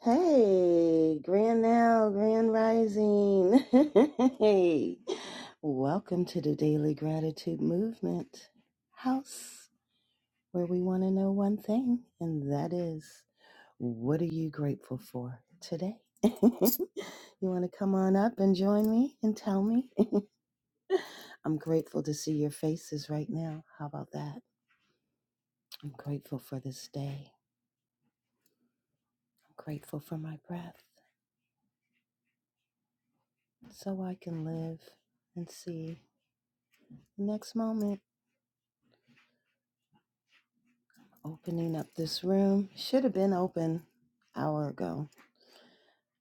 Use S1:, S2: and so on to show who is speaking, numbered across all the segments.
S1: Hey, Grand Now, Grand Rising. hey, welcome to the Daily Gratitude Movement House, where we want to know one thing, and that is what are you grateful for today? you want to come on up and join me and tell me? I'm grateful to see your faces right now. How about that? I'm grateful for this day. I'm grateful for my breath so I can live and see the next moment. Opening up this room. Should have been open hour ago.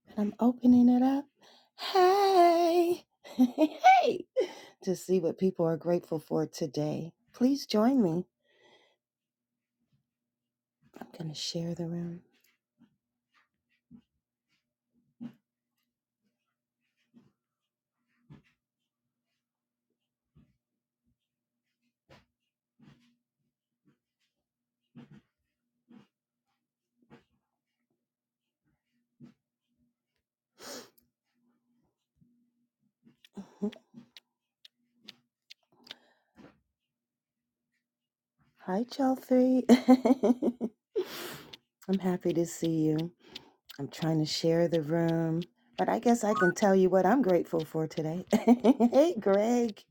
S1: And I'm opening it up. Hey. hey. To see what people are grateful for today. Please join me. I'm going to share the room. Hi, y'all three. I'm happy to see you. I'm trying to share the room, but I guess I can tell you what I'm grateful for today. hey, Greg.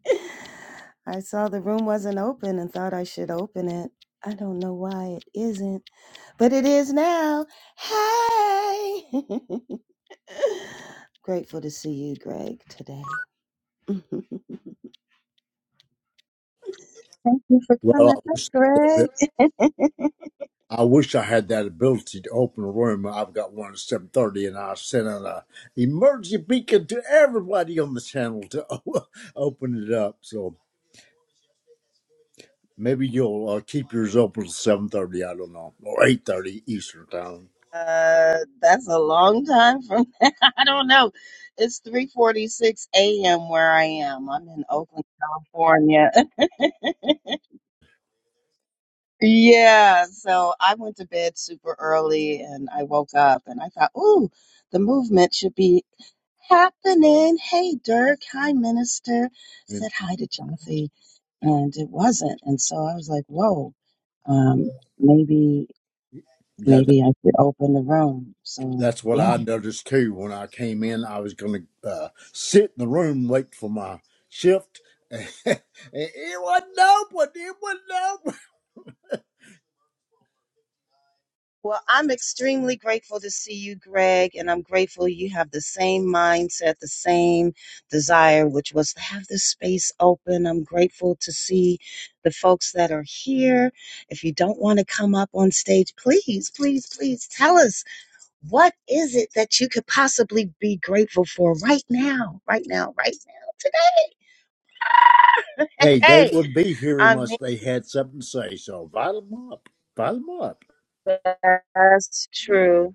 S1: I saw the room wasn't open and thought I should open it. I don't know why it isn't, but it is now. Hey! grateful to see you, Greg, today. Thank you for
S2: Well,
S1: coming
S2: I
S1: up,
S2: wish that
S1: Greg.
S2: bi- I wish I had that ability to open a room. I've got one at seven thirty, and I sent out a emergency beacon to everybody on the channel to o- open it up. So maybe you'll uh, keep yours open till seven thirty. I don't know, or eight thirty Eastern time.
S1: Uh, that's a long time from now. I don't know. It's 3:46 a.m. where I am. I'm in Oakland, California. Yeah, so I went to bed super early and I woke up and I thought, "Ooh, the movement should be happening. Hey, Dirk. Hi, Minister. Said hi to Jonathan, and it wasn't. And so I was like, "Whoa, um, maybe,
S2: Yeah,
S1: maybe I should open the room." So
S2: that's what
S1: yeah.
S2: I noticed too. When I came in, I was going to uh, sit in the room, wait for my shift. and it wasn't open. It wasn't open.
S1: Well, I'm extremely grateful to see you, Greg, and I'm grateful you have the same mindset, the same desire, which was to have this space open. I'm grateful to see the folks that are here. If you don't want to come up on stage, please, please, please tell us what is it that you could possibly be grateful for right now, right now, right now, today.
S2: Hey, they
S1: Hey,
S2: would be here
S1: I mean,
S2: unless they had something to say. So invite them up. Invite them up.
S1: that's true.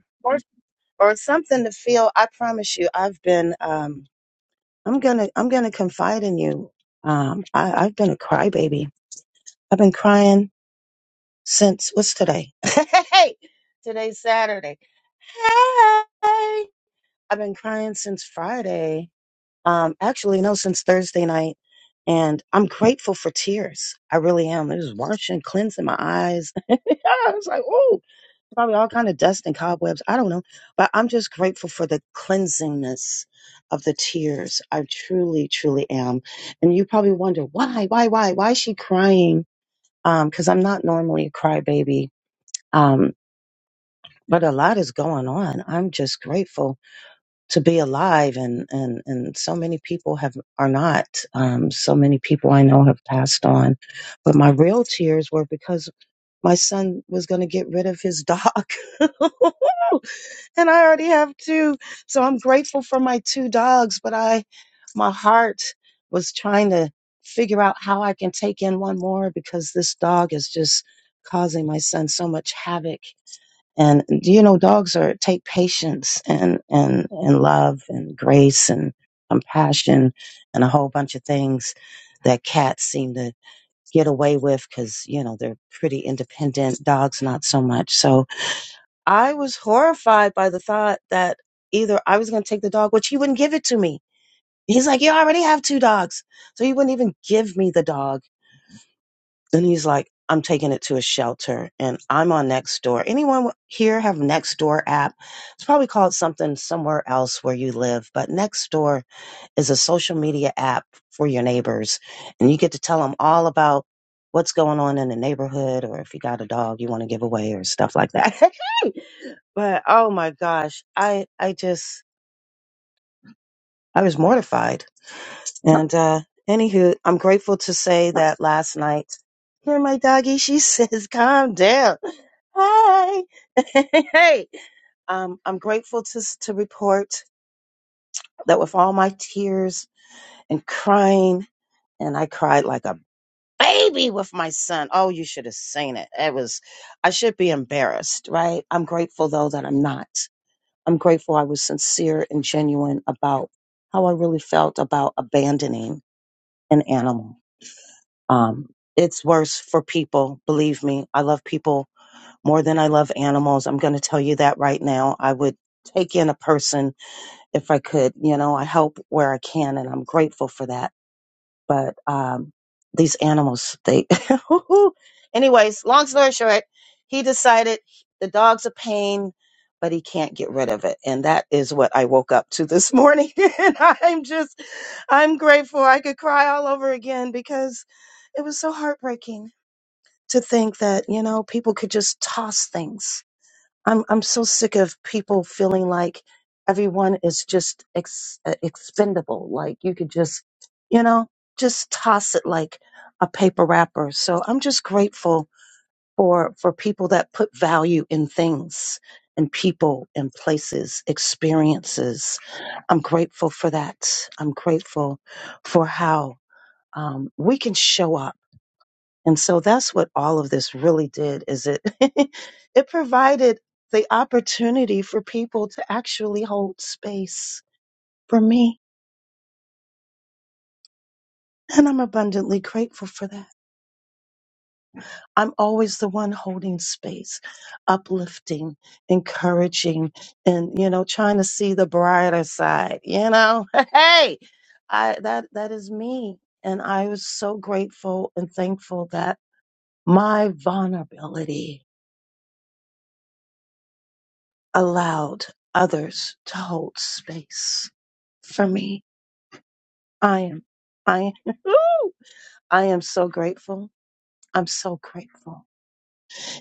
S1: or something to feel. I promise you, I've been. Um, I'm gonna. I'm gonna confide in you. Um, I, I've been a crybaby. I've been crying since what's today? hey, today's Saturday. Hey, I've been crying since Friday. Um, actually, no, since Thursday night. And I'm grateful for tears. I really am. It was washing, cleansing my eyes. I was like, oh probably all kind of dust and cobwebs. I don't know, but I'm just grateful for the cleansingness of the tears. I truly, truly am. And you probably wonder why, why, why, why is she crying? Um, because I'm not normally a crybaby. Um, but a lot is going on. I'm just grateful to be alive, and and and so many people have are not. Um, so many people I know have passed on, but my real tears were because my son was going to get rid of his dog. and I already have two. So I'm grateful for my two dogs, but I, my heart was trying to figure out how I can take in one more because this dog is just causing my son so much havoc. And you know, dogs are take patience and and and love and grace and compassion and a whole bunch of things that cats seem to get away with because, you know, they're pretty independent. Dogs, not so much. So I was horrified by the thought that either I was going to take the dog, which he wouldn't give it to me. He's like, You already have two dogs. So he wouldn't even give me the dog. Then he's like, I'm taking it to a shelter and I'm on Nextdoor. Anyone here have Nextdoor app? It's probably called something somewhere else where you live, but Nextdoor is a social media app for your neighbors and you get to tell them all about what's going on in the neighborhood or if you got a dog you want to give away or stuff like that but oh my gosh i i just i was mortified and uh anywho i'm grateful to say that last night here my doggy she says calm down hi hey um, I'm grateful to s- to report that with all my tears and crying, and I cried like a baby with my son. Oh, you should have seen it. It was, I should be embarrassed, right? I'm grateful though that I'm not. I'm grateful I was sincere and genuine about how I really felt about abandoning an animal. Um, it's worse for people, believe me. I love people more than I love animals. I'm going to tell you that right now. I would take in a person if I could. You know, I help where I can, and I'm grateful for that but um, these animals, they. Anyways, long story short, he decided the dog's a pain, but he can't get rid of it, and that is what I woke up to this morning. and I'm just, I'm grateful. I could cry all over again because it was so heartbreaking to think that you know people could just toss things I'm I'm so sick of people feeling like everyone is just ex- uh, expendable. Like you could just, you know, just toss it like a paper wrapper. So I'm just grateful for for people that put value in things and people and places, experiences. I'm grateful for that. I'm grateful for how um, we can show up and so that's what all of this really did is it it provided the opportunity for people to actually hold space for me. And I'm abundantly grateful for that. I'm always the one holding space, uplifting, encouraging, and you know, trying to see the brighter side, you know. Hey, I that that is me. And I was so grateful and thankful that my vulnerability allowed others to hold space for me. I am, I, am. I am so grateful. I'm so grateful.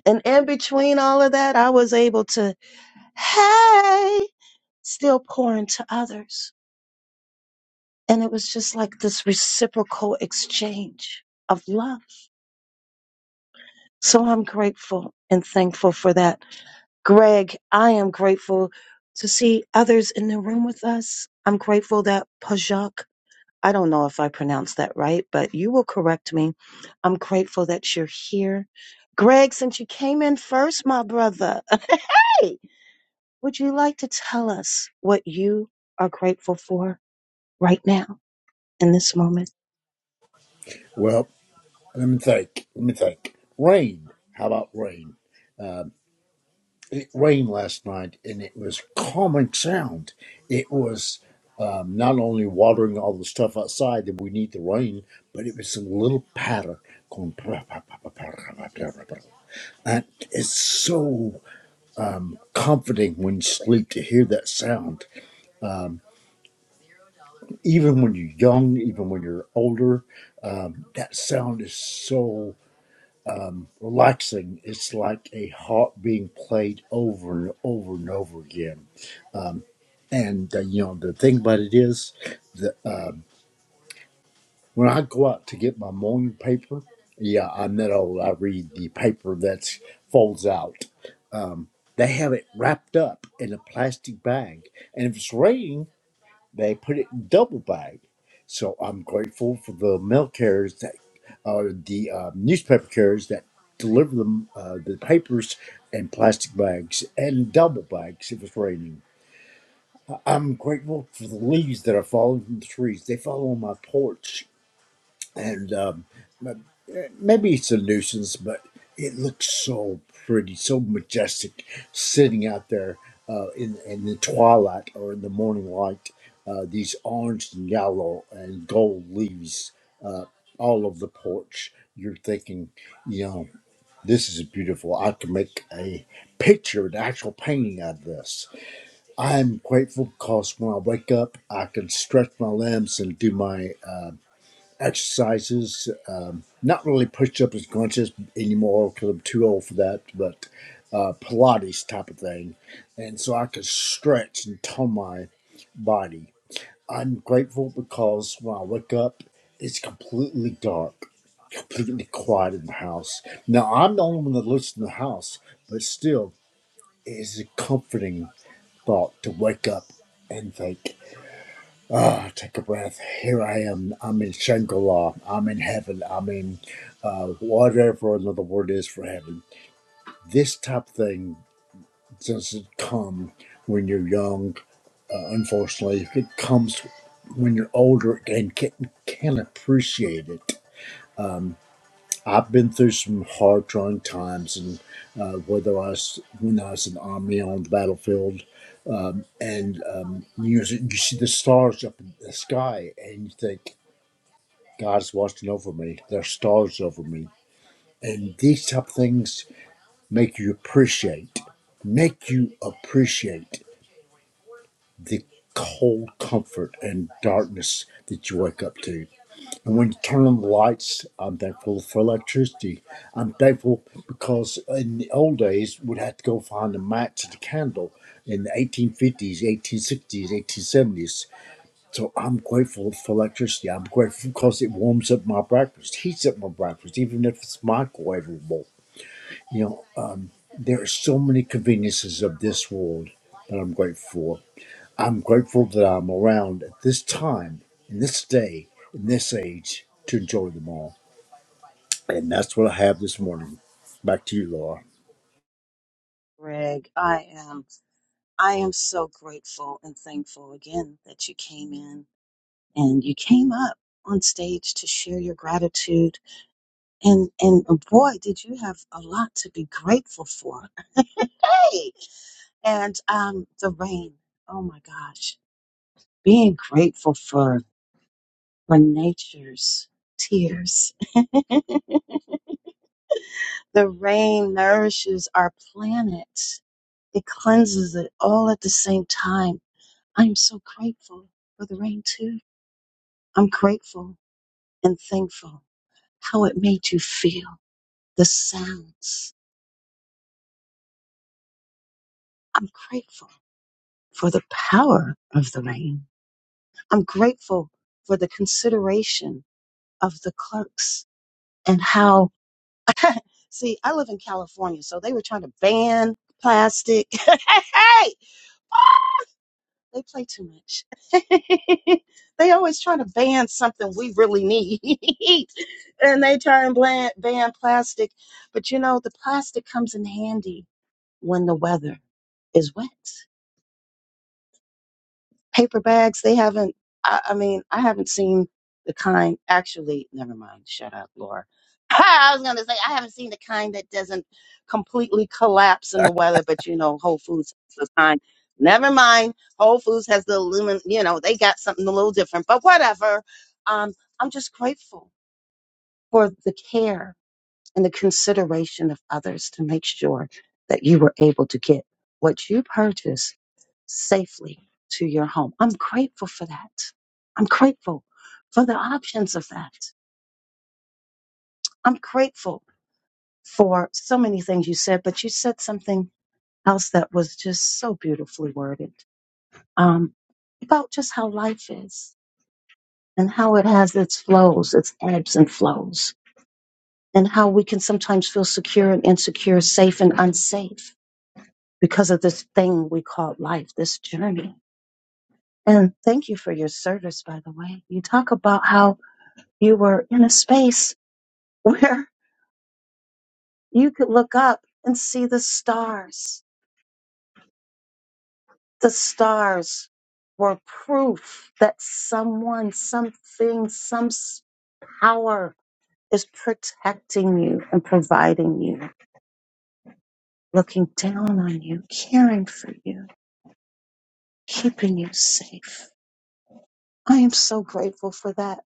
S1: And in between all of that, I was able to, hey, still pour into others. And it was just like this reciprocal exchange of love. So I'm grateful and thankful for that. Greg, I am grateful to see others in the room with us. I'm grateful that Pajak I don't know if I pronounced that right, but you will correct me. I'm grateful that you're here. Greg, since you came in first, my brother, hey, would you like to tell us what you are grateful for right now in this moment?
S2: Well, let me think. Let me think. Rain. How about rain? it rained last night and it was calming sound. It was um, not only watering all the stuff outside that we need the rain, but it was a little patter going. "Pra, pra, pra, pra, pra, pra, pra, pra, pra." And it's so um, comforting when you sleep to hear that sound. Um, even when you're young, even when you're older, um, that sound is so um, relaxing. It's like a harp being played over and over and over again Um, And uh, you know the thing about it is, the, um, when I go out to get my morning paper, yeah, I'm that old. I read the paper that folds out. Um, they have it wrapped up in a plastic bag, and if it's raining, they put it in double bag. So I'm grateful for the mail carriers that or the uh, newspaper carriers that deliver them uh, the papers in plastic bags and double bags if it's raining. I'm grateful for the leaves that are falling from the trees. They fall on my porch, and um, but, uh, maybe it's a nuisance, but it looks so pretty, so majestic, sitting out there uh, in in the twilight or in the morning light. Uh, these orange and yellow and gold leaves uh, all over the porch. You're thinking, you know, this is beautiful. I can make a picture, an actual painting out of this I am grateful because when I wake up, I can stretch my limbs and do my uh, exercises. Um, not really push ups and crunches anymore because I'm too old for that, but uh, Pilates type of thing. And so I can stretch and tone my body. I'm grateful because when I wake up, it's completely dark, completely quiet in the house. Now, I'm the only one that lives in the house, but still, it's comforting thought to wake up and think, ah, oh, take a breath. Here I am. I'm in Shangri-La. I'm in heaven. I'm in uh, whatever another word is for heaven. This type of thing doesn't come when you're young. Uh, unfortunately, it comes when you're older and can, can appreciate it. Um, I've been through some hard, trying times, and uh, whether I was when I was in the army on the battlefield, um, and um, you you see the stars up in the sky, and you think God's watching over me. There's stars over me, and these type of things make you appreciate, make you appreciate the cold comfort and darkness that you wake up to. And when you turn on the lights, I'm thankful for electricity. I'm thankful because in the old days, we'd have to go find a match and a candle in the 1850s, 1860s, 1870s. So I'm grateful for electricity. I'm grateful because it warms up my breakfast, heats up my breakfast, even if it's microwavable. You know, uh, there are so many conveniences of this world that I'm grateful for. I'm grateful that I'm around at this time, in this day, in this age, to enjoy them all. And that's what I have this morning. Back to you, Laura.
S1: Greg, I am I am so grateful and thankful again that you came in and you came up on stage to share your gratitude and and boy did you have a lot to be grateful for. hey, And um, the rain. Oh my gosh. Being grateful for for nature's tears. the rain nourishes our planet. It cleanses it all at the same time. I'm so grateful for the rain too. I'm grateful and thankful how it made you feel. The sounds. I'm grateful for the power of the rain. I'm grateful for the consideration of the clerks and how see i live in california so they were trying to ban plastic hey they play too much they always try to ban something we really need and they try and ban, ban plastic but you know the plastic comes in handy when the weather is wet paper bags. They haven't. I, I mean, I haven't seen the kind. Actually, never mind. Shut up, Laura. I was gonna say I haven't seen the kind that doesn't completely collapse in the weather, but you know, Whole Foods has the kind. Never mind. Whole Foods has the aluminum. You know, they got something a little different, but whatever. Um, I'm just grateful for the care and the consideration of others to make sure that you were able to get what you purchased safely to your home. I'm grateful for that. I'm grateful for the options of that. I'm grateful for so many things you said, but you said something else that was just so beautifully worded um, about just how life is and how it has its flows, its ebbs and flows, and how we can sometimes feel secure and insecure, safe and unsafe because of this thing we call life, this journey. And thank you for your service, by the way. You talk about how You were in a space where you could look up and see the stars. The stars were proof that someone, something, some s- power is protecting you and providing you, looking down on you, caring for you, keeping you safe. I am so grateful for that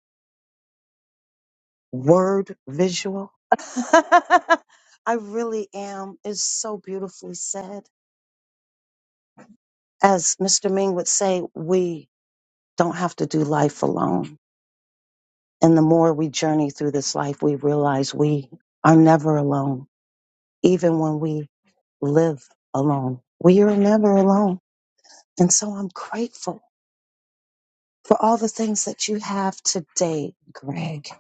S1: word visual. I really am. It's so beautifully said. as Mr. Ming would say, we don't have to do life alone. And the more we journey through this life, we realize we are never alone. Even when we live alone, we are never alone. And so I'm grateful for all the things that you have today, Greg,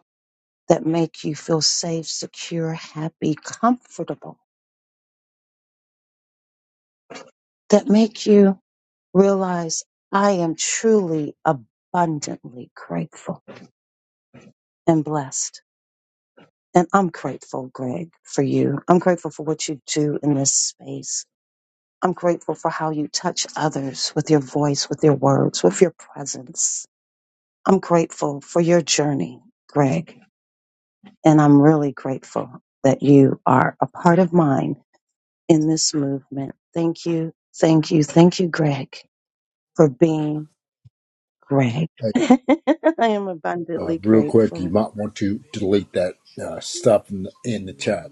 S1: that make you feel safe, secure, happy, comfortable, that make you realize I am truly abundantly grateful and blessed. And I'm grateful, Greg, for you. I'm grateful for what you do in this space. I'm grateful for how you touch others with your voice, with your words, with your presence. I'm grateful for your journey, Greg. And I'm really grateful that you are a part of mine in this movement. Thank you, thank you, thank you, Greg, for being Greg.
S2: Hey,
S1: I am
S2: Uh,
S1: abundantly
S2: real quick, you
S1: grateful.
S2: might want to delete that uh, stuff in the, in the chat.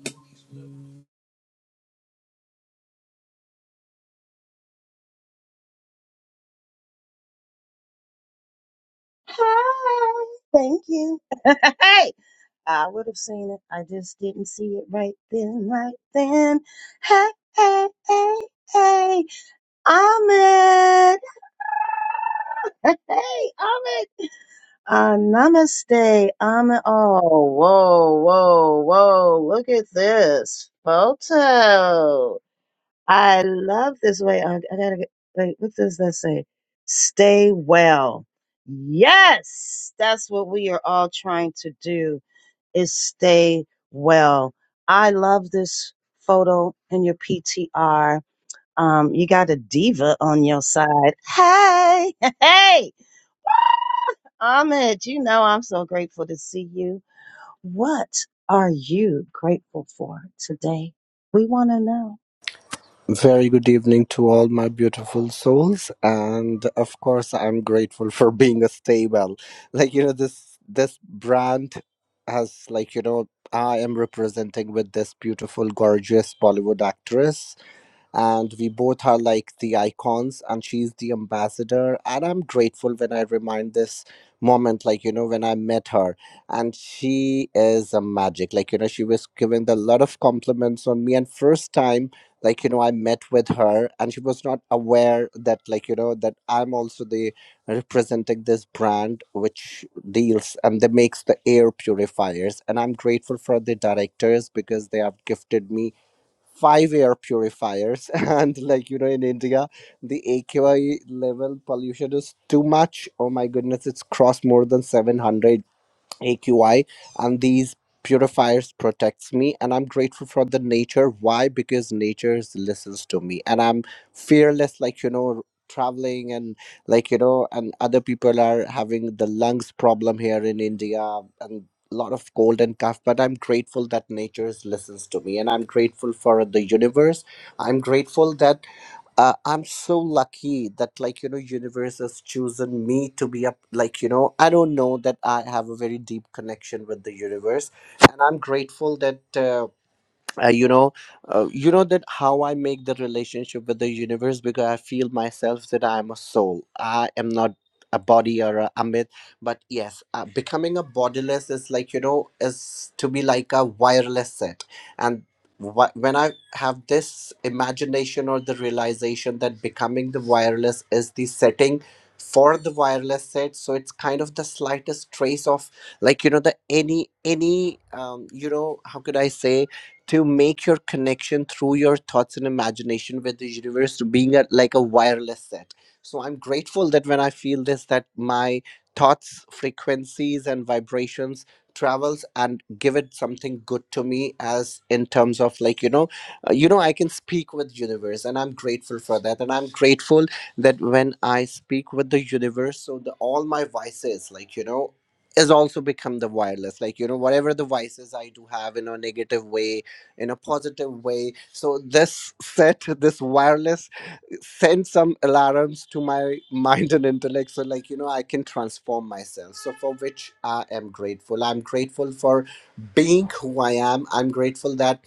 S1: Hi, thank you. Hey. I would have seen it. I just didn't see it right then, right then. Hey, hey, hey, hey, Ahmed. Hey, Ahmed. Uh, namaste, Ahmed. Oh, whoa, whoa, whoa. Look at this photo. I love this way. I, I gotta get, wait, what does that say? Stay well. Yes, that's what we are all trying to do is stay well. I love this photo in your PTR. Um, you got a diva on your side. Hey, hey, Ahmed, you know I'm so grateful to see you. What are you grateful for today? We want to know.
S3: Very good evening to all my beautiful souls, and of course, I'm grateful for being a stable. Like you know, this this brand has like you know, I am representing with this beautiful, gorgeous Bollywood actress and we both are like the icons and she's the ambassador and i'm grateful when i remind this moment like you know when i met her and she is a magic like you know she was giving a lot of compliments on me and first time like you know i met with her and she was not aware that like you know that i'm also the representing this brand which deals and they makes the air purifiers and i'm grateful for the directors because they have gifted me five air purifiers and like you know in india the aqi level pollution is too much oh my goodness it's crossed more than 700 AQI and these purifiers protects me and I'm grateful for the nature. Why? Because nature listens to me and I'm fearless like you know traveling and like you know and other people are having the lungs problem here in India and a lot of cold and cough but i'm grateful that nature listens to me and i'm grateful for the universe i'm grateful that uh, i'm so lucky that like you know universe has chosen me to be up like you know i don't know that i have a very deep connection with the universe and i'm grateful that uh, uh, you know uh, you know that how i make the relationship with the universe because i feel myself that i am a soul i am not a body or a, a but yes uh, becoming a bodiless is like you know is to be like a wireless set and wh- when i have this imagination or the realization that becoming the wireless is the setting for the wireless set so it's kind of the slightest trace of like you know the any any um you know how could i say to make your connection through your thoughts and imagination with the universe to being a, like a wireless set so i'm grateful that when i feel this that my thoughts frequencies and vibrations travels and give it something good to me as in terms of like you know uh, you know i can speak with universe and i'm grateful for that and i'm grateful that when i speak with the universe so the all my vices like you know is also become the wireless like you know whatever the vices i do have in a negative way in a positive way. So this set, this wireless, sends some alarms to my mind and intellect. So like you know, I can transform myself. So for which I am grateful. I'm grateful for being who I am. I'm grateful that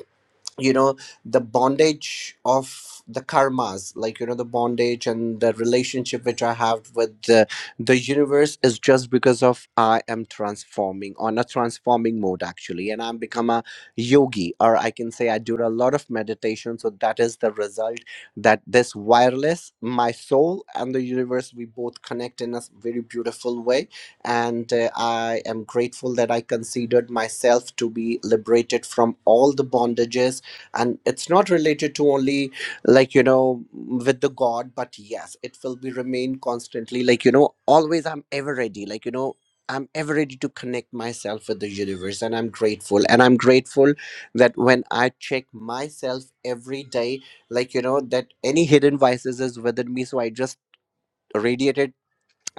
S3: you know the bondage of the karmas like you know the bondage and the relationship which i have with the, the universe is just because of i am transforming on a transforming mode actually and i'm become a yogi or i can say i do a lot of meditation so that is the result that this wireless my soul and the universe we both connect in a s- very beautiful way and uh, i am grateful that i considered myself to be liberated from all the bondages and it's not related to only like you know with the god but yes it will be remain constantly like you know always i'm ever ready like you know i'm ever ready to connect myself with the universe and i'm grateful and i'm grateful that when i check myself every day like you know that any hidden vices is within me so i just radiate it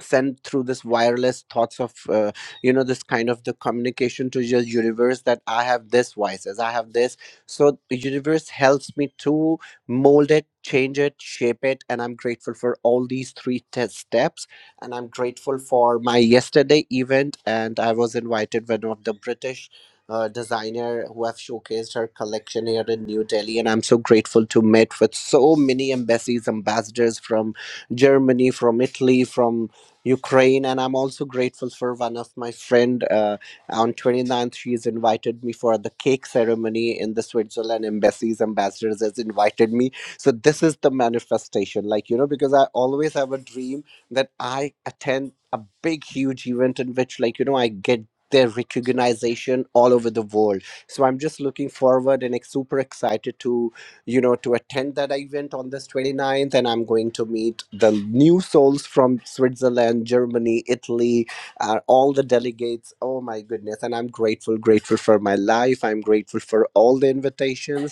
S3: send through this wireless thoughts of uh, you know this kind of the communication to your universe that i have this vices i have this so the universe helps me to mold it change it shape it and i'm grateful for all these three test steps and i'm grateful for my yesterday event and i was invited by one of the british uh, designer who have showcased her collection here in New Delhi, and I'm so grateful to meet with so many embassies, ambassadors from Germany, from Italy, from Ukraine, and I'm also grateful for one of my friend. Uh, on 29th, she's invited me for the cake ceremony in the Switzerland embassy's ambassadors has invited me. So this is the manifestation, like you know, because I always have a dream that I attend a big, huge event in which, like you know, I get their recognition all over the world. So I'm just looking forward and ex- super excited to you know, to attend that event on this 29th. And I'm going to meet the new souls from Switzerland, Germany, Italy, uh, all the delegates. Oh my goodness. And I'm grateful, grateful for my life. I'm grateful for all the invitations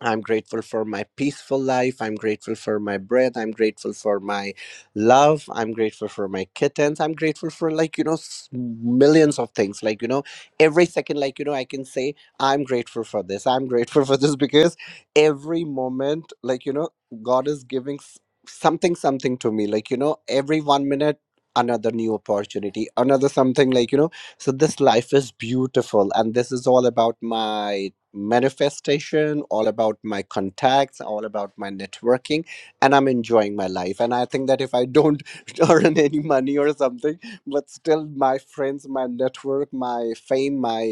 S3: I'm grateful for my peaceful life. I'm grateful for my breath. I'm grateful for my love. I'm grateful for my kittens. I'm grateful for, like, you know, s- millions of things. Like, you know, every second, like, you know, I can say, I'm grateful for this. I'm grateful for this because every moment, like, you know, God is giving s- something, something to me. Like, you know, every one minute, another new opportunity, another something, like, you know, so this life is beautiful. And this is all about my manifestation, all about my contacts, all about my networking, and I'm enjoying my life. And I think that if I don't earn any money or something, but still my friends, my network, my fame, my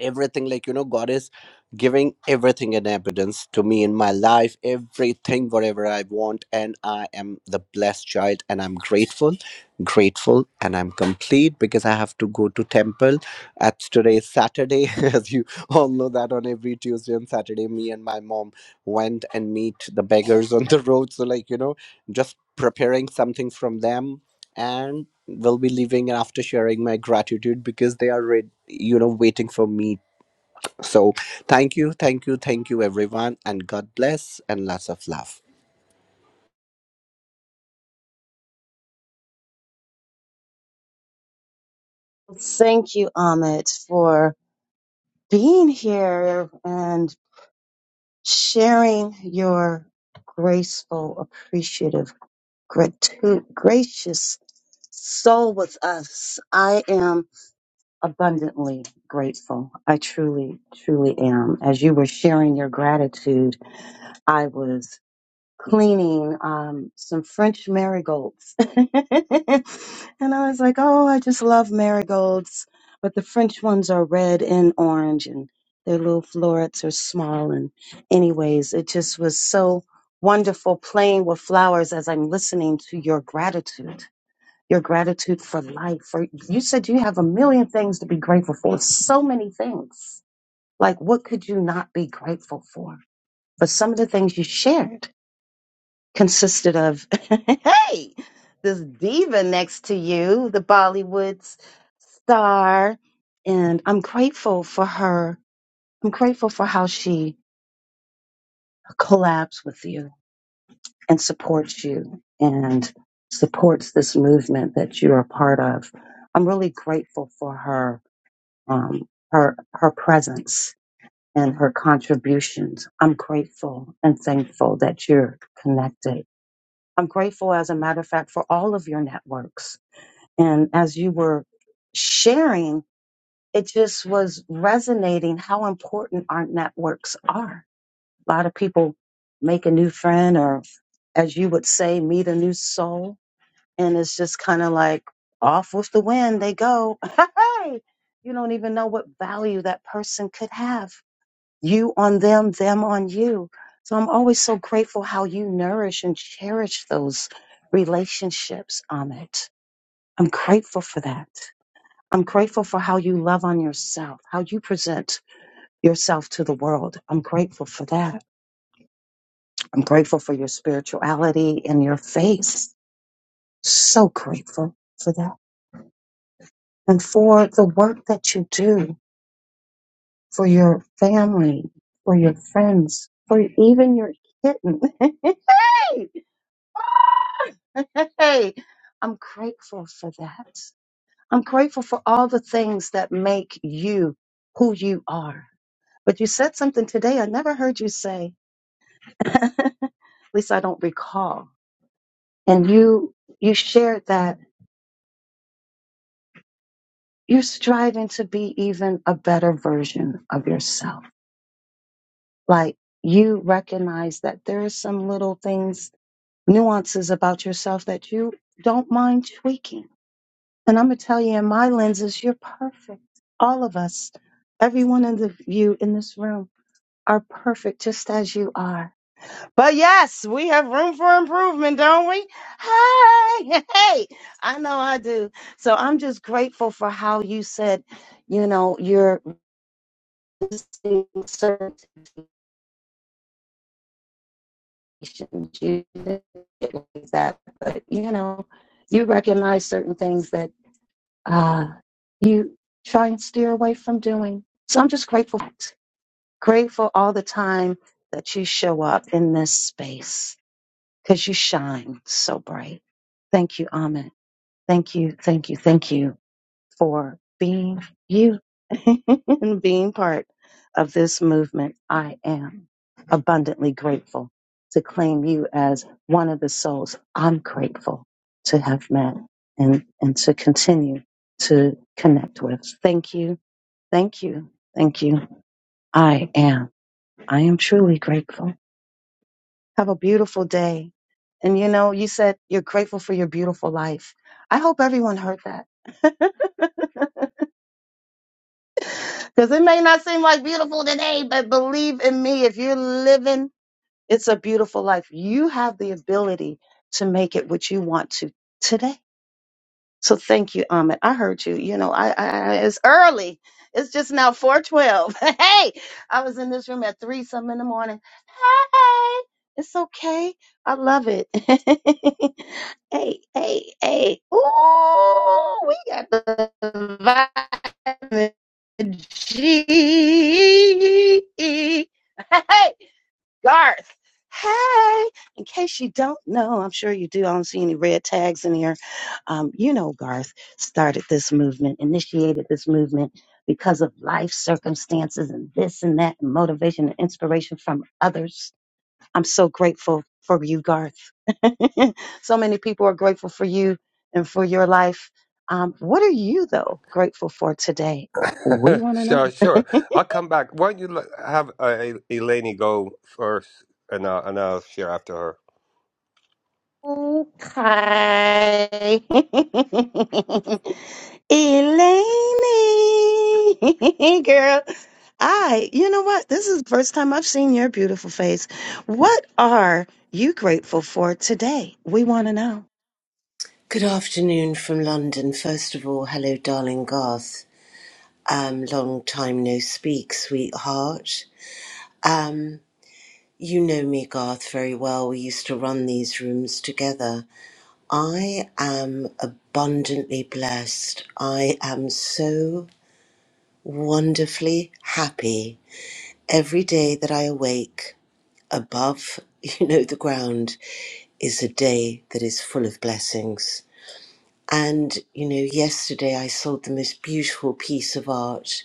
S3: everything like you know god is giving everything in evidence to me in my life everything whatever i want and i am the blessed child and i'm grateful grateful and i'm complete because i have to go to temple at today's saturday as you all know that on every tuesday and saturday me and my mom went and meet the beggars on the road so like you know just preparing something from them and will be leaving after sharing my gratitude because they are read, you know waiting for me so thank you thank you thank you everyone and god bless and lots of love
S1: Thank you, Ahmed, for being here and sharing your graceful, appreciative gratu- gracious soul with us. I am abundantly grateful. I truly, truly am. As you were sharing your gratitude, cleaning um, some French marigolds. and I was like, oh, I just love marigolds. But the French ones are red and orange, and their little florets are small. And, anyways, it just was so wonderful playing with flowers as I'm listening to your gratitude. Your gratitude for life. For you said you have a million things to be grateful for. So many things. Like, what could you not be grateful for? But some of the things you shared consisted of hey this diva next to you the bollywood's star and i'm grateful for her i'm grateful for how she collabs with you and supports you and supports this movement that you're a part of i'm really grateful for her um, her her presence and her contributions i'm grateful and thankful that you're connected I'm grateful, as a matter of fact, for all of your networks. And as you were sharing, it just was resonating how important our networks are. A lot of people make a new friend, or as you would say, meet a new soul. And it's just kind of like off with the wind, they go. Hey, you don't even know what value that person could have you on them, them on you. So I'm always so grateful how you nourish and cherish those relationships on I'm grateful for that. I'm grateful for how you love on yourself, how you present yourself to the world. I'm grateful for that. I'm grateful for your spirituality and your faith. So grateful for that. And for the work that you do for your family, for your friends, for even your kitten. hey! Hey, I'm grateful for that. I'm grateful for all the things that make you who you are. But you said something today I never heard you say. At least I don't recall. And you you shared that you're striving to be even a better version of yourself. Like you recognize that there are some little things, nuances about yourself that you don't mind tweaking And I'm gonna tell you, in my lenses, you're perfect. All of us, every one of the- you in this room, are perfect just as you are. But yes, we have room for improvement, don't we? Hey, hey, I know I do. So I'm just grateful for how you said, you know, you're resisting certain temptations. You didn't get like that, but you know, you recognize certain things that uh, you try and steer away from doing. So I'm just grateful, grateful all the time that you show up in this space because you shine so bright. Thank you, Amit. Thank you, thank you, thank you for being you and being part of this movement. I am abundantly grateful to claim you as one of the souls I'm grateful to have met and, and to continue to connect with. Thank you. Thank you. Thank you. I am. I am truly grateful. Have a beautiful day. And you know, you said you're grateful for your beautiful life. I hope everyone heard that. Because it may not seem like beautiful today, but believe in me, if you're living, it's a beautiful life. You have the ability to make it what you want to today. So thank you, Ahmed. I heard you. You know, I, I I- it's early. It's just now 412. Hey, I was in this room at three some in the morning. Hey, it's okay. I love it. hey, hey, hey. Ooh, we got the vitamin G. Hey, Garth. Hey, in case you don't know, I'm sure you do. I don't see any red tags in here. Um, you know, Garth started this movement, initiated this movement because of life circumstances and this and that, and motivation and inspiration from others. I'm so grateful for you, Garth. so many people are grateful for you and for your life. Um, what are you, though, grateful for today? We want to know.
S4: Sure, sure. I'll come back. Why don't you let- have uh, Eleni go first, and I'll, and I'll share after her.
S1: Okay. Elaine, girl, I, you know what? This is the first time I've seen your beautiful face. What are you grateful for today? We want to know.
S5: Good afternoon from London. First of all, hello, darling Garth. Um, long time no speak, sweetheart. Um, you know me, Garth, very well. We used to run these rooms together. I am abundantly blessed. I am so wonderfully happy every day that I awake above, you know, the ground is a day that is full of blessings. And, you know, yesterday I saw the most beautiful piece of art.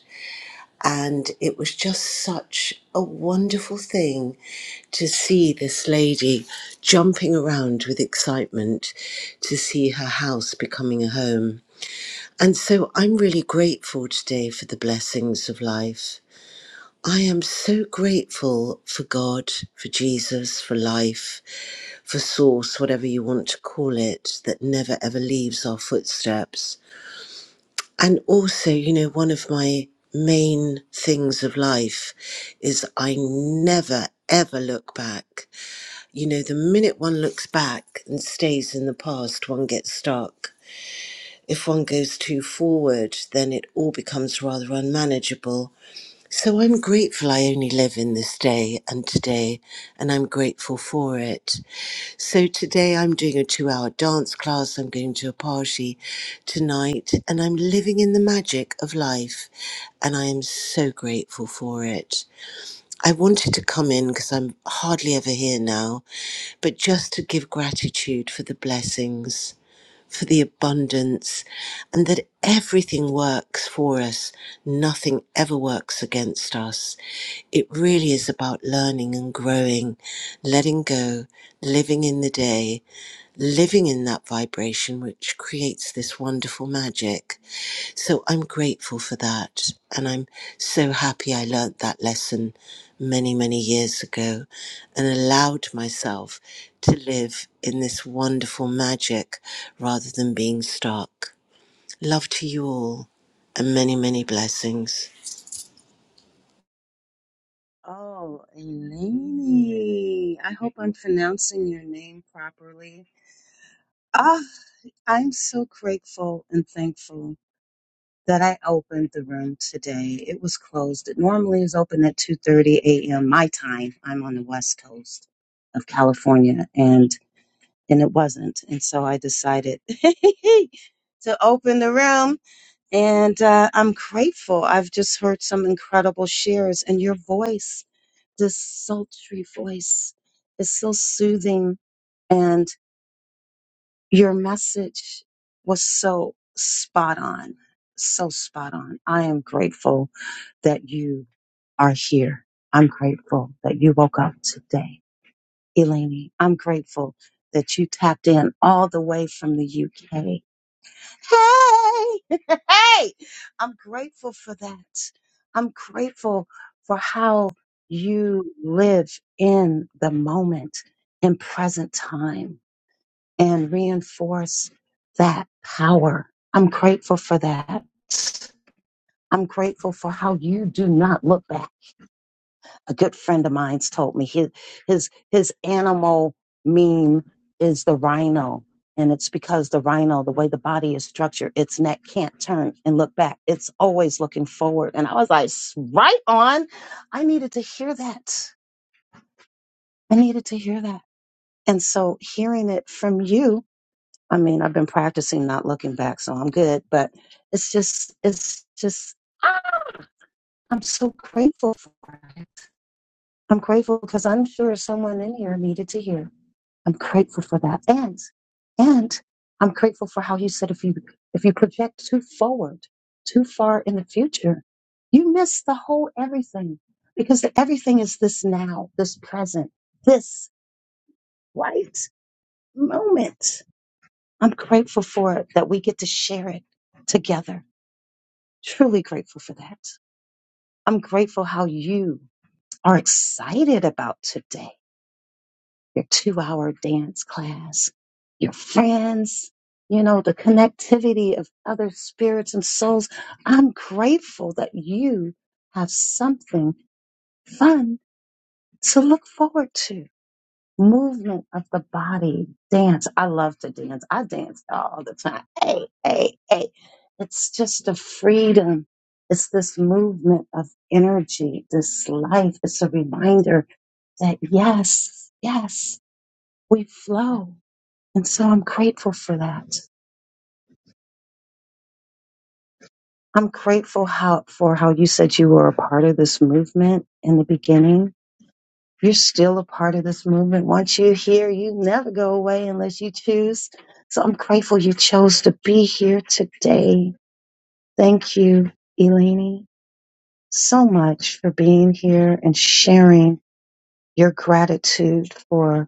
S5: And it was just such a wonderful thing to see this lady jumping around with excitement to see her house becoming a home. And so I'm really grateful today for the blessings of life. I am so grateful for God, for Jesus, for life, for Source, whatever you want to call it, that never ever leaves our footsteps. And also, you know, one of my main things of life is I never ever look back. You know, the minute one looks back and stays in the past, one gets stuck. If one goes too forward, then it all becomes rather unmanageable. So I'm grateful I only live in this day and today, and I'm grateful for it. So today I'm doing a two hour dance class, I'm going to a party tonight, and I'm living in the magic of life, and I am so grateful for it. I wanted to come in because I'm hardly ever here now, but just to give gratitude for the blessings, for the abundance, and that everything works for us. Nothing ever works against us. It really is about learning and growing, letting go, living in the day living in that vibration, which creates this wonderful magic. So I'm grateful for that. And I'm so happy I learnt that lesson many, many years ago and allowed myself to live in this wonderful magic rather than being stuck. Love to you all and many, many blessings.
S1: Oh, Eleni. I hope I'm pronouncing your name properly. Ah, I'm so grateful and thankful. that I opened the room today. It was closed. It normally is open at 2:30 a.m. my time. I'm on the west coast of California and and it wasn't. And so I decided to open the room and uh, I'm grateful. I've just heard some incredible shares and your voice, this sultry voice is so soothing and your message was so spot on. So spot on. I am grateful that you are here. I'm grateful that you woke up today. Eleni, I'm grateful that you tapped in all the way from the UK. Hey, hey, I'm grateful for that. I'm grateful for how you live in the moment in present time and reinforce that power. I'm grateful for that. I'm grateful for how you do not look back. a good friend of mine's told me his his his animal meme is the rhino and it's because the rhino the way the body is structured its neck can't turn and look back it's always looking forward and i was like "S- right on i needed to hear that i needed to hear that and so hearing it from you i mean i've been practicing not looking back so i'm good but it's just it's just ah, i'm so grateful for it I'm grateful because I'm sure someone in here needed to hear. I'm grateful for that. And and I'm grateful for how you said if you if you project too forward, too far in the future, you miss the whole everything. Because the everything is this now, this present, this right moment. I'm grateful for it that we get to share it together. Truly grateful for that. I'm grateful how you are excited about today your two hour dance class, your friends, you know, the connectivity of other spirits and souls. I'm grateful that you have something fun to look forward to. Movement of the body, dance. I love to dance. I dance all the time. Hey, hey, hey. It's just a freedom. It's this movement of energy, this life. It's a reminder that yes, yes, we flow and so I'm grateful for that. I'm grateful how, for how you said you were a part of this movement in the beginning. You're still a part of this movement. Once you're here, you never go away unless you choose. So I'm grateful you chose to be here today. Thank you, Eleni, so much for being here and sharing your gratitude for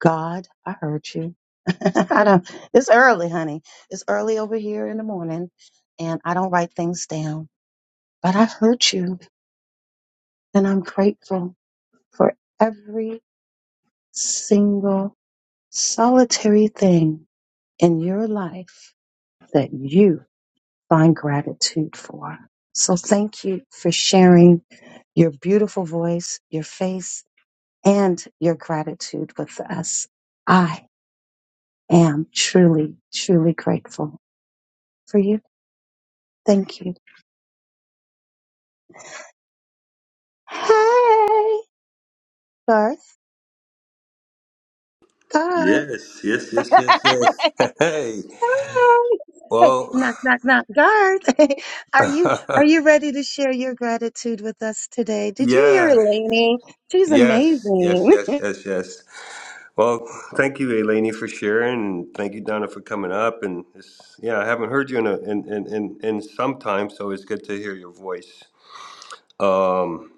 S1: God, I heard you. I don't, it's early, honey. It's early over here in the morning, and I don't write things down. But I heard you, and I'm grateful for every single solitary thing in your life that you find gratitude for. So thank you for sharing your beautiful voice, your face, and your gratitude with us. I am truly, truly grateful. for you. Thank you. Hey, Garth. Garth.
S4: Yes, yes, yes, yes, yes.
S1: Hi.
S4: Hey,
S1: Hey,
S4: well,
S1: knock, knock, knock. Garth, are you are you ready to share your gratitude with us today? Did you hear
S4: yeah,
S1: Elaine? She's
S4: yes, yes,
S1: amazing.
S4: yes, yes, yes. Well, thank you, Eleni, for sharing, and thank you, Donna, for coming up. And it's, yeah, I haven't heard you in, a, in in in in some time, so it's good to hear your voice. Um,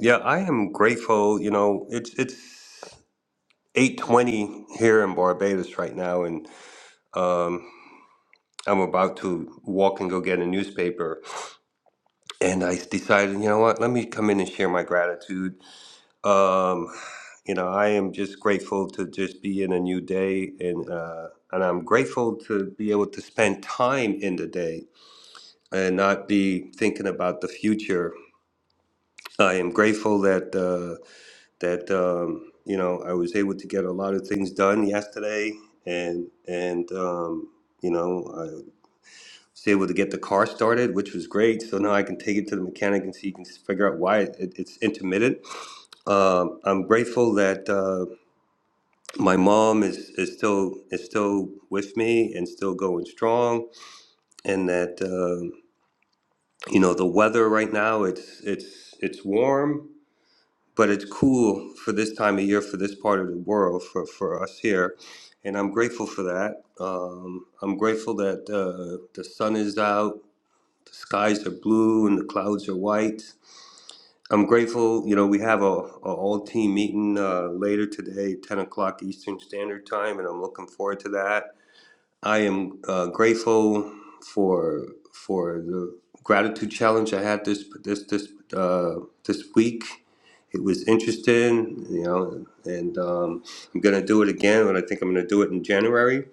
S4: yeah, I am grateful. You know, it's it's. 8:20 here in Barbados right now, and um, I'm about to walk and go get a newspaper. And I decided, you know what? Let me come in and share my gratitude. Um, you know, I am just grateful to just be in a new day, and uh, and I'm grateful to be able to spend time in the day and not be thinking about the future. I am grateful that. Uh, that um, you know I was able to get a lot of things done yesterday, and and um, you know I was able to get the car started, which was great. So now I can take it to the mechanic and see, can figure out why it, it's intermittent. Um, I'm grateful that uh, my mom is, is still is still with me and still going strong, and that uh, you know the weather right now it's it's it's warm but it's cool for this time of year for this part of the world for, for us here and i'm grateful for that um, i'm grateful that uh, the sun is out the skies are blue and the clouds are white i'm grateful you know we have a, a all team meeting uh, later today 10 o'clock eastern standard time and i'm looking forward to that I am uh, grateful for for the gratitude challenge I had this this this uh, this week. It was interesting, you know, and um, I'm gonna do it again, and I think I'm gonna do it in January.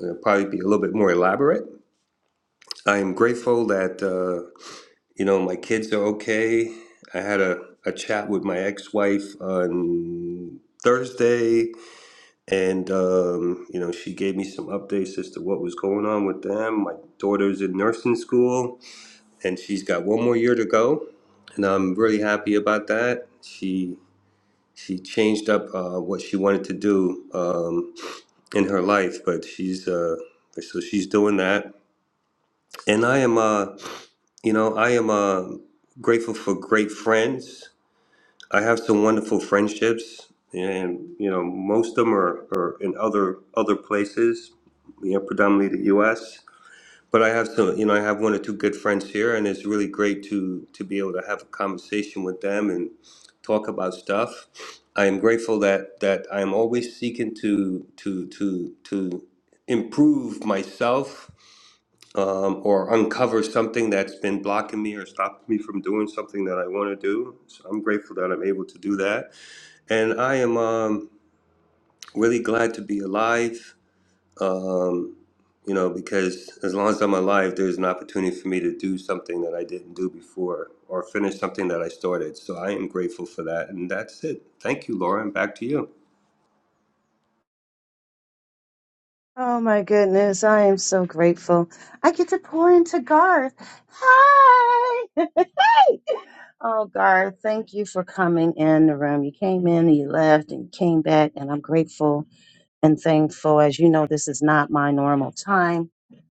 S4: It'll probably be a little bit more elaborate. I am grateful that uh, you know my kids are okay. I had a, a chat with my ex-wife on Thursday and, um, you know, she gave me some updates as to what was going on with them. My daughter's in nursing school and she's got one more year to go. And I'm really happy about that. She she changed up uh, what she wanted to do um, in her life, but she's uh, so she's doing that. And I am, uh, you know, I am uh, grateful for great friends I have some wonderful friendships, and you know, most of them are, are in other other places, you know, predominantly the U.S. But I have some, you know, I have one or two good friends here, and it's really great to to be able to have a conversation with them and talk about stuff. I am grateful that that I am always seeking to to to to improve myself um, or uncover something that's been blocking me or stopping me from doing something that I want to do. So I'm grateful that I'm able to do that and I am um, really glad to be alive, um, you know, because as long as I'm alive, there's an opportunity for me to do something that I didn't do before or finish something that I started. So I am grateful for that. And that's it. Thank you, Lauren. back to you.
S1: oh my goodness, I am so grateful. I get to pour into Garth. Hi. hey. Oh, Garth, thank you for coming in the room. You came in and you left and came back, and I'm grateful and thankful. As you know, this is not my normal time.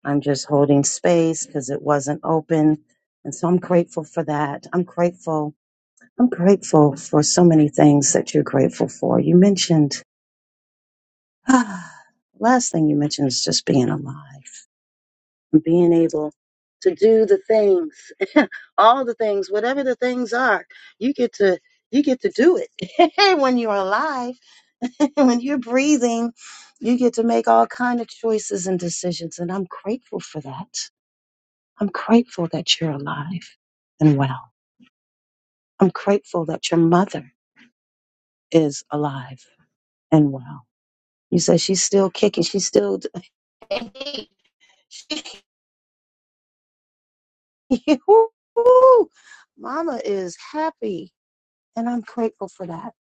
S1: I'm just holding space because it wasn't open. And so I'm grateful for that. I'm grateful. I'm grateful for so many things that you're grateful for. You mentioned, last thing you mentioned is just being alive being able to do the things all the things whatever the things are you get to you get to do it when you're alive when you're breathing you get to make all kind of choices and decisions and i'm grateful for that i'm grateful that you're alive and well i'm grateful that your mother is alive and well you said she's still kicking she's still she, mama is happy And I'm grateful for that.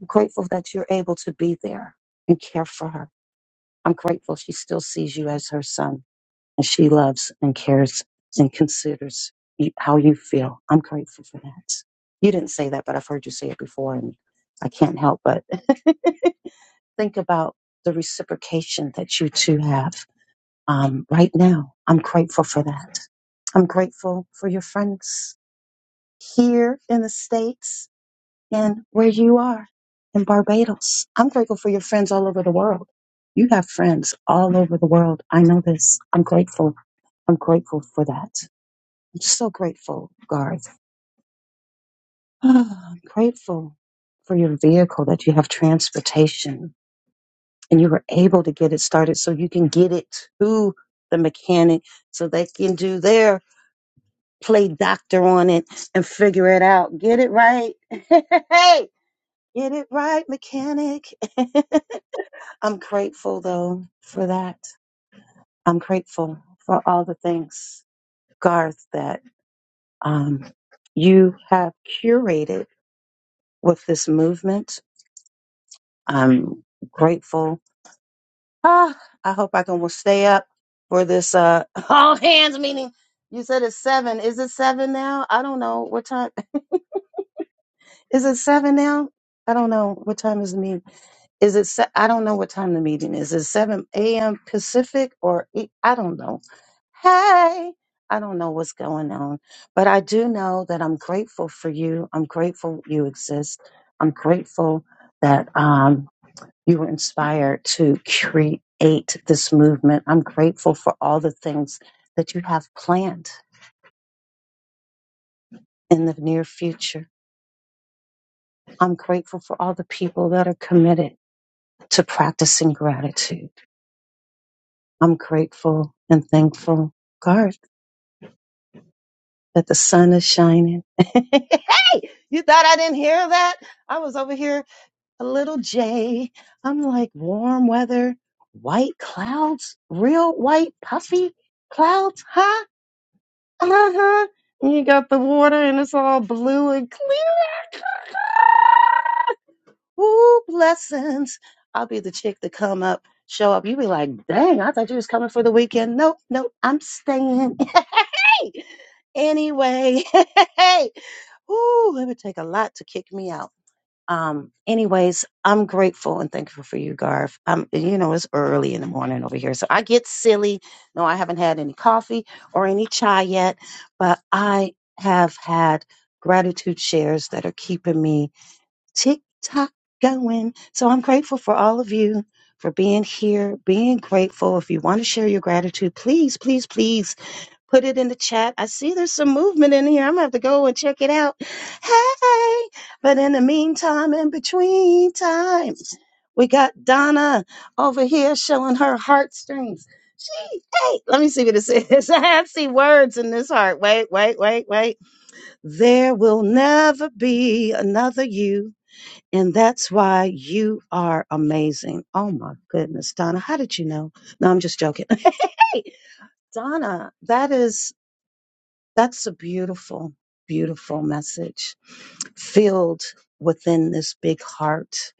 S1: I'm grateful that you're able to be there and care for her. I'm grateful she still sees you as her son and she loves and cares and considers you, how you feel. I'm grateful for that. You didn't say that, but I've heard you say it before and I can't help but think about the reciprocation that you two have um, right now. I'm grateful for that. I'm grateful for your friends here in the States and where you are in Barbados. I'm grateful for your friends all over the world. You have friends all over the world. I know this. I'm grateful. I'm grateful for that. I'm so grateful, Garth. I'm grateful for your vehicle that you have transportation and you were able to get it started so you can get it to the mechanic so they can do their play doctor on it and figure it out. Get it right. Hey, get it right, mechanic. I'm grateful though for that. I'm grateful for all the things, Garth, that um, you have curated with this movement. I'm grateful. Ah, I hope I can will stay up for this uh, all hands meeting. You said it's seven. Is it seven now? I don't know what time. Is it seven now? I don't know what time is the meeting. Is it? se- I don't know what time the meeting is. Is it seven a.m. Pacific or eight? I don't know. Hey, I don't know what's going on, but I do know that I'm grateful for you. I'm grateful you exist. I'm grateful that um, you were inspired to create this movement. I'm grateful for all the things that you have planned in the near future. I'm grateful for all the people that are committed to practicing gratitude. I'm grateful and thankful, God, that the sun is shining. hey, you thought I didn't hear that? I was over here, a little jay. I'm like warm weather, white clouds, real white puffy clouds, huh? Uh huh. And you got the water and it's all blue and clear. Ooh, blessings. I'll be the chick to come up, show up. You be like, dang, I thought you was coming for the weekend. Nope, nope, I'm staying. hey, anyway, hey, woo, it would take a lot to kick me out. Um, anyways, I'm grateful and thankful for you, Garth. Um, you know, it's early in the morning over here, so I get silly. No, I haven't had any coffee or any chai yet, but I have had gratitude shares that are keeping me tick tock going. So I'm grateful for all of you for being here, being grateful. If you want to share your gratitude, please, please, please put it in the chat. I see there's some movement in here. I'm gonna have to go and check it out. Hey, but in the meantime, in between times, we got Donna over here showing her heartstrings. She, hey, let me see what it says. I see words in this heart. Wait, wait, wait, wait. There will never be another you. And that's why you are amazing. Oh my goodness, Donna, how did you know? No, I'm just joking. hey, Donna, that is that's a beautiful, beautiful message filled within this big heart,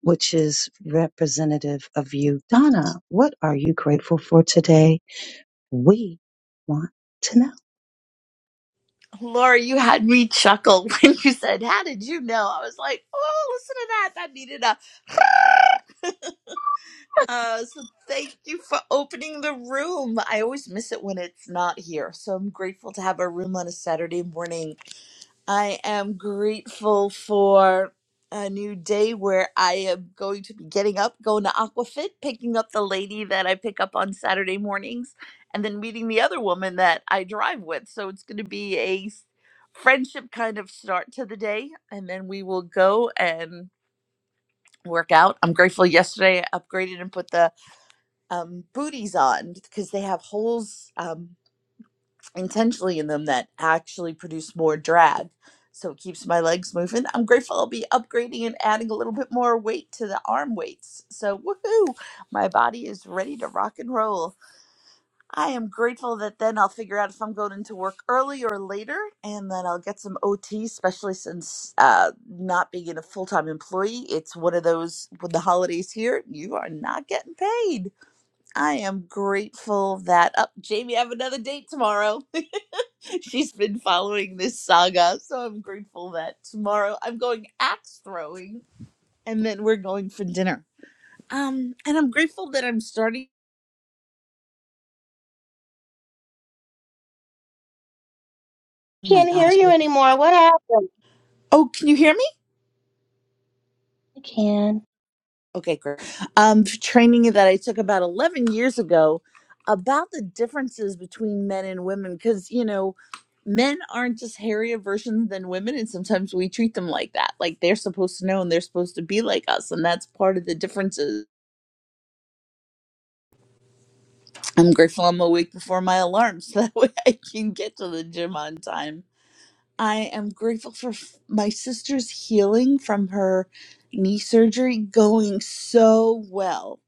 S1: which is representative of you. Donna, what are you grateful for today? We want to know.
S6: Laura, you had me chuckle when you said, How did you know? I was like, Oh, listen to that. That needed a. Uh, so thank you for opening the room. I always miss it when it's not here. So I'm grateful to have a room on a Saturday morning I am grateful for a new day where I am going to be getting up, going to Aquafit, picking up the lady that I pick up on Saturday mornings, and then meeting the other woman that I drive with. So it's going to be a s- friendship kind of start to the day, and then we will go and work out. I'm grateful yesterday I upgraded and put the um, booties on because they have holes. Um, intentionally in them that actually produce more drag. So it keeps my legs moving. I'm grateful I'll be upgrading and adding a little bit more weight to the arm weights. So woohoo! My body is ready to rock and roll. I am grateful that then I'll figure out if I'm going into work early or later, and then I'll get some OT, especially since uh, not being a full time employee, it's one of those with the holidays here, you are not getting paid. I am grateful that up Jamie I have another date tomorrow. She's been following this saga, so I'm grateful that tomorrow I'm going axe throwing and then we're going for dinner. Um and I'm grateful that I'm starting Oh my
S1: Can't hear
S6: gosh.
S1: you anymore. What happened?
S6: Oh, can you hear me?
S1: I can.
S6: Okay, great. Um, training that I took about 11 years ago about the differences between men and women because, you know, men aren't just hairier versions than women, and sometimes we treat them like that. Like they're supposed to know and they're supposed to be like us, and that's part of the differences. I'm grateful I'm awake before my alarm so that way I can get to the gym on time. I am grateful for f- my sister's healing from her knee surgery going so well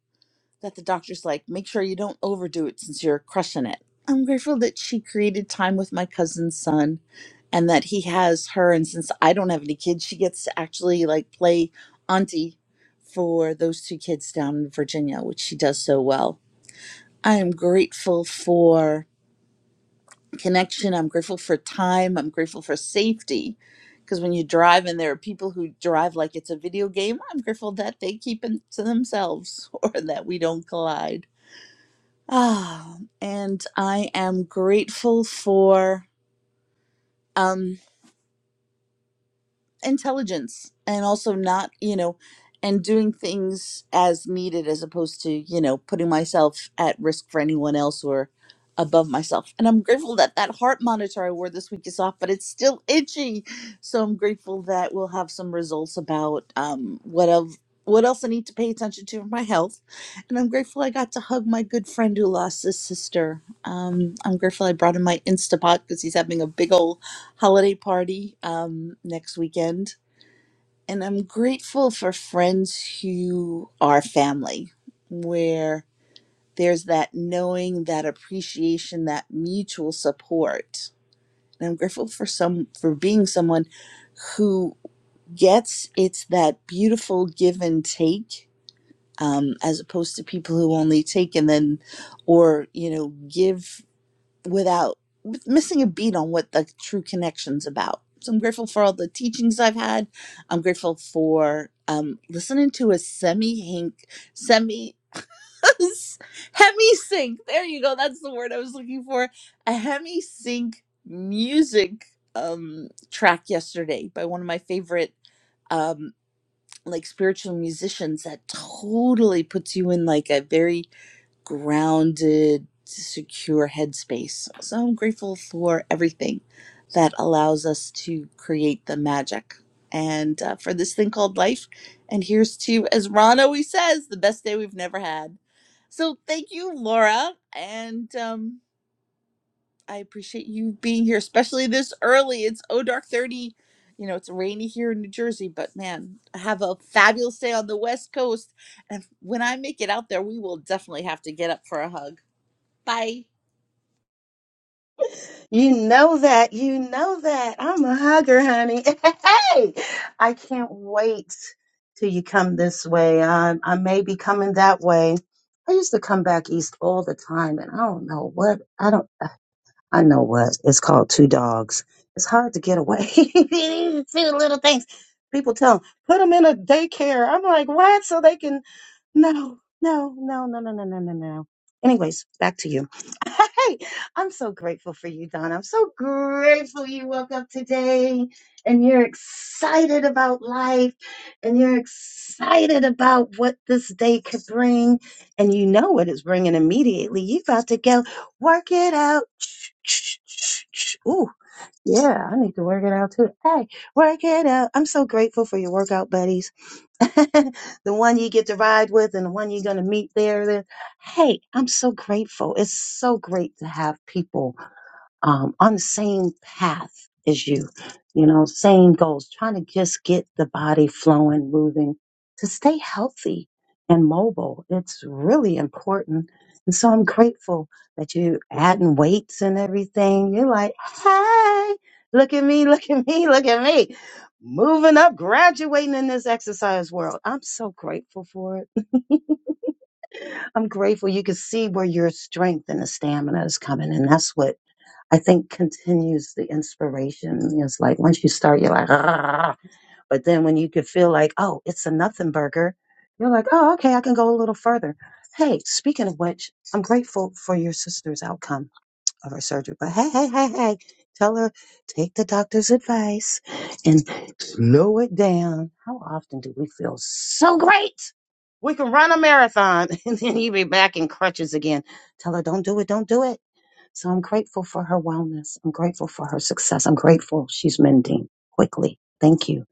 S6: that the doctor's like, make sure you don't overdo it since you're crushing it. I'm grateful that she created time with my cousin's son and that he has her. And since I don't have any kids, she gets to actually like play auntie for those two kids down in Virginia, which she does so well. I am grateful for connection. I'm grateful for time. I'm grateful for safety. Because when you drive and there are people who drive like it's a video game, I'm grateful that they keep it to themselves or that we don't collide. Ah, and I am grateful for um intelligence and also not you know and doing things as needed as opposed to you know putting myself at risk for anyone else or above myself and i'm grateful that that heart monitor i wore this week is off but it's still itchy so i'm grateful that we'll have some results about um what of what else i need to pay attention to for my health and i'm grateful i got to hug my good friend who lost his sister um i'm grateful i brought him my instapot because he's having a big ol holiday party um, next weekend. And I'm grateful for friends who are family, where there's that knowing, that appreciation, that mutual support. And I'm grateful for some for being someone who gets it's that beautiful give and take, um, as opposed to people who only take and then, or you know, give without with missing a beat on what the true connection's about. So I'm grateful for all the teachings I've had. I'm grateful for um, listening to a semi hink, semi hemi sync. There you go. That's the word I was looking for. A hemi sync music um, track yesterday by one of my favorite um, like spiritual musicians that totally puts you in like a very grounded, secure headspace. So I'm grateful for everything that allows us to create the magic and uh, for this thing called life. And here's to, as Ron always says, the best day we've never had. So thank you, Laura. And um, I appreciate you being here, especially this early. It's O Dark 30. You know, it's rainy here in New Jersey, but man, have a fabulous day on the West Coast. And when I make it out there, we will definitely have to get up for a hug. Bye.
S1: You know that. You know that. I'm a hugger, honey. Hey, I can't wait till you come this way. I, I may be coming that way. I used to come back east all the time, and I don't know what I don't. I know what. It's called Two Dogs. It's hard to get away. Two little things. People tell 'em, put them in a daycare. I'm like, what? So they can. No, no, no, no, no, no, no, no, no. Anyways, back to you. Hey, I'm so grateful for you, Don. I'm so grateful you woke up today and you're excited about life and you're excited about what this day could bring. And you know what it's bringing immediately. You got to go Work it out. Ooh, yeah, I need to work it out too. Hey, work it out. I'm so grateful for your workout buddies. the one you get to ride with and the one you're going to meet there. there. Hey, I'm so grateful. It's so great to have people um, on the same path as you, you know, same goals, trying to just get the body flowing, moving to stay healthy and mobile. It's really important. And so I'm grateful that you adding weights and everything. You're like, hey, look at me, look at me, look at me. Moving up, graduating in this exercise world. I'm so grateful for it. I'm grateful you can see where your strength and the stamina is coming. And that's what I think continues the inspiration. It's like once you start, you're like, ah, but then when you can feel like, oh, it's a nothing burger, you're like, oh, okay, I can go a little further. Hey, speaking of which, I'm grateful for your sister's outcome of her surgery. But hey, hey, hey, hey, tell her take the doctor's advice and slow it down. How often do we feel so great? We can run a marathon and then you be back in crutches again. Tell her, don't do it, don't do it so I'm grateful for her wellness. I'm grateful for her success. I'm grateful she's mending quickly. Thank you.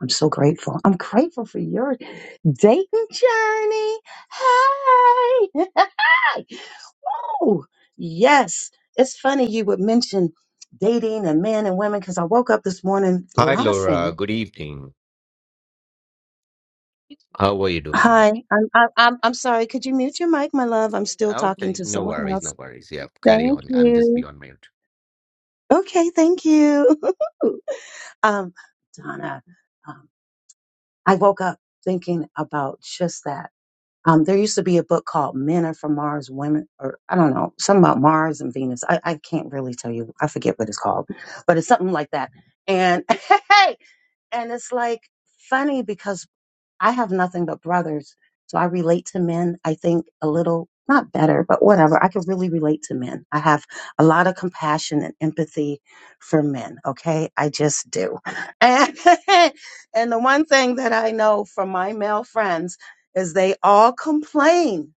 S1: I'm so grateful. I'm grateful for your dating journey. Hey. oh, yes. It's funny you would mention dating and men and women because I woke up this morning
S7: Hi, Laura.
S1: laughing.
S7: Good evening. How are you doing?
S1: Hi, I'm, I'm I'm I'm sorry. Could you mute your mic, my love? I'm still talking
S7: Okay,
S1: to
S7: no
S1: someone
S7: worries, no
S1: else.
S7: worries. Yeah, carry
S1: Thank
S7: on. I'm just
S1: you.
S7: beyond my
S1: Okay, thank you. um, Donna, um, I woke up thinking about just that. Um, there used to be a book called Men Are From Mars, Women, or I don't know, something about Mars and Venus. I, I can't really tell you. I forget what it's called, but it's something like that. And hey, and it's like funny because I have nothing but brothers. So I relate to men, I think a little, not better, but whatever. I can really relate to men. I have a lot of compassion and empathy for men. Okay. I just do. And, and the one thing that I know from my male friends is they all complain,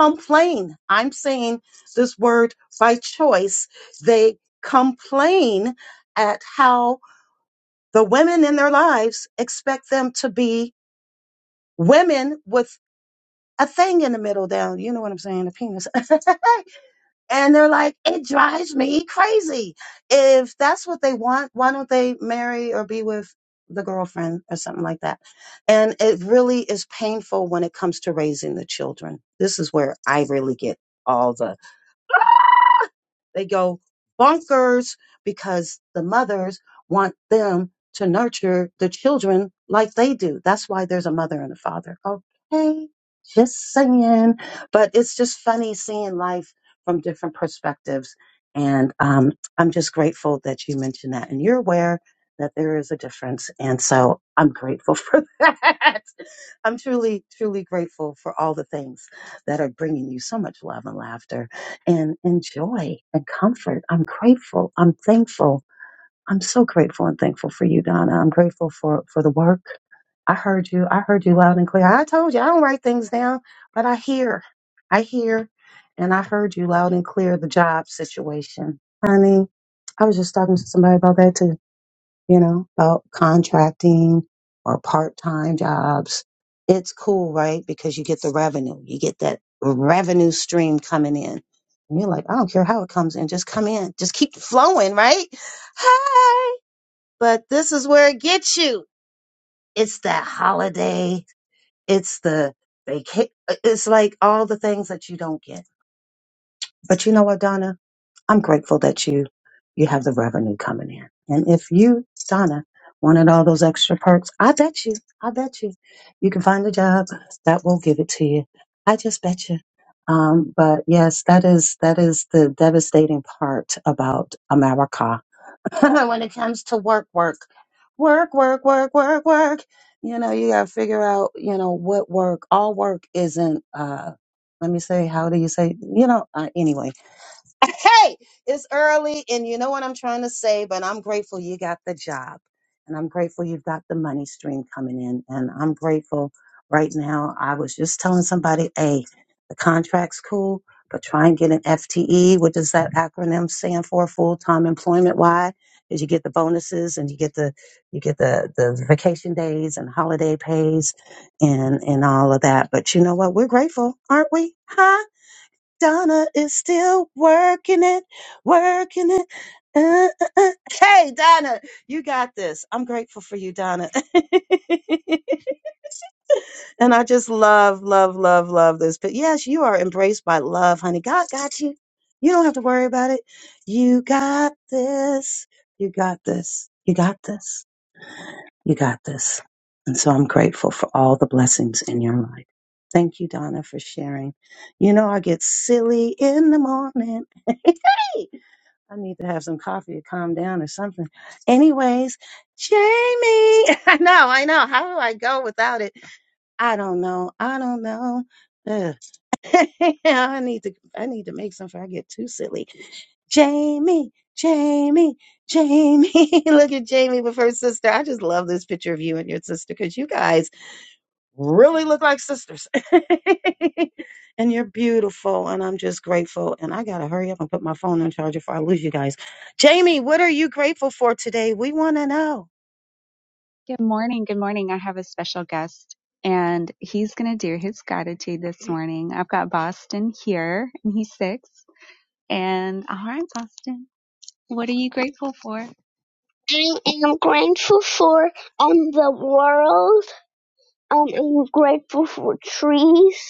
S1: complain. I'm saying this word by choice. They complain at how the women in their lives expect them to be women with a thing in the middle down. You know what I'm saying? A penis. and they're like, it drives me crazy. If that's what they want, why don't they marry or be with the girlfriend or something like that? And it really is painful when it comes to raising the children. This is where I really get all the they go bonkers because the mothers want them to nurture the children like they do. That's why there's a mother and a father. Okay, just saying. But it's just funny seeing life from different perspectives. And um, I'm just grateful that you mentioned that. And you're aware that there is a difference. And so I'm grateful for that. I'm truly, truly grateful for all the things that are bringing you so much love and laughter and enjoy and comfort. I'm grateful. I'm thankful. I'm so grateful and thankful for you, Donna. I'm grateful for, for the work. I heard you. I heard you loud and clear. I told you I don't write things down, but I hear. I hear. And I heard you loud and clear the job situation. Honey, I was just talking to somebody about that too you know, about contracting or part-time jobs. It's cool, right? Because you get the revenue. You get that revenue stream coming in. And you're like, I don't care how it comes in, just come in. Just keep flowing, right? Hi. But this is where it gets you. It's that holiday. It's the vacation. It's like all the things that you don't get. But you know what, Donna? I'm grateful that you you have the revenue coming in. And if you, Donna, wanted all those extra perks, I bet you, I bet you, you can find a job that will give it to you. I just bet you. Um, but yes, that is that is the devastating part about America when it comes to work, work, work, work, work, work, work. You know, you gotta figure out, you know, what work. All work isn't. uh Let me say, how do you say? You know, uh, anyway hey, it's early and you know what I'm trying to say, but I'm grateful you got the job and I'm grateful you've got the money stream coming in. And I'm grateful right now. I was just telling somebody, hey, the contract's cool, but try and get an FTE. What does that acronym stand for? Full time employment. Why? Because you get the bonuses and you get the you get the, the vacation days and holiday pays and and all of that. But you know what? We're grateful, aren't we? Huh? Donna is still working it, working it. Uh, uh, uh. Hey, Donna, you got this. I'm grateful for you, Donna. and I just love, love, love, love this. But yes, you are embraced by love, honey. God got you. You don't have to worry about it. You got this. You got this. You got this. You got this. And so I'm grateful for all the blessings in your life. Thank you, Donna, for sharing. You know, I get silly in the morning. hey, I need to have some coffee to calm down or something. Anyways, Jamie, I know, I know. How do I go without it? I don't know. I don't know. Ugh. I need to I need to make something. I get too silly. Jamie, Jamie, Jamie. look at Jamie with her sister. I just love this picture of you and your sister because you guys really look like sisters. and you're beautiful. And I'm just grateful. And I got to hurry up and put my phone on charger before I lose you guys. Jamie, what are you grateful for today? We want to know.
S8: Good morning. Good morning. I have a special guest and he's going to do his gratitude this morning. I've got Boston here and he's six. And all right, Boston, what are you grateful for? I am grateful for um, the world. Um, I'm grateful for trees.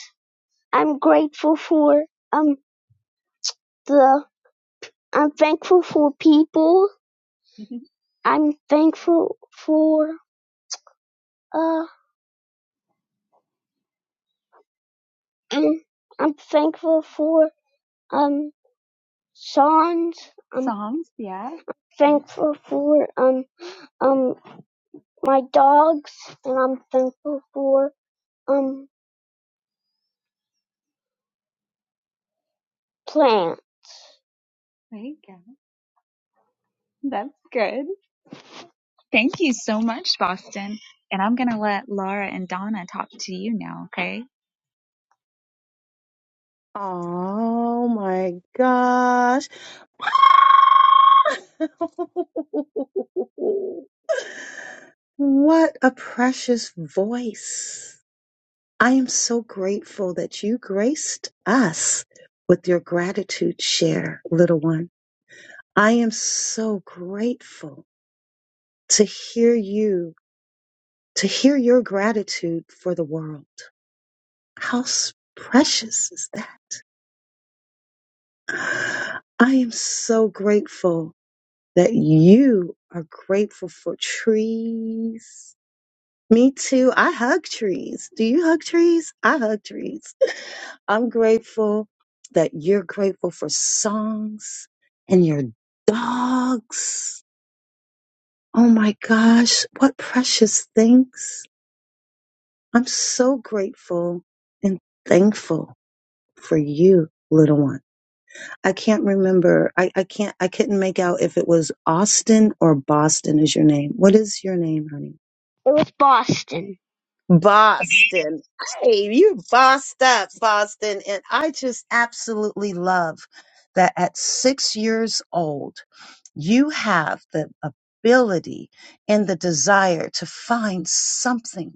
S8: I'm grateful for um the. I'm thankful for people. Mhm. I'm thankful for uh. Um, I'm thankful for um. songs. i Songs, yeah. I'm thankful for um um my dogs, and I'm thankful for um plants. There you go. That's good. Thank you so much, Boston. And I'm going to let Laura and Donna talk to you now, okay?
S1: Oh my gosh. what a precious voice. I am so grateful that you graced us with your gratitude share, little one. I am so grateful to hear you, to hear your gratitude for the world. How s- precious is that? I am so grateful that you are grateful for trees, Me too. I hug trees. Do you hug trees? I hug trees. I'm grateful that you're grateful for songs and your dogs. Oh my gosh, what precious things. I'm so grateful and thankful for you, little one. I can't remember. I, I can't, I couldn't make out if it was Austin or Boston is your name. What is your name, honey?
S8: It was Boston.
S1: Boston. Hey, you bossed up, Boston. And I just absolutely love that at six years old, you have the ability and the desire to find something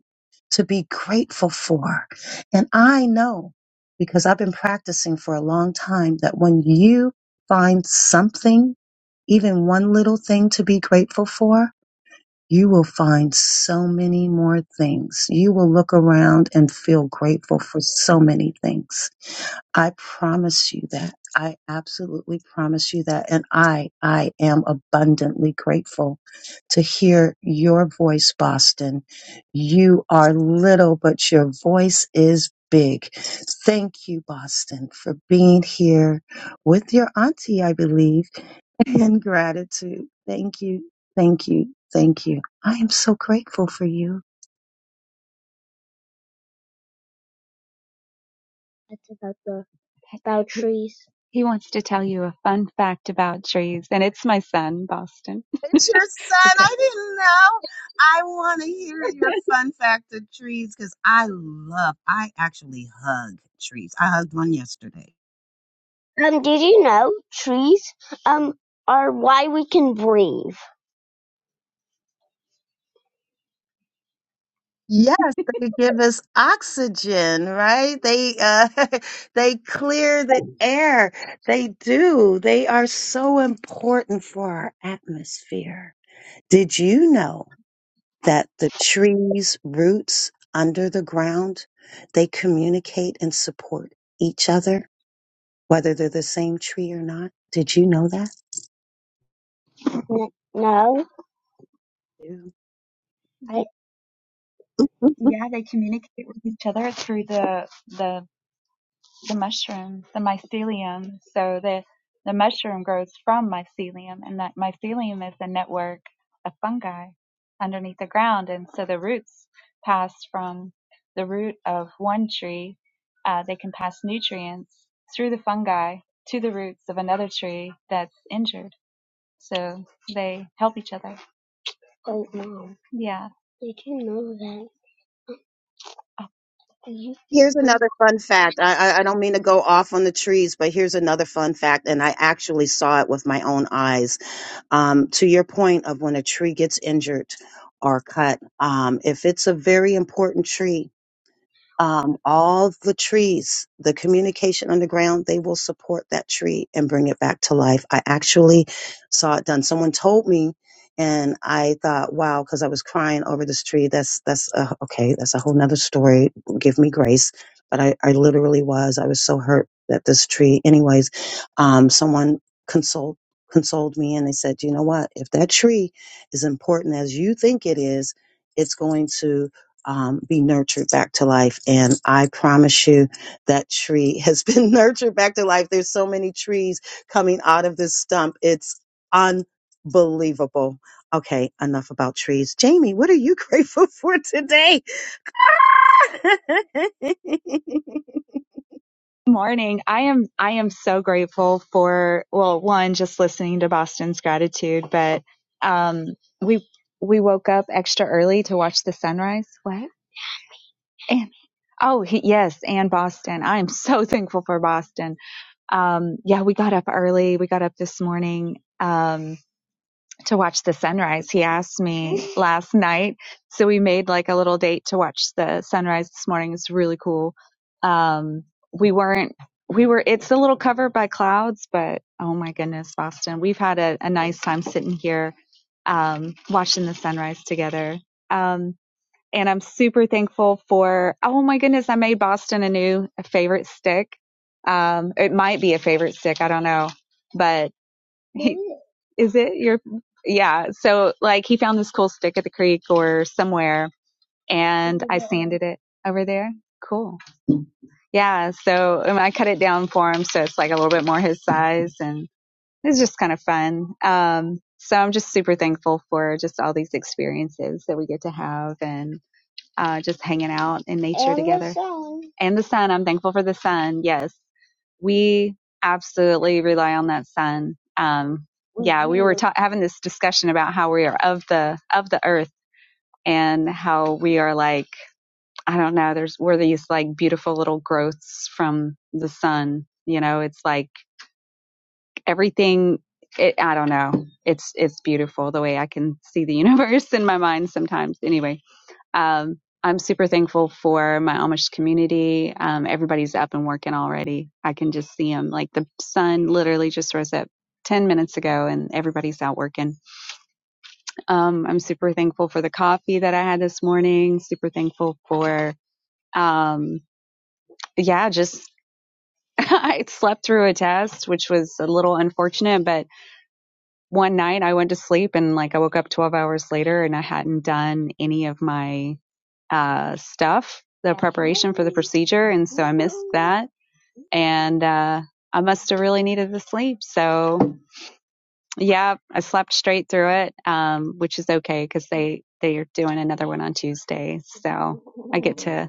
S1: to be grateful for. And I know because I've been practicing for a long time that when you find something, even one little thing to be grateful for, you will find so many more things. You will look around and feel grateful for so many things. I promise you that. I absolutely promise you that. And I, I am abundantly grateful to hear your voice, Boston. You are little, but your voice is big. Thank you, Boston, for being here with your auntie, I believe and gratitude. Thank you. Thank you. Thank you. I am so grateful for you.
S8: That's about the about trees. he wants to tell you a fun fact about trees, and it's my son, Boston.
S1: It's your son.
S8: Okay.
S1: I didn't know. I want to hear your fun fact of trees because I love, I actually hug trees. I hugged one yesterday.
S8: Um, did you know trees um are why we can breathe?
S1: Yes, they give us oxygen, right? They uh they clear the air. They do. They are so important for our atmosphere. Did you know?
S8: N-
S1: that the trees roots under the ground they communicate and support each other whether they're the same tree or not did you know that
S8: No,
S1: Yeah.
S8: They, yeah, they communicate with each other through the the the mushroom, the mycelium. So the the mushroom grows from mycelium, and that mycelium is a network of fungi underneath the ground. And so the roots pass from the root of one tree. Uh, they can pass nutrients through the fungi to the roots of another tree that's injured. So they help each other. Oh, mom, Yeah. did you know that Good
S1: Here's another fun fact. I, I, I don't mean to go off on the trees, but here's another fun fact, and I actually saw it with my own eyes. Um, to your point of when a tree gets injured or cut, um, if it's a very important tree, um, all the trees, the communication underground, they will support that tree and bring it back to life. I actually saw it done. Someone told me, and I thought, wow, because I was crying over this tree. That's that's uh, okay. That's a whole nother story. Give me grace. But I, I literally was. I was so hurt that this tree. Anyways, um, someone consoled consoled me, and they said, you know what? If that tree is important as you think it is, it's going to um, be nurtured back to life. And I promise you that tree has been nurtured back to life. There's so many trees coming out of this stump. It's unbelievable. Okay, enough about trees. Jamie, what are you grateful for today?
S8: Morning. I am I am so grateful for well, one, just listening to Boston's gratitude, but um we we woke up extra early to watch the sunrise. What? And oh he, yes, and Boston. I am so thankful for Boston. Um yeah, we got up early. We got up this morning. Um to watch the sunrise. He asked me last night. So we made like a little date to watch the sunrise this morning. It's really cool. Um, we weren't, we were, it's a little covered by clouds, but oh my goodness, Boston, we've had a, a nice time sitting here, um, watching the sunrise together. Um, and I'm super thankful for, oh my goodness, I made Boston a new favorite stick. Um, it might be a favorite stick. I don't know, but he, Is it your? Yeah. So like he found this cool stick at the creek or somewhere, and I sanded it over there. Cool. Yeah. So um, I cut it down for him, so it's like a little bit more his size, and it's just kind of fun. Um, so I'm just super thankful for just all these experiences that we get to have, and uh, just hanging out in nature and together. The sun. And the sun, I'm thankful for the sun. Yes we absolutely rely on that sun. Um, yeah, we were ta- having this discussion about how we are of the of the earth and how we are like I don't know. There's we're these like beautiful little growths from the sun. You know, it's like everything. It, I don't know. It's it's beautiful the way I can see the universe in my mind sometimes. Anyway, um, I'm super thankful for my Amish community. Um, everybody's up and working already. I can just see them. Like the sun literally just rose up 10 minutes ago and everybody's out working. Um, I'm super thankful for the coffee that I had this morning. Super thankful for, um, yeah, just I slept through a test, which was a little unfortunate, but one night I went to sleep and like I woke up 12 hours later and I hadn't done any of my uh, stuff, the preparation for the procedure, and so I missed that. And uh, I must have really needed the sleep. So yeah, I slept straight through it, um, which is okay because they they are doing another one on Tuesday, so I get to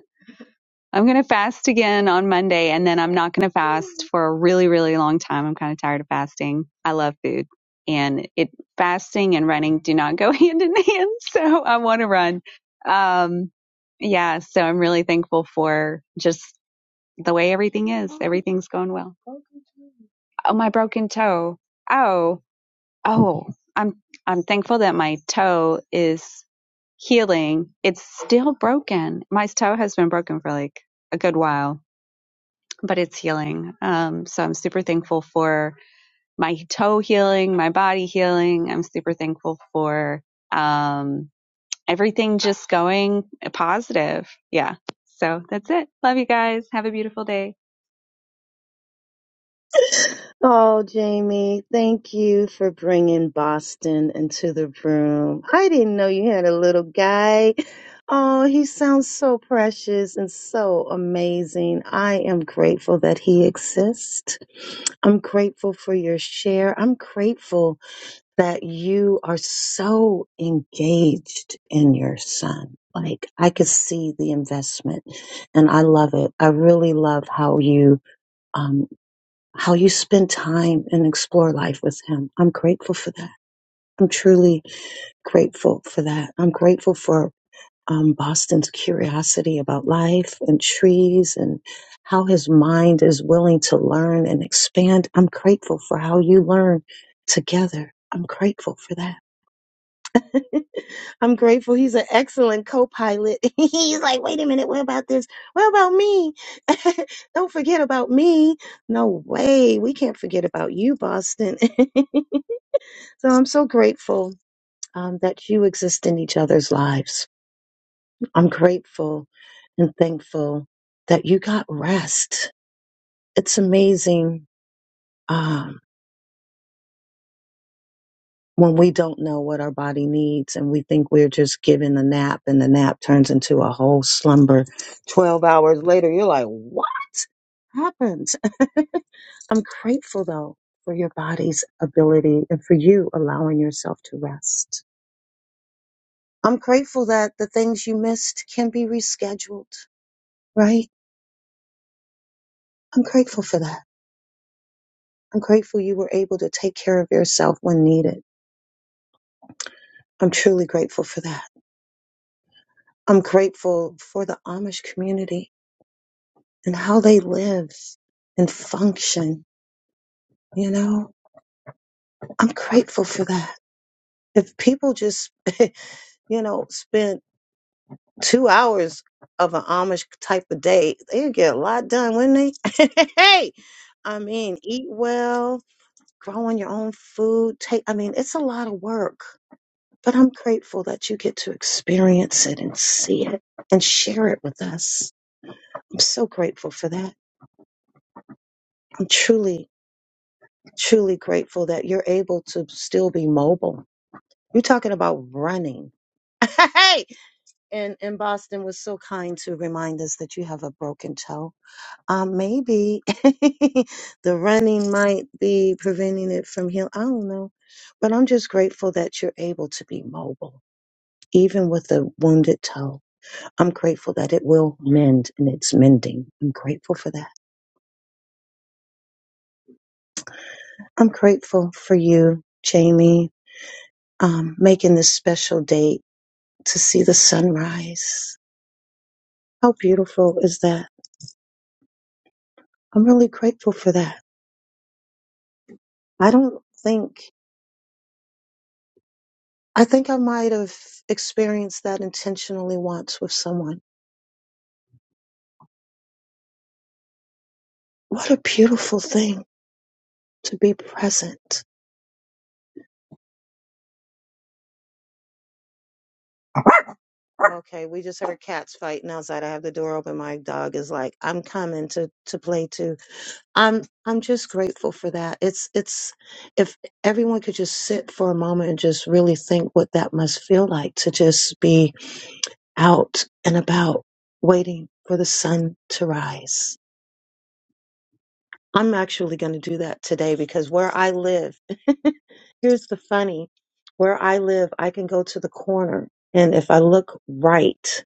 S8: I'm going to fast again on Monday and then I'm not going to fast for a really, really long time. I'm kind of tired of fasting. I love food and it fasting and running do not go hand in hand. So I want to run. Um, yeah. So I'm really thankful for just the way everything is. Everything's going well. Oh, my broken toe. Oh oh i'm i'm thankful that my toe is healing it's still broken my toe has been broken for like a good while but it's healing um so i'm super thankful for my toe healing my body healing i'm super thankful for um everything just going positive yeah so that's it love you guys have a beautiful day
S1: Oh, Jamie, thank you for bringing Boston into the room. I didn't know you had a little guy. Oh, he sounds so precious and so amazing. I am grateful that he exists. I'm grateful for your share. I'm grateful that you are so engaged in your son. Like, I could see the investment and I love it. I really love how you. um how you spend time and explore life with him. I'm grateful for that. I'm truly grateful for that. I'm grateful for um, Boston's curiosity about life and trees and how his mind is willing to learn and expand. I'm grateful for how you learn together. I'm grateful for that. I'm grateful. He's an excellent co-pilot. He's like, wait a minute, what about this? What about me? Don't forget about me. No way. We can't forget about you, Boston. so I'm so grateful um, that you exist in each other's lives. I'm grateful and thankful that you got rest. It's amazing. um, when we don't know what our body needs and we think we're just given a nap and the nap turns into a whole slumber 12 hours later you're like what happened i'm grateful though for your body's ability and for you allowing yourself to rest i'm grateful that the things you missed can be rescheduled right i'm grateful for that i'm grateful you were able to take care of yourself when needed i'm truly grateful for that i'm grateful for the amish community and how they live and function. You know, I'm grateful for that. If people just, you know, spent two hours of an Amish type of day, they'd get a lot done, wouldn't they? hey, I mean, eat well, growing your own food. Take, I mean, it's a lot of work, but I'm grateful that you get to experience it and see it and share it with us. I'm so grateful for that. I'm truly truly grateful that you're able to still be mobile. You're talking about running. Hey, and and Boston was so kind to remind us that you have a broken toe. Um, maybe the running might be preventing it from healing. I don't know, but I'm just grateful that you're able to be mobile, even with a wounded toe. I'm grateful that it will mend and it's mending. I'm grateful for that. I'm grateful for you, Jamie, um, making this special date to see the sunrise. How beautiful is that? I'm really grateful for that. I don't think, I think I might have experienced that intentionally once with someone. What a beautiful thing to be present. Okay, we just heard cats fighting outside. I have the door open. My dog is like, I'm coming to, to play too. I'm I'm just grateful for that. It's it's if everyone could just sit for a moment and just really think what that must feel like to just be out and about waiting for the sun to rise. I'm actually going to do that today because where I live, here's the funny, where I live, I can go to the corner and if I look right,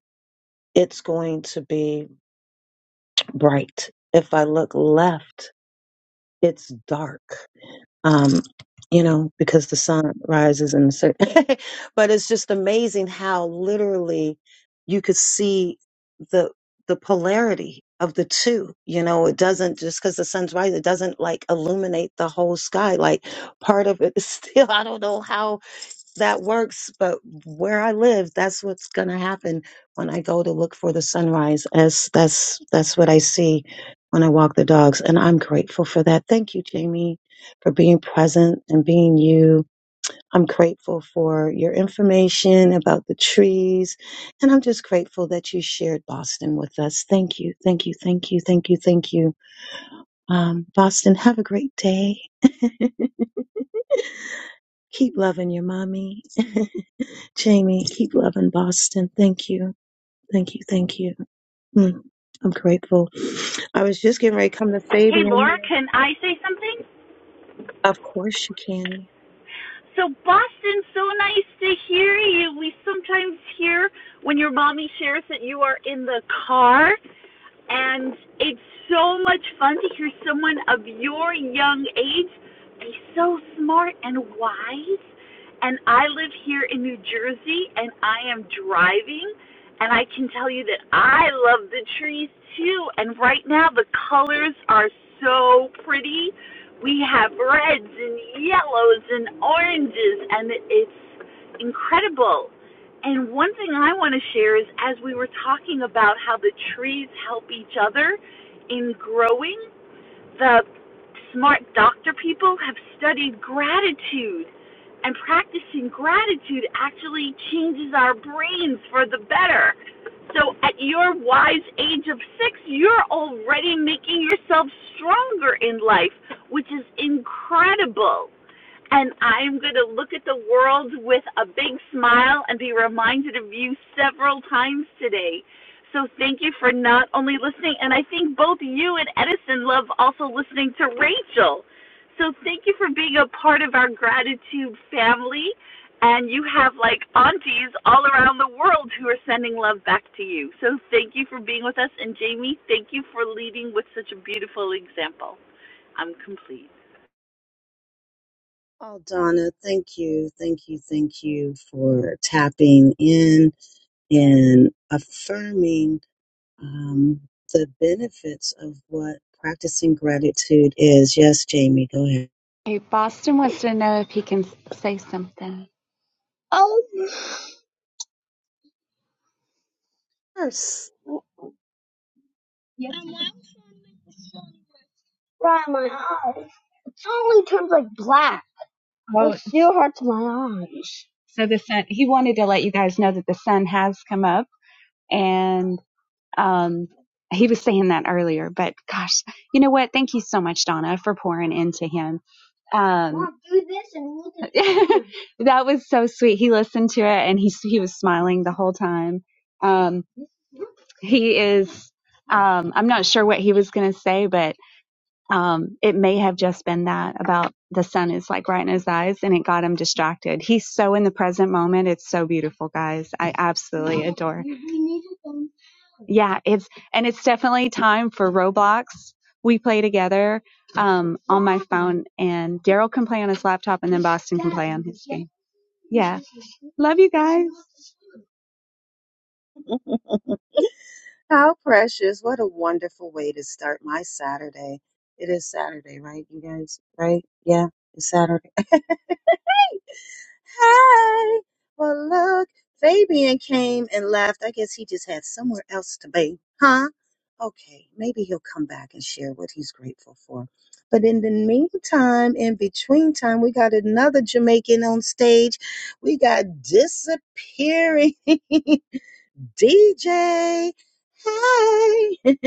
S1: it's going to be bright. If I look left, it's dark. um, you know, because the sun rises in the certain. but it's just amazing how literally you could see the the polarity of the two. You know, it doesn't just because the sun's rising, it doesn't like illuminate the whole sky. Like part of it is still, I don't know how that works, but where I live, that's what's going to happen when I go to look for the sunrise. As that's that's what I see when I walk the dogs, and I'm grateful for that. Thank you, Jamie, for being present and being you. I'm grateful for your information about the trees, and I'm just grateful that you shared Boston with us. Thank you, thank you, thank you, thank you, thank you. Um, Boston, have a great day. Keep loving your mommy. Jamie, keep loving Boston. Thank you. Thank you. Thank you. Mm, I'm grateful. I was just getting ready to come to
S6: Hey,
S1: Fabian.
S6: Laura, can I say something?
S1: Of course you can.
S6: So, Boston, so nice to hear you. We sometimes hear when your mommy shares that you are in the car, and it's so much fun to hear someone of your young age be so smart and wise. And I live here in New Jersey, and I am driving, and I can tell you that I love the trees too. And right now, the colors are so pretty we have reds and yellows and oranges, and it's incredible. And one thing I want to share is as we were talking about how the trees help each other in growing, the smart doctor people have studied gratitude, and practicing gratitude actually changes our brains for the better. So, at your wise age of six, you're already making yourself stronger in life, which is incredible. And I'm going to look at the world with a big smile and be reminded of you several times today. So thank you for not only listening, and I think both you and Edison love also listening to Rachel. So thank you for being a part of our gratitude family. And you have like aunties all around the world who are sending love back to you. So thank you for being with us. And Jamie, thank you for leading with such a beautiful example. I'm complete.
S1: Oh, Donna, thank you, thank you, thank you for tapping in and affirming um, the benefits of what practicing gratitude is. Yes, Jamie, go ahead.
S8: hey boston wants to know if he can s- say something Oh, yes. right in my eyes. It suddenly turns like black. Oh, It still hurts my eyes. so the sun, he wanted to let you guys know that the sun has come up and, um, he was saying that earlier, but gosh, you know what? Thank you so much, Donna, for pouring into him. Um, do this and look at this. that was so sweet. He listened to it and he, he was smiling the whole time. Um, he is um i'm not sure what he was going to say but um, it may have just been that about the sun is like right in his eyes and it got him distracted. He's so in the present moment. It's so beautiful, guys. I absolutely adore. Yeah, it's and it's definitely time for Roblox. We play together um, on my phone, and Daryl can play on his laptop, and then Boston can play on his game. Yeah, love you guys.
S1: How precious. What a wonderful way to start my Saturday. It is Saturday, right, you guys? Right? Yeah, it's Saturday. Hey, well, look, Fabian came and left. I guess he just had somewhere else to be, huh? Okay, maybe he'll come back and share what he's grateful for. But in the meantime, in between time, we got another Jamaican on stage. We got disappearing DJ. Hey,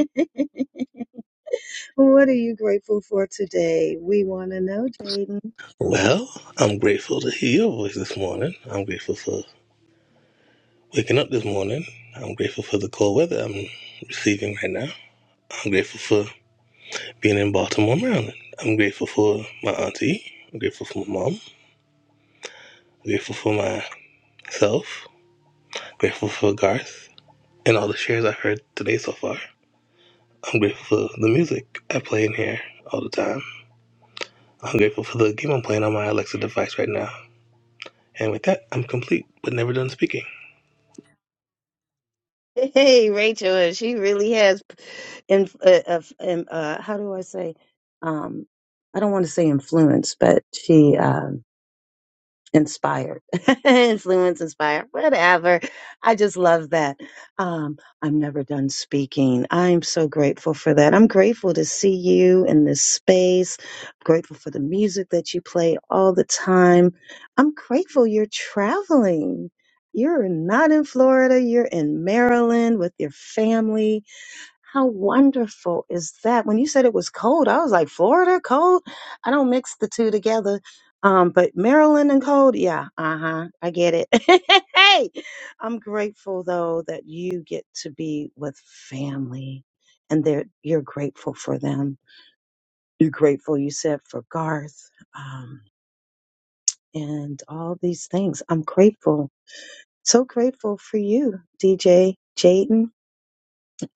S1: what are you grateful for today? We want to know, Jaden.
S9: Well, I'm grateful to hear your voice this morning. I'm grateful for waking up this morning. I'm grateful for the cold weather I'm receiving right now. I'm grateful for being in Baltimore, Maryland. I'm grateful for my auntie. I'm grateful for my mom. I'm grateful for myself. I'm grateful for Garth and all the shares I've heard today so far. I'm grateful for the music I play in here all the time. I'm grateful for the game I'm playing on my Alexa device right now. And with that, I'm complete, but never done speaking.
S1: Hey, Rachel, and she really has, in, uh, uh, um, uh, how do I say? Um, I don't want to say influence, but she. uh, inspired, influence inspired, whatever. I just love that. Um, I'm never done speaking. I'm so grateful for that. I'm grateful to see you in this space. grateful for the music that you play all the time. I'm grateful you're traveling. You're not in Florida, you're in Maryland with your family how wonderful is that? When you said it was cold, I was like, Florida cold? I don't mix the two together. Um, but Maryland and cold, yeah, uh-huh. I get it. hey, I'm grateful though that you get to be with family and they're you're grateful for them. You're grateful, you said, for Garth, um, and all these things. I'm grateful. So grateful for you, DJ Jaden.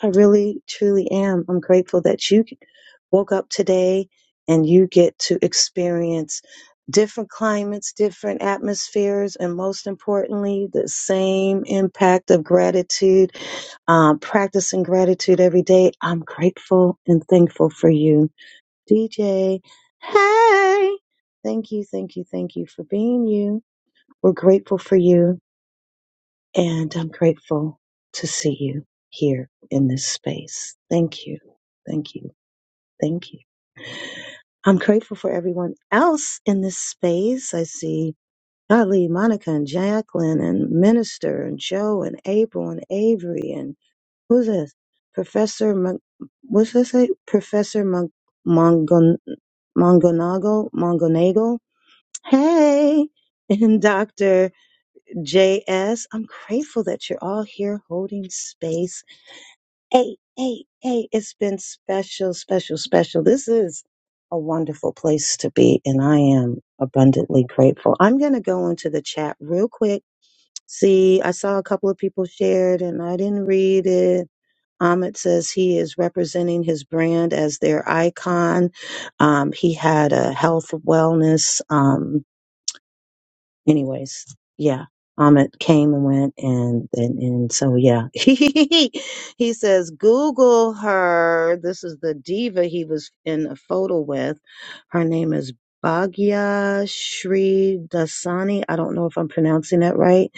S1: I really, truly am. I'm grateful that you woke up today and you get to experience different climates, different atmospheres, and most importantly, the same impact of gratitude, um, practicing gratitude every day. I'm grateful and thankful for you. DJ, hey! Thank you, thank you, thank you for being you. We're grateful for you. And I'm grateful to see you here in this space. Thank you. Thank you. Thank you. I'm grateful for everyone else in this space. I see Ali, Monica, and Jacqueline, and Minister, and Joe, and April, and Avery, and who's this? Professor, Mon- what's this? say? Professor Mon- Mongon- Mongonagle? Mongonagle? Hey! And Dr. JS, I'm grateful that you're all here holding space. Hey, hey, hey, it's been special, special, special. This is a wonderful place to be, and I am abundantly grateful. I'm going to go into the chat real quick. See, I saw a couple of people shared, and I didn't read it. Ahmed says he is representing his brand as their icon. Um, he had a health, wellness, um, anyways, yeah, Amit came and went, and and, and so yeah, he says Google her. This is the diva he was in a photo with. Her name is Bhagya Shri Dasani. I don't know if I'm pronouncing that right,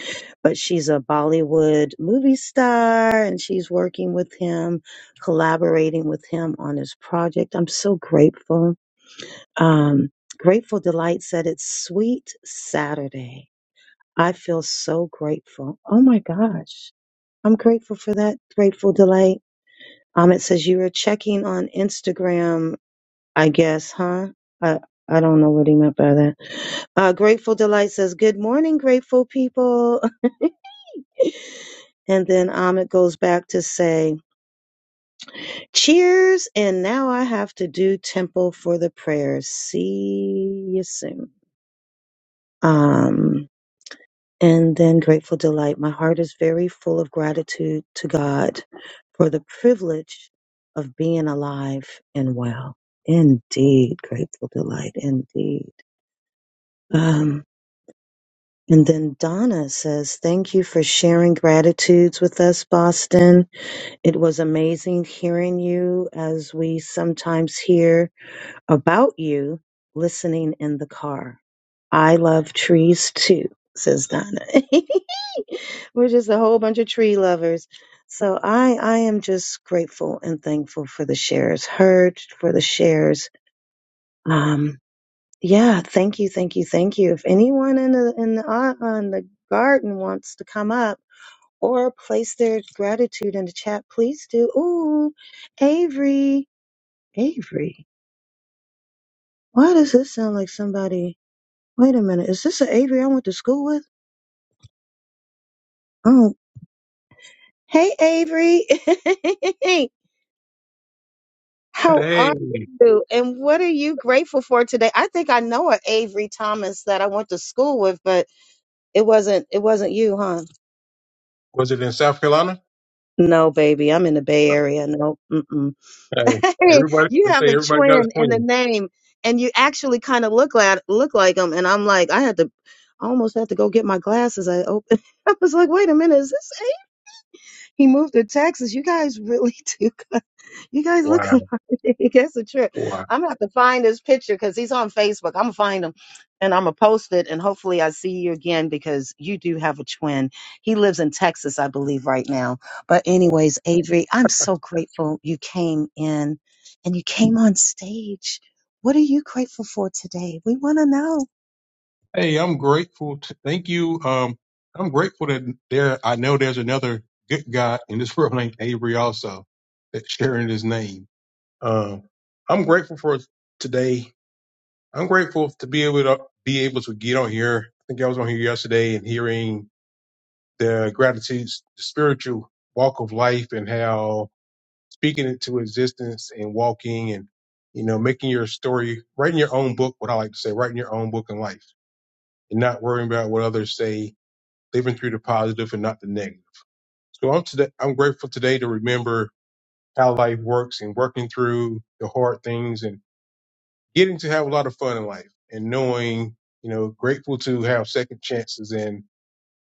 S1: but she's a Bollywood movie star, and she's working with him, collaborating with him on his project. I'm so grateful. Um, Grateful Delight said it's Sweet Saturday. I feel so grateful. Oh my gosh. I'm grateful for that grateful delight. Um, it says you were checking on Instagram, I guess, huh? I, I don't know what he meant by that. Uh, grateful delight says, good morning, grateful people. and then um, it goes back to say, cheers. And now I have to do temple for the prayers. See you soon. Um, and then grateful delight. My heart is very full of gratitude to God for the privilege of being alive and well. Indeed, grateful delight. Indeed. Um, and then Donna says, Thank you for sharing gratitudes with us, Boston. It was amazing hearing you as we sometimes hear about you listening in the car. I love trees too, says Donna. We're just a whole bunch of tree lovers. So I, I am just grateful and thankful for the shares heard, for the shares. Um, yeah, thank you, thank you, thank you. If anyone in the in the uh, on the garden wants to come up or place their gratitude in the chat, please do. Ooh, Avery, Avery, why does this sound like somebody? Wait a minute. Is this an Avery I went to school with? Oh, hey, Avery. How
S10: Hey,
S1: are you? And what are you grateful for today? I think I know an Avery Thomas that I went to school with, but it wasn't. It wasn't you, huh?
S10: was it in South Carolina?
S1: No, baby. I'm in the Bay Area. No. Mm-mm.
S10: Hey, everybody,
S1: you
S10: they
S1: have
S10: say
S1: a
S10: everybody got his
S1: twin in the
S10: queen.
S1: name, and you actually kind of look like look like him. And I'm like, I had to. I almost had to go get my glasses. I opened. I was like, wait a minute, is this Avery? He moved to Texas. You guys really do. You guys look
S10: Wow,
S1: alike. That's a trip.
S10: wow.
S1: I'm gonna have to find his picture because he's on Facebook. I'm gonna find him and I'm gonna post it and hopefully I see you again because you do have a twin. He lives in Texas, I believe, right now. But
S10: wow.
S1: anyways, Avery, I'm so grateful you came in and you came on stage. What are you grateful for today? We wanna know.
S10: Hey, I'm grateful. To, thank you. Um, I'm grateful that there. I know there's another good guy in this world named Avery also that's sharing his name. Um, I'm grateful for today. I'm grateful to be able to be able to get on here. I think I was on here yesterday and hearing the gratitude, spiritual walk of life, and how speaking into existence and walking and you know making your story writing your own book what i like to say writing your own book in life and not worrying about what others say living through the positive and not the negative so i'm today i'm grateful today to remember how life works and working through the hard things and getting to have a lot of fun in life and knowing you know grateful to have second chances and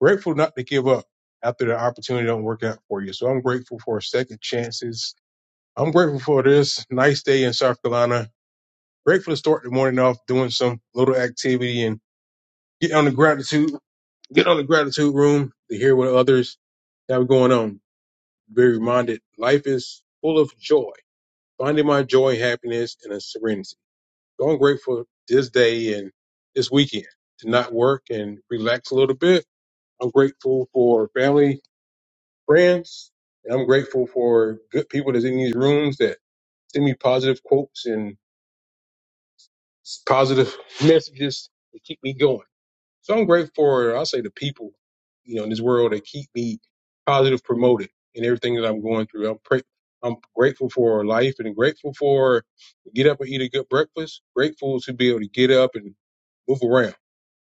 S10: grateful not to give up after the opportunity don't work out for you so i'm grateful for second chances I'm grateful for this nice day in South Carolina. Grateful to start the morning off doing some little activity and get on the gratitude, get on the gratitude room to hear what others have going on. Be reminded life is full of joy. Finding my joy, happiness, and a serenity. So I'm grateful this day and this weekend to not work and relax a little bit. I'm grateful for family, friends, and I'm grateful for good people that's in these rooms that send me positive quotes and It's positive messages that keep me going. So I'm grateful for, I'll say, the people, you know, in this world that keep me positive promoted in everything that I'm going through. I'm, pray- I'm grateful for life and grateful for get up and eat a good breakfast. Grateful to be able to get up and move around.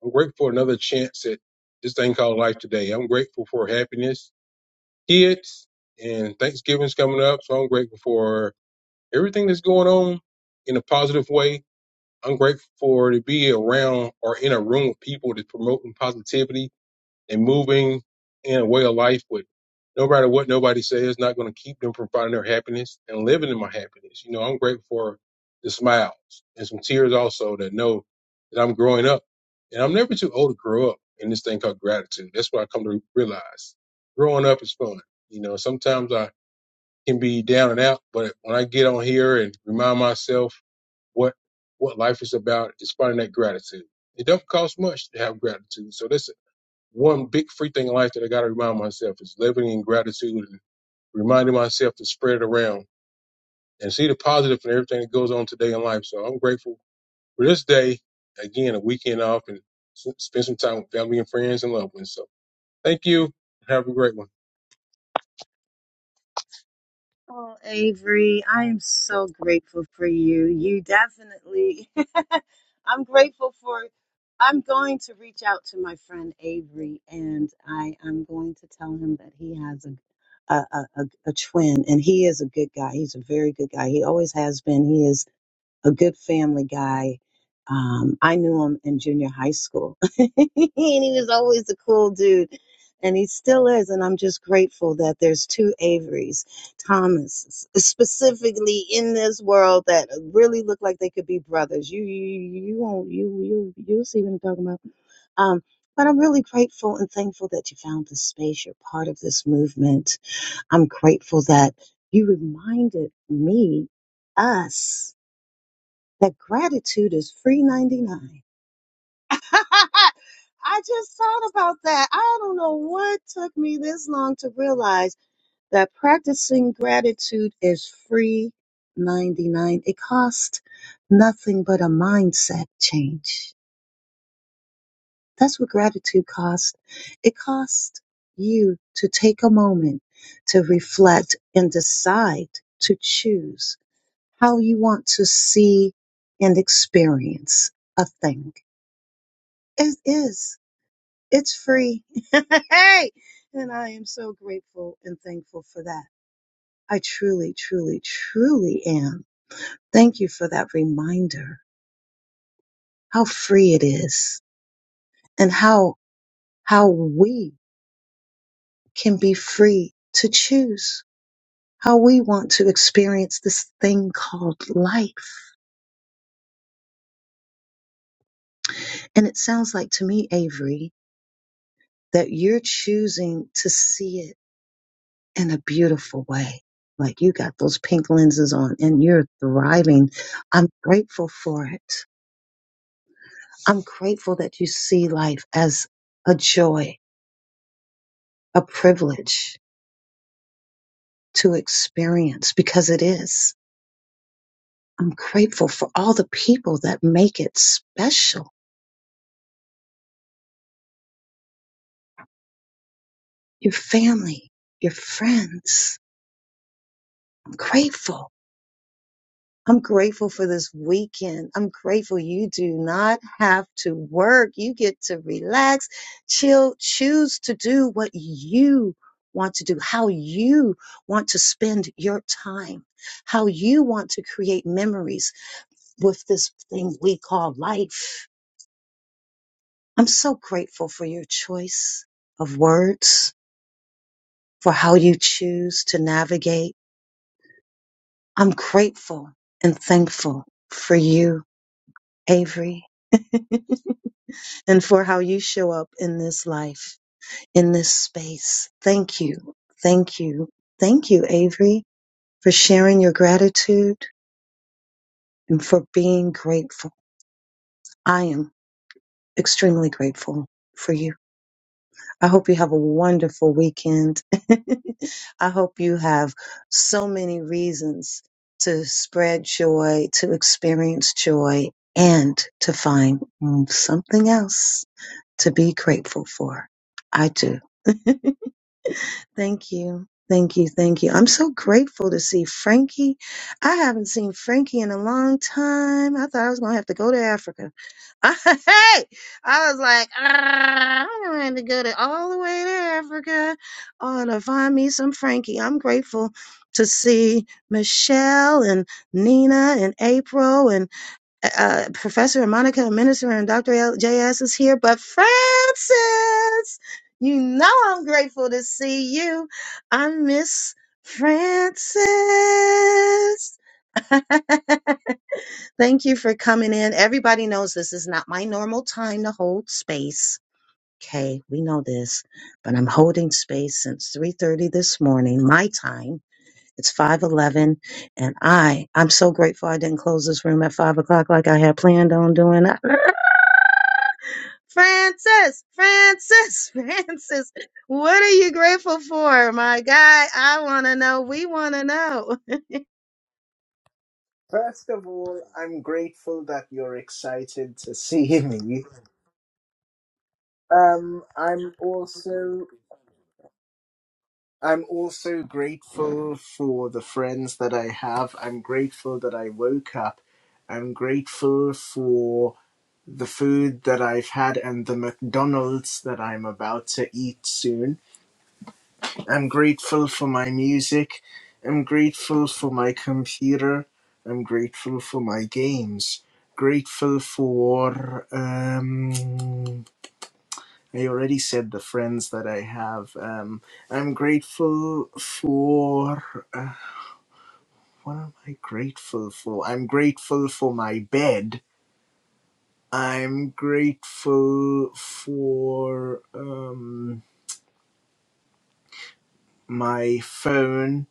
S10: I'm grateful for another chance at this thing called life today. I'm grateful for happiness, kids, and Thanksgiving's coming up. So I'm grateful for everything that's going on in a positive way I'm grateful for to be around or in a room with people that's promoting positivity and moving in a way of life with no matter what nobody says, not going to keep them from finding their happiness and living in my happiness. You know, I'm grateful for the smiles and some tears also that know that I'm growing up and I'm never too old to grow up in this thing called gratitude. That's what I come to realize. Growing up is fun. You know, sometimes I can be down and out, but when I get on here and remind myself what what life is about is finding that gratitude. It doesn't cost much to have gratitude. So that's one big free thing in life that I got to remind myself is living in gratitude and reminding myself to spread it around and see the positive in everything that goes on today in life. So I'm grateful for this day. Again, a weekend off and spend some time with family and friends and loved ones. So thank you. Have a great one.
S1: Oh, Avery, I am so grateful for you. You definitely, I'm grateful for, I'm going to reach out to my friend Avery and I am going to tell him that he has a, a, a, a a twin and he is a good guy. He's a very good guy. He always has been. He is a good family guy. Um, I knew him in junior high school, and he was always a cool dude, and he still is. And I'm just grateful that there's two Averys Thomas specifically in this world that really look like they could be brothers. You, you, you won't, you, you, you'll see what I'm talking about. Um, but I'm really grateful and thankful that you found this space. You're part of this movement. I'm grateful that you reminded me, us that gratitude is free 99. I just thought about that. I don't know what took me this long to realize that practicing gratitude is free 99. It costs nothing but a mindset change. That's what gratitude costs. It costs you to take a moment to reflect and decide to choose how you want to see and experience a thing It is. It's free. hey! And I am so grateful and thankful for that. I truly, truly, truly am. Thank you for that reminder how free it is and how, how we can be free to choose how we want to experience this thing called life. And it sounds like to me, Avery, that you're choosing to see it in a beautiful way. Like you got those pink lenses on and you're thriving. I'm grateful for it. I'm grateful that you see life as a joy, a privilege to experience because it is. I'm grateful for all the people that make it special. Your family, your friends. I'm grateful. I'm grateful for this weekend. I'm grateful you do not have to work. You get to relax, chill, choose to do what you want to do, how you want to spend your time, how you want to create memories with this thing we call life. I'm so grateful for your choice of words, for how you choose to navigate. I'm grateful and thankful for you, Avery. and for how you show up in this life, in this space. Thank you. Thank you. Thank you, Avery, for sharing your gratitude and for being grateful. I am extremely grateful for you. I hope you have a wonderful weekend. I hope you have so many reasons to spread joy, to experience joy, and to find mm, something else to be grateful for. I do. Thank you. Thank you. Thank you. I'm so grateful to see Frankie. I haven't seen Frankie in a long time. I thought I was going to have to go to Africa. hey, I was like, "Ah, I'm going to have to go to all the way to Africa oh, to find me some Frankie. I'm grateful to see Michelle and Nina and April uh, Professor Monica Minister and Dr. L- JS is here, but Francis, you know I'm grateful to see you. I miss Francis. Thank you for coming in. Everybody knows this is not my normal time to hold space. Okay, we know this, but I'm holding space since 3:30 this morning, my time it's five eleven, and I I'm so grateful I didn't close this room at five o'clock like I had planned on doing. Francis, Francis, Francis, what are you grateful for, my guy? I want to know. We want to know.
S11: First of all, I'm grateful that you're excited to see me. Um, I'm also I'm also grateful for the friends that I have. I'm grateful that I woke up. I'm grateful for the food that I've had and the McDonald's that I'm about to eat soon. I'm grateful for my music. I'm grateful for my computer. I'm grateful for my games. Grateful for. Um, I already said the friends that I have. Um, I'm grateful for. Uh, what am I grateful for? I'm grateful for my bed. I'm grateful for um, my phone.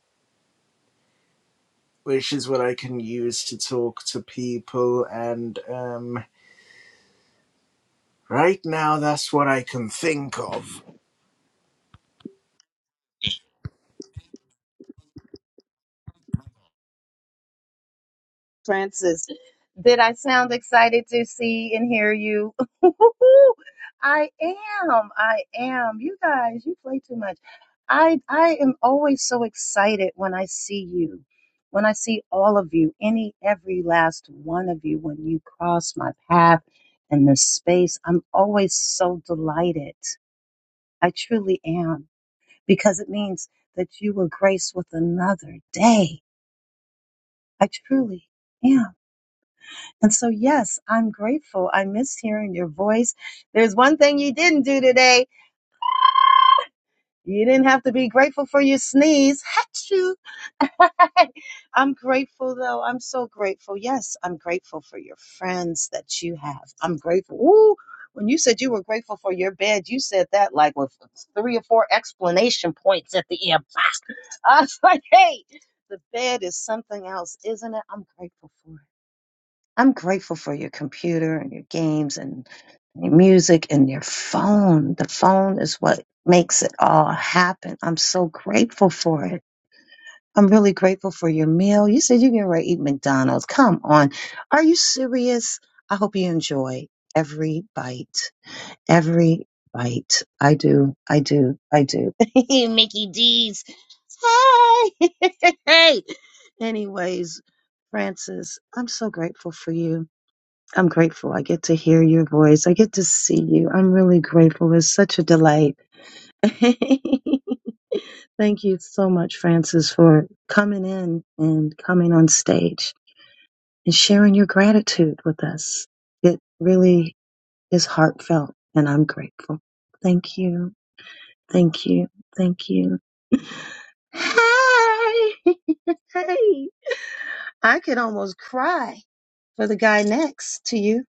S11: which is what I can use to talk to people. And um, right now, that's what I can think of.
S1: Francis. Did I sound excited to see and hear you? I am. I am. You guys, you play too much. I I am always so excited when I see you. When I see all of you, any every last one of you when you cross my path in this space, I'm always so delighted. I truly am because it means that you were graced with another day. I truly am. And so, yes, I'm grateful. I miss hearing your voice. There's one thing you didn't do today. You didn't have to be grateful for your sneeze. Hatchoo. I'm grateful though. I'm so grateful. Yes, I'm grateful for your friends that you have. I'm grateful. Ooh, when you said you were grateful for your bed, you said that like with three or four explanation points at the end. I was like, hey, the bed is something else, isn't it? I'm grateful for it. I'm grateful for your computer and your games and your music and your phone. The phone is what makes it all happen. I'm so grateful for it. I'm really grateful for your meal. You said you're going to eat McDonald's. Come on. Are you serious? I hope you enjoy every bite. Every bite. I do. I do. I do. Mickey D's. Hey. Anyways, Francis, I'm so grateful for you. I'm grateful. I get to hear your voice. I get to see you. I'm really grateful. It's such a delight. Thank you so much, Francis, for coming in and coming on stage and sharing your gratitude with us. It really is heartfelt, and I'm grateful. Thank you. Thank you. Thank you. Hey! hey! I could almost cry for the guy next to you.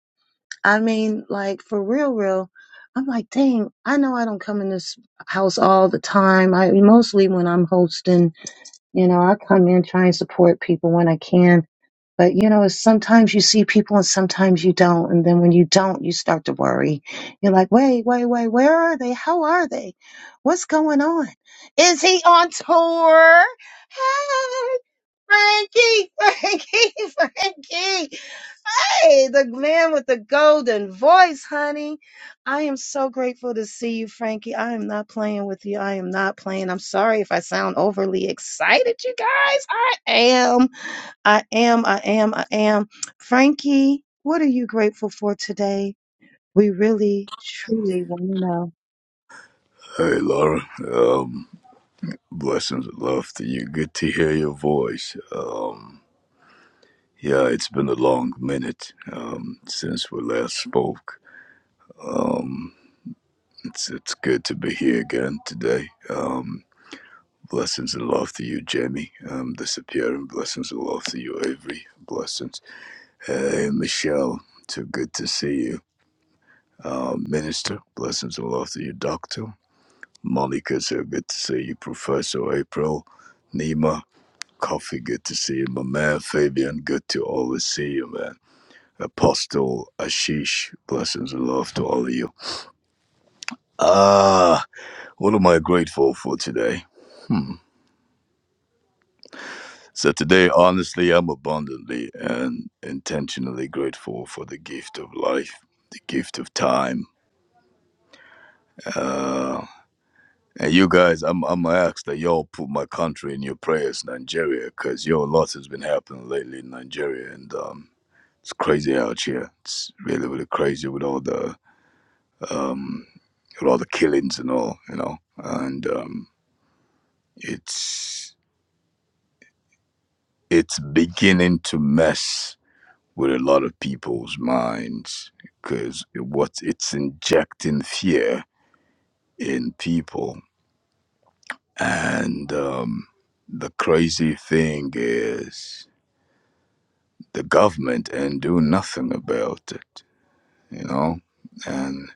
S1: I mean, like for real, real. I'm like, dang, I know I don't come in this house all the time. I mostly when I'm hosting, you know, I come in, try and support people when I can. But you know, it's sometimes you see people and sometimes you don't. And then when you don't, you start to worry. You're like, wait, wait, wait, where are they? How are they? What's going on? Is he on tour? Hey, Frankie, Frankie, Frankie. Hey, the man with the golden voice, honey. I am so grateful to see you, Frankie. I am not playing with you. I am not playing. I'm sorry if I sound overly excited, you guys. I am. I am, I am, I am. Frankie, what are you grateful for today? We really, truly want to know.
S12: Hey, Laura. Um, blessings and love to you. Good to hear your voice. Um, yeah, it's been a long minute um, since we last spoke. Um, it's it's good to be here again today. Um, blessings and love to you, Jamie. Um, disappearing. Blessings and love to you, Avery. Blessings. Hey, Michelle. Too good to see you, um, Minister. Blessings and love to you, Doctor. Monica, so good to see you, Professor April. Nima, Coffee, good to see you, my man. Fabian, good to always see you, man. Apostle Ashish, blessings and love to all of you. Ah, what am I grateful for today? Hmm. So today, honestly, I'm abundantly and intentionally grateful for the gift of life, the gift of time. Ah, And you guys, I'm I'm gonna ask that y'all put my country in your prayers, Nigeria, because yo, a lot has been happening lately in Nigeria, and um, it's crazy out here. It's really really crazy with all the um, with all the killings and all, you know, and um, it's it's beginning to mess with a lot of people's minds because what it's injecting fear in people, and um, the crazy thing is. the government and do nothing about it, you know? And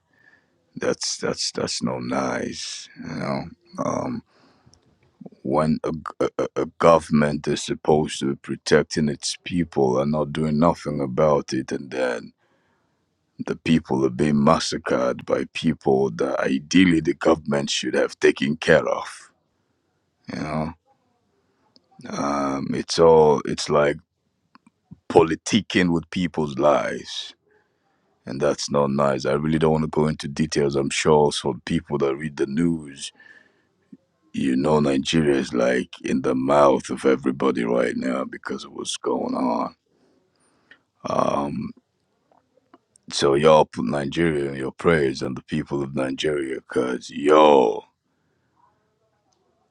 S12: that's that's that's no nice, you know. Um, when a a, a government is supposed to be protecting its people and not doing nothing about it, and then the people are being massacred by people that ideally the government should have taken care of, you know. Um, it's all it's like politicking with people's lives and that's not nice. I really don't want to go into details. I'm sure for people that read the news, you know, Nigeria is like in the mouth of everybody right now because of what's going on. Um, so y'all put Nigeria in your prayers and the people of Nigeria, cause yo,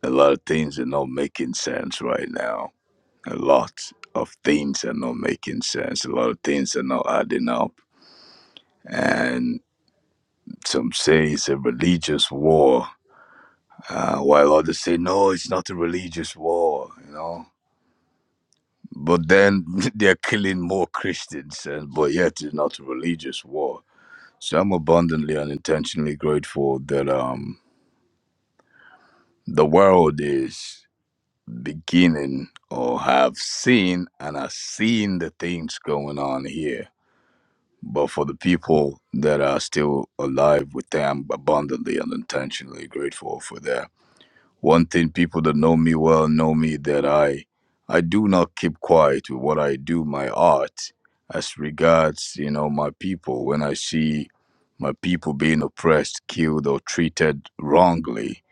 S12: a lot of things are not making sense right now. A lot of things are not making sense. A lot of things are not adding up, and some say it's a religious war Uh, while others say, no, it's not a religious war, you know. But then they're killing more Christians, and, but yet it's not a religious war. So I'm abundantly and intentionally grateful that um, the world is beginning or have seen and are seeing the things going on here. But for the people that are still alive with them, abundantly and intentionally grateful for that. One thing people that know me well know me that I I do not keep quiet with what I do, my art, as regards, you know, my people. When I see my people being oppressed, killed or treated wrongly,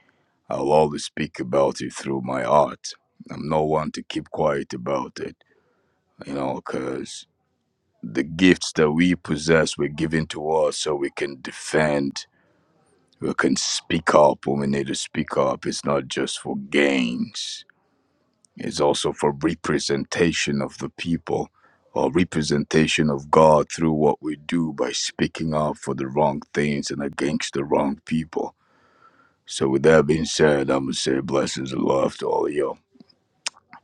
S12: I'll always speak about it through my art. I'm no one to keep quiet about it, you know, because the gifts that we possess were given to us so we can defend, we can speak up when we need to speak up. It's not just for gains it's also for representation of the people or representation of God through what we do by speaking out for the wrong things and against the wrong people. So, with that being said, I'm going to say blessings and love to all of you.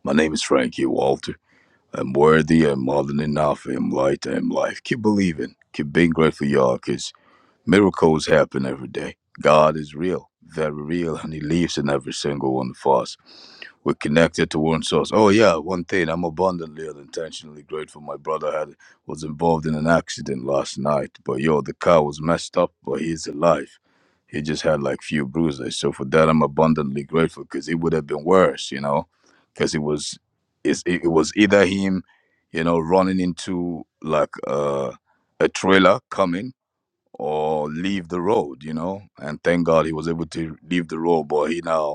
S12: My name is Frankie Walter. I'm worthy, I'm more than enough, I'm light, I'm life. Keep believing, keep being grateful, y'all, because miracles happen every day. God is real, very real, and He lives in every single one of us. We're connected to one source. Oh yeah, one thing. I'm abundantly and intentionally grateful. My brother had was involved in an accident last night, but yo, the car was messed up, but he's alive. He just had like few bruises. So for that, I'm abundantly grateful because it would have been worse, you know, because it was, it's, it it was either him, you know, running into like uh, a trailer coming or leave the road, you know. And thank God he was able to leave the road, but he now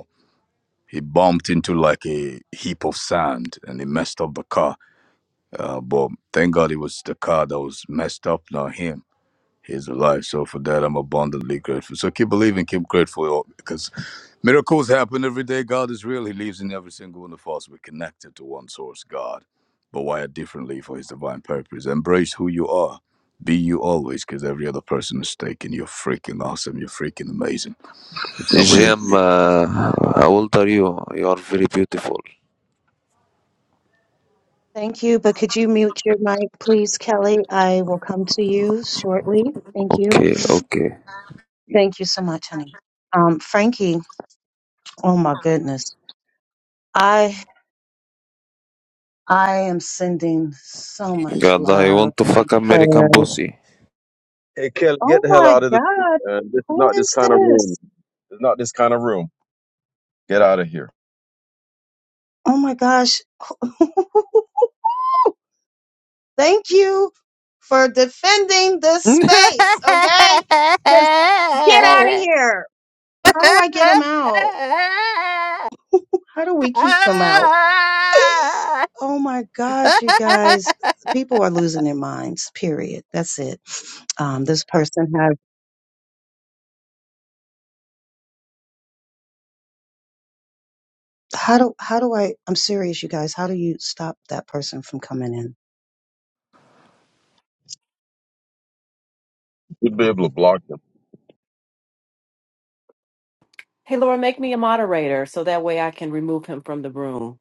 S12: he bumped into like a heap of sand and he messed up the car. Uh, but thank God it was the car that was messed up, not him. He's alive. So for that, I'm abundantly grateful. So keep believing, keep grateful because miracles happen every day. God is real. He lives in every single one of us. We're connected to one source, God, but wired differently for his divine purpose. Embrace who you are. Be you always because every other person is taken. You're freaking awesome. You're freaking amazing. If nobody.
S13: Jem, uh, how old are you? You are very beautiful.
S1: Thank you, but could you mute your mic, please, Kelly? I will come to you shortly. Thank you.
S13: Okay, okay.
S1: Thank you so much, honey. Um, Frankie, oh my goodness. I I am sending so much
S13: God, I
S1: love
S13: want to
S1: and
S13: fuck
S1: prayer.
S13: American pussy.
S14: Hey Kelly, get
S1: Oh
S14: the hell
S1: my
S14: out of this room,
S1: God.
S14: man. This is
S1: Who
S14: not this
S1: is
S14: kind of room.
S1: this?
S14: It's not this kind of room. Get out of here.
S1: Oh my gosh. Thank you for defending this space, okay? Because get out of here. How do I get them out? How do we keep them out?
S13: Ah!
S1: Oh my gosh, you guys. People are losing their minds, period. That's it. Um, this person has, how do, how do I, I'm serious, you guys. How do you stop that person from coming in?
S14: You'd be able to block them.
S15: Hey, Laura, make me a moderator so that way I can remove him from the room.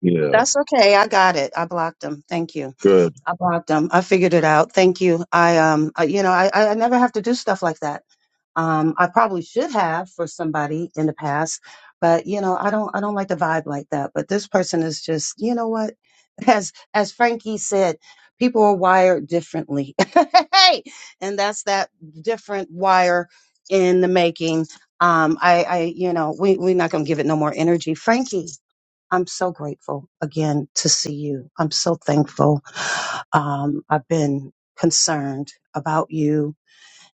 S14: Yeah.
S1: That's okay. I got it. I blocked them. Thank you.
S14: Good.
S1: I blocked them. I figured it out. Thank you. I, um, I, you know, I, I I never have to do stuff like that. Um, I probably should have for somebody in the past, but you know, I don't, I don't like the vibe like that. But this person is just, you know what? As, as Frankie said, people are wired differently. hey, and that's that different wire in the making. Um, I, I, you know, we, we're not going to give it no more energy. Frankie, I'm so grateful again to see you. I'm so thankful. Um, I've been concerned about you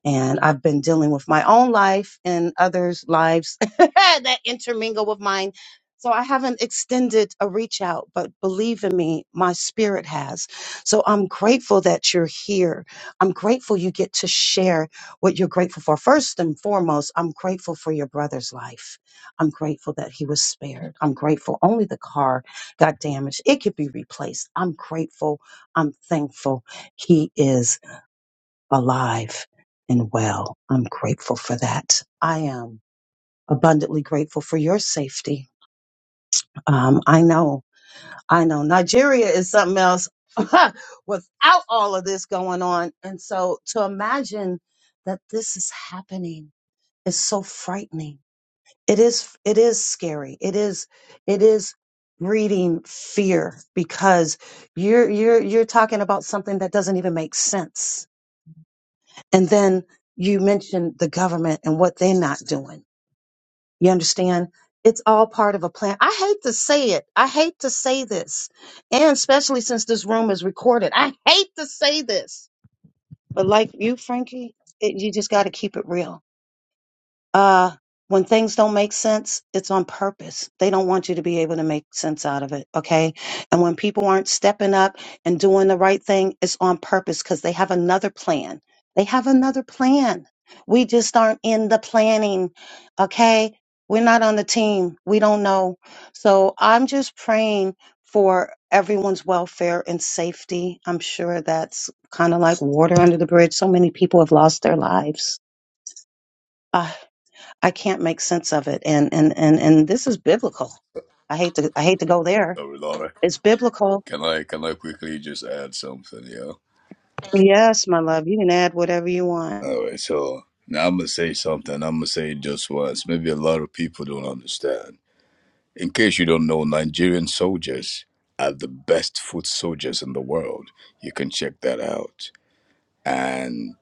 S1: and I've been dealing with my own life and others' lives that intermingle with mine. So I haven't extended a reach out, but believe in me, my spirit has. So I'm grateful that you're here. I'm grateful you get to share what you're grateful for. First and foremost, I'm grateful for your brother's life. I'm grateful that he was spared. I'm grateful only the car got damaged. It could be replaced. I'm grateful. I'm thankful he is alive and well. I'm grateful for that. I am abundantly grateful for your safety. Um, I know, I know Nigeria is something else without all of this going on. And so to imagine that this is happening is so frightening. It is, it is scary. It is, it is breeding fear because you're, you're, you're talking about something that doesn't even make sense And then you mentioned the government and what they're not doing. You understand? It's all part of a plan. I hate to say it. I hate to say this. And especially since this room is recorded, I hate to say this. But like you, Frankie, it, you just got to keep it real. Uh, when things don't make sense, it's on purpose. They don't want you to be able to make sense out of it. Okay. And when people aren't stepping up and doing the right thing, it's on purpose because they have another plan. They have another plan. We just aren't in the planning. Okay. We're not on the team. We don't know. So I'm just praying for everyone's welfare and safety. I'm sure that's kind of like water under the bridge. So many people have lost their lives. Ah. I can't make sense of it. And and and and this is biblical. I hate to I hate to go there.
S12: Sorry, Laura.
S1: It's biblical.
S12: Can I can I quickly just add something, yeah?
S1: Yes, my love, you can add whatever you want.
S12: Alright, so now I'm gonna say something, I'm gonna say it just once. Maybe a lot of people don't understand. In case you don't know, Nigerian soldiers are the best foot soldiers in the world. You can check that out. And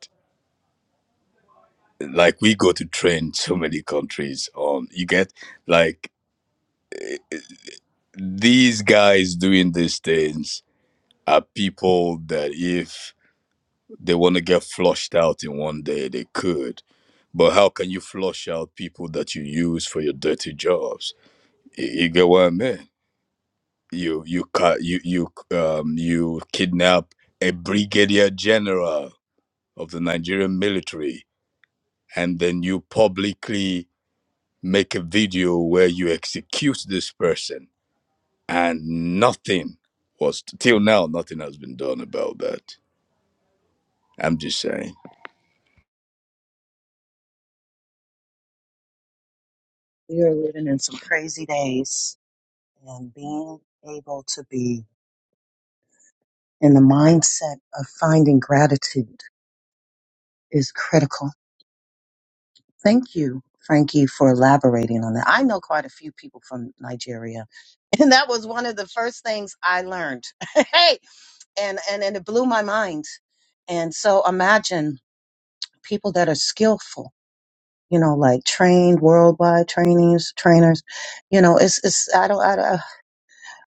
S12: like we go to train so many countries on you get like these guys doing these things are people that if they want to get flushed out in one day they could but how can you flush out people that you use for your dirty jobs Y- you, get what i mean you you ca- you you um you kidnap a brigadier general of the nigerian military and then you publicly make a video where you execute this person and nothing was till now nothing has been done about that i'm just saying
S1: We are living in some crazy days and being able to be in the mindset of finding gratitude is critical. Thank you, Frankie, for elaborating on that. I know quite a few people from Nigeria, and that was one of the first things I learned. hey, and and and it blew my mind. And so imagine people that are skillful, you know, like trained worldwide trainees, trainers. You know, it's it's I don't I, don't-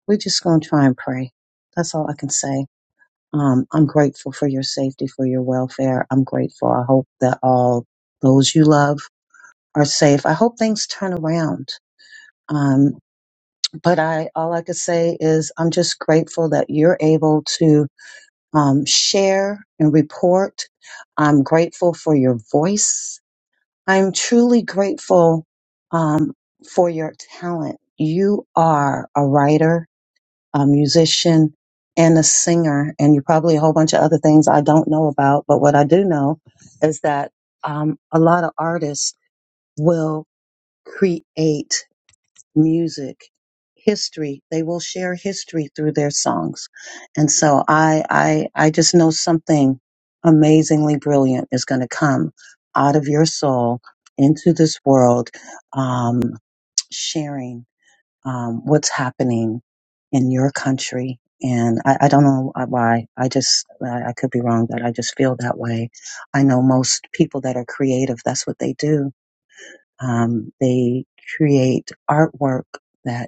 S1: we're just gonna try and pray. That's all I can say. Um, I'm grateful for your safety, for your welfare. I'm grateful. I hope that all those you love are safe. I hope things turn around. Um, but I all I could say is I'm just grateful that you're able to um, share and report. I'm grateful for your voice. I'm truly grateful um, for your talent. You are a writer, a musician, and a singer, and you're probably a whole bunch of other things I don't know about. But what I do know is that um, a lot of artists will create music, history. They will share history through their songs. And so I, I, I just know something amazingly brilliant is going to come out of your soul into this world, um, sharing, um, what's happening in your country. And I, I don't know why. I just, I, I could be wrong, but I just feel that way. I know most people that are creative, that's what they do. Um, they create artwork that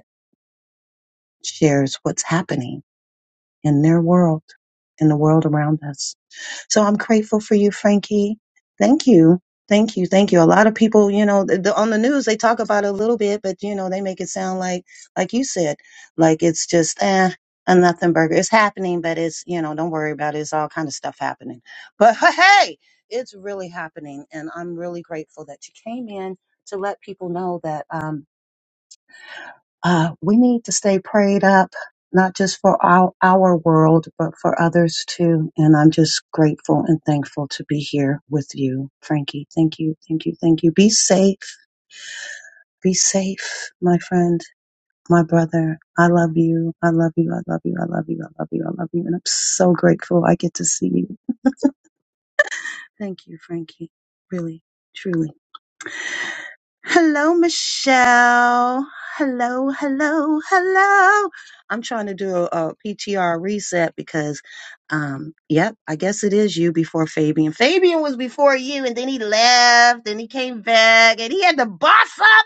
S1: shares what's happening in their world, in the world around us. So I'm grateful for you, Frankie. Thank you. Thank you. Thank you. A lot of people, you know, the, on the news, they talk about it a little bit, but, you know, they make it sound like, like you said, like it's just, eh, a nothing burger. It's happening, but it's, you know, don't worry about it. It's all kind of stuff happening. But hey, it's really happening. And I'm really grateful that you came in to let people know that, um, uh, we need to stay prayed up, not just for our, our world, but for others too. And I'm just grateful and thankful to be here with you, Frankie. Thank you, thank you, thank you. Be safe, be safe, my friend, my brother. I love you. I love you. I love you. I love you. I love you. I love you. And I'm so grateful I get to see you. Thank you, Frankie. Really, truly. Hello, Michelle. Hello, hello, hello. I'm trying to do a, PTR reset because, um, yep, I guess it is you before Fabian. Fabian was before you, and then he left, and he came back, and he had to boss up.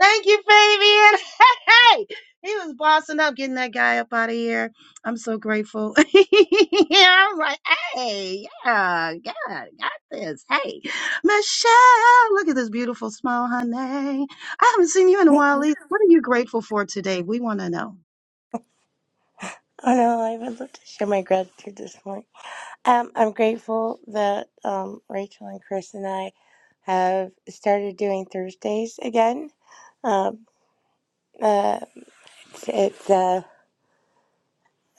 S1: Thank you, Fabian. Hey, he was bossing up, getting that guy up out of here. I'm so grateful. I was like, hey, yeah, God, got this. Hey, Michelle, look at this beautiful smile, honey. I haven't seen you in a
S16: Oh
S1: while. Either. What are you grateful for today? We want to know.
S16: no, I would love to share my gratitude this morning. Um, I'm grateful that um, Rachel and Chris and I have started doing Thursdays again. Um, uh, it's uh,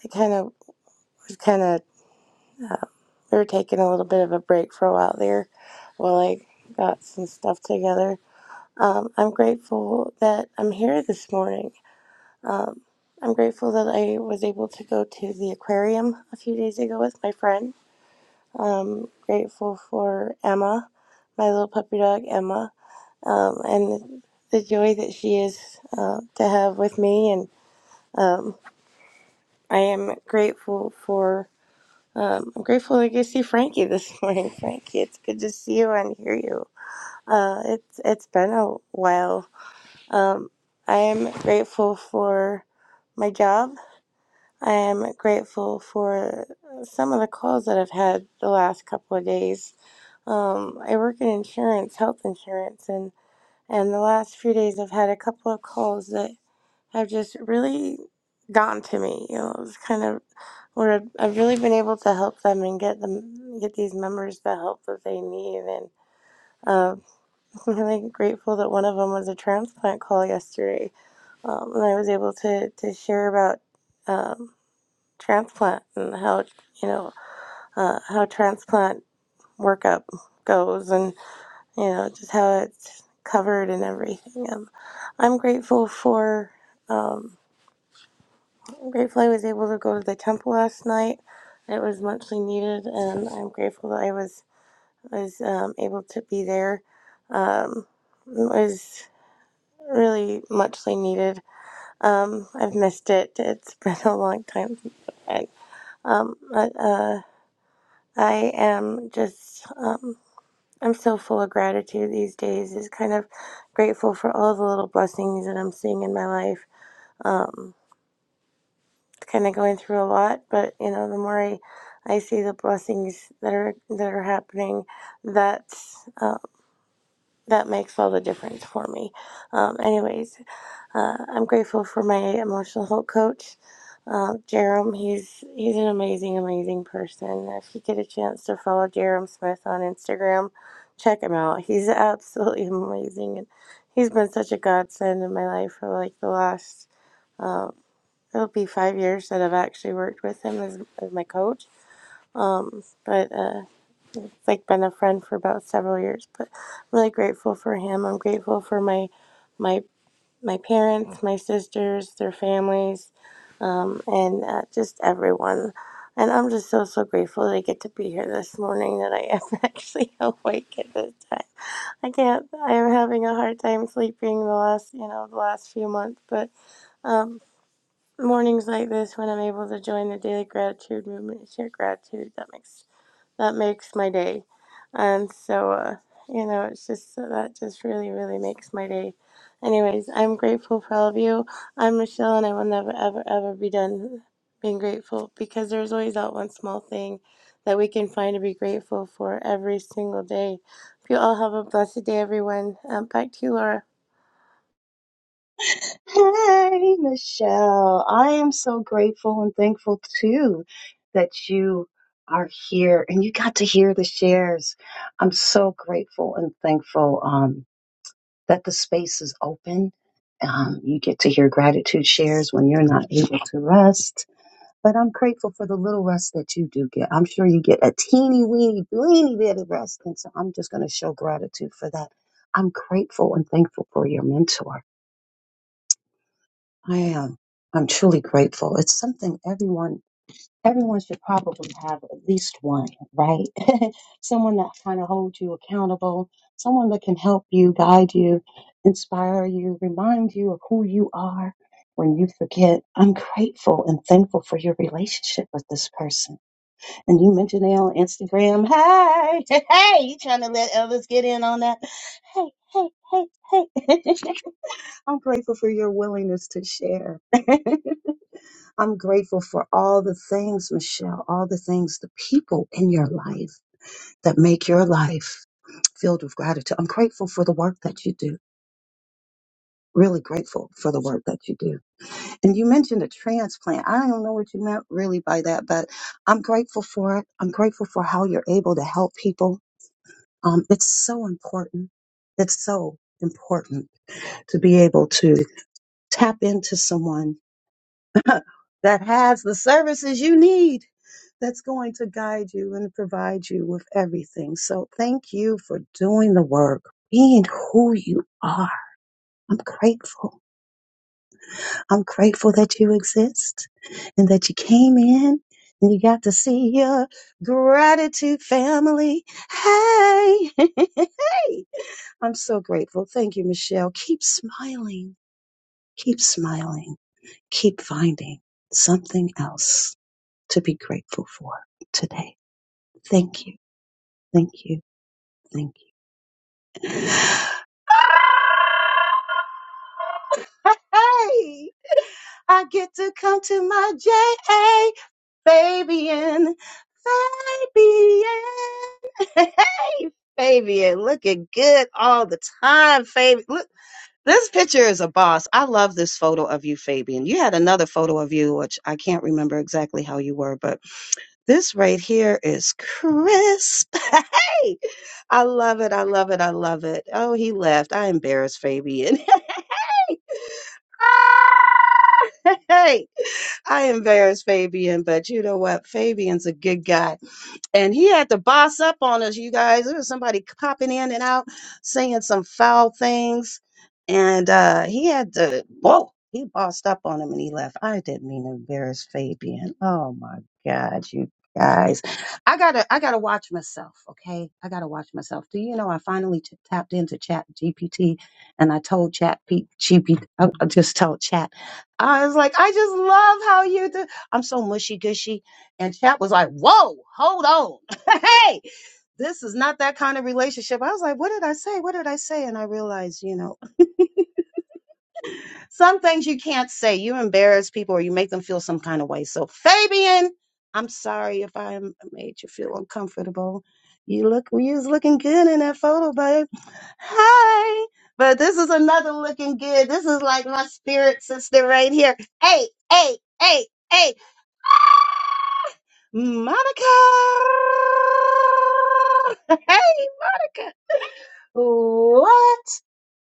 S16: I kind of was kind of we were taking a little bit of a break for a while there, while I got some stuff together. Um, I'm grateful that I'm here this morning. Um, I'm grateful that I was able to go to the aquarium a few days ago with my friend Um, grateful for Emma, my little puppy dog Emma, um, and the joy that she is uh, to have with me. And um, I am grateful for. Um, I'm grateful I get to see Frankie this morning. Frankie, it's good to see you and hear you. Uh, it's it's been a while. Um, I am grateful for my job. I am grateful for some of the calls that I've had the last couple of days Um, I work in insurance, health insurance, and and the last few days I've had a couple of calls that have just really gotten to me. You know, it's kind of where I've I've really been able to help them and get them get these members the help that they need. And uh, I'm really grateful that one of them was a transplant call yesterday, um, and I was able to to share about um, transplant and how you know uh, how transplant workup goes and you know, just how it's covered and everything. Um, I'm grateful for, um, I'm grateful I was able to go to the temple last night. It was muchly needed, and I'm grateful that I was was um, able to be there. Um, it was really muchly needed. Um, I've missed it. It's been a long time since I've been. Um, but uh, I am just um, I'm so full of gratitude these days. Is kind of grateful for all the little blessings that I'm seeing in my life. Um, kind of going through a lot, but you know, the more I, I see the blessings that are that are happening, that's uh, that makes all the difference for me. Um, anyways, uh, I'm grateful for my emotional health coach. Uh, Jerem, he's he's an amazing, amazing person. If you get a chance to follow Jerem Smith on Instagram, check him out. He's absolutely amazing, and he's been such a godsend in my life for like the last uh, it'll be five years that I've actually worked with him as, as my coach. Um, but uh, it's like been a friend for about several years. But I'm really grateful for him. I'm grateful for my my my parents, my sisters, their families, um, and uh, just everyone. And I'm just so, so grateful that I get to be here this morning, that I am actually awake at this time. I can't, I am having a hard time sleeping the last, you know, the last few months, but um, mornings like this when I'm able to join the daily gratitude movement and share gratitude, that makes that makes my day. And so, uh, you know, it's just uh, that just really, really makes my day. Anyways, I'm grateful for all of you. I'm Michelle, and I will never, ever, ever be done being grateful because there's always that one small thing that we can find to be grateful for every single day. Hope you all have a blessed day, everyone. Um, back to you, Laura.
S1: Hey, Michelle. I am so grateful and thankful too that you are here and you got to hear the shares. I'm so grateful and thankful um, that the space is open. Um, you get to hear gratitude shares when you're not able to rest. But I'm grateful for the little rest that you do get. I'm sure you get a teeny weeny, weeny bit of rest. And so I'm just going to show gratitude for that. I'm grateful and thankful for your mentor. I am. I'm truly grateful. It's something everyone everyone should probably have at least one, right? someone that kind of holds you accountable, someone that can help you, guide you, inspire you, remind you of who you are when you forget. I'm grateful and thankful for your relationship with this person. And you mentioned they on Instagram. Hey, hey, you trying to let others get in on that? Hey, hey, hey, hey. I'm grateful for your willingness to share. I'm grateful for all the things, Michelle, all the things, the people in your life that make your life filled with gratitude. I'm grateful for the work that you do. Really grateful for the work that you do. And you mentioned a transplant. I don't know what you meant really by that, but I'm grateful for it. I'm grateful for how you're able to help people. Um, it's so important. It's so important to be able to tap into someone that has the services you need that's going to guide you and provide you with everything. So thank you for doing the work, being who you are. I'm grateful. I'm grateful that you exist and that you came in and you got to see your gratitude family. Hey, hey, I'm so grateful. Thank you, Michelle. Keep smiling. Keep smiling. Keep finding something else to be grateful for today. Thank you. Thank you. Thank you. Hey, I get to come to my J.A. Fabian. Fabian. Hey, Fabian, looking good all the time, Fabian. Look, this picture is a boss. I love this photo of you, Fabian. You had another photo of you, which I can't remember exactly how you were, but This right here is crisp. Hey, I love it. I love it. I love it. Oh, he left. I embarrassed Fabian. hey, ah! Hey, I embarrassed Fabian, but you know what? Fabian's a good guy and he had to boss up on us, you guys. There was somebody popping in and out, saying some foul things, and uh, he had to. Whoa, he bossed up on him and he left. I didn't mean to embarrass Fabian. Oh my God, you guys, I gotta, I gotta watch myself. Okay, I gotta watch myself. Do you know I finally t- tapped into Chat GPT and I told Chat P- GPT, I, I just told Chat, I was like, I just love how you do. I'm so mushy gushy and Chap was like, whoa, hold on. hey, this is not that kind of relationship. I was like, what did I say? What did I say? And I realized, you know some things you can't say. You embarrass people or you make them feel some kind of way. So, Fabian, I'm sorry if I m- made you feel uncomfortable. You look, you was looking good in that photo, babe. Hi. But this is another looking good. This is like my spirit sister right here. Hey, hey, hey, hey, Ah! Monica. Hey, Monica. What?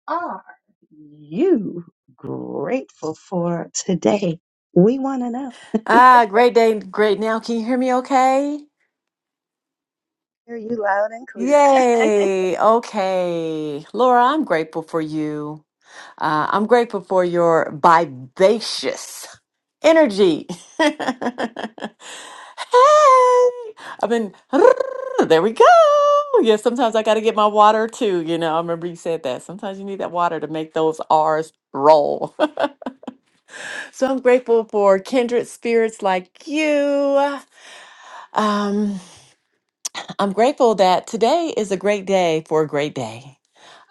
S1: are you grateful for today? We want to know.
S15: Ah, great day, great now. Can you hear me okay?
S1: Hear you loud and clear.
S15: Yay. Okay. Laura, I'm grateful for you. Uh, I'm grateful for your vivacious energy. hey, I've been, there we go. Yeah, sometimes I got to get my water too. You know, I remember you said that. Sometimes you need that water to make those R's roll. So I'm grateful for kindred spirits like you. Um, I'm grateful that today is a great day for a great day.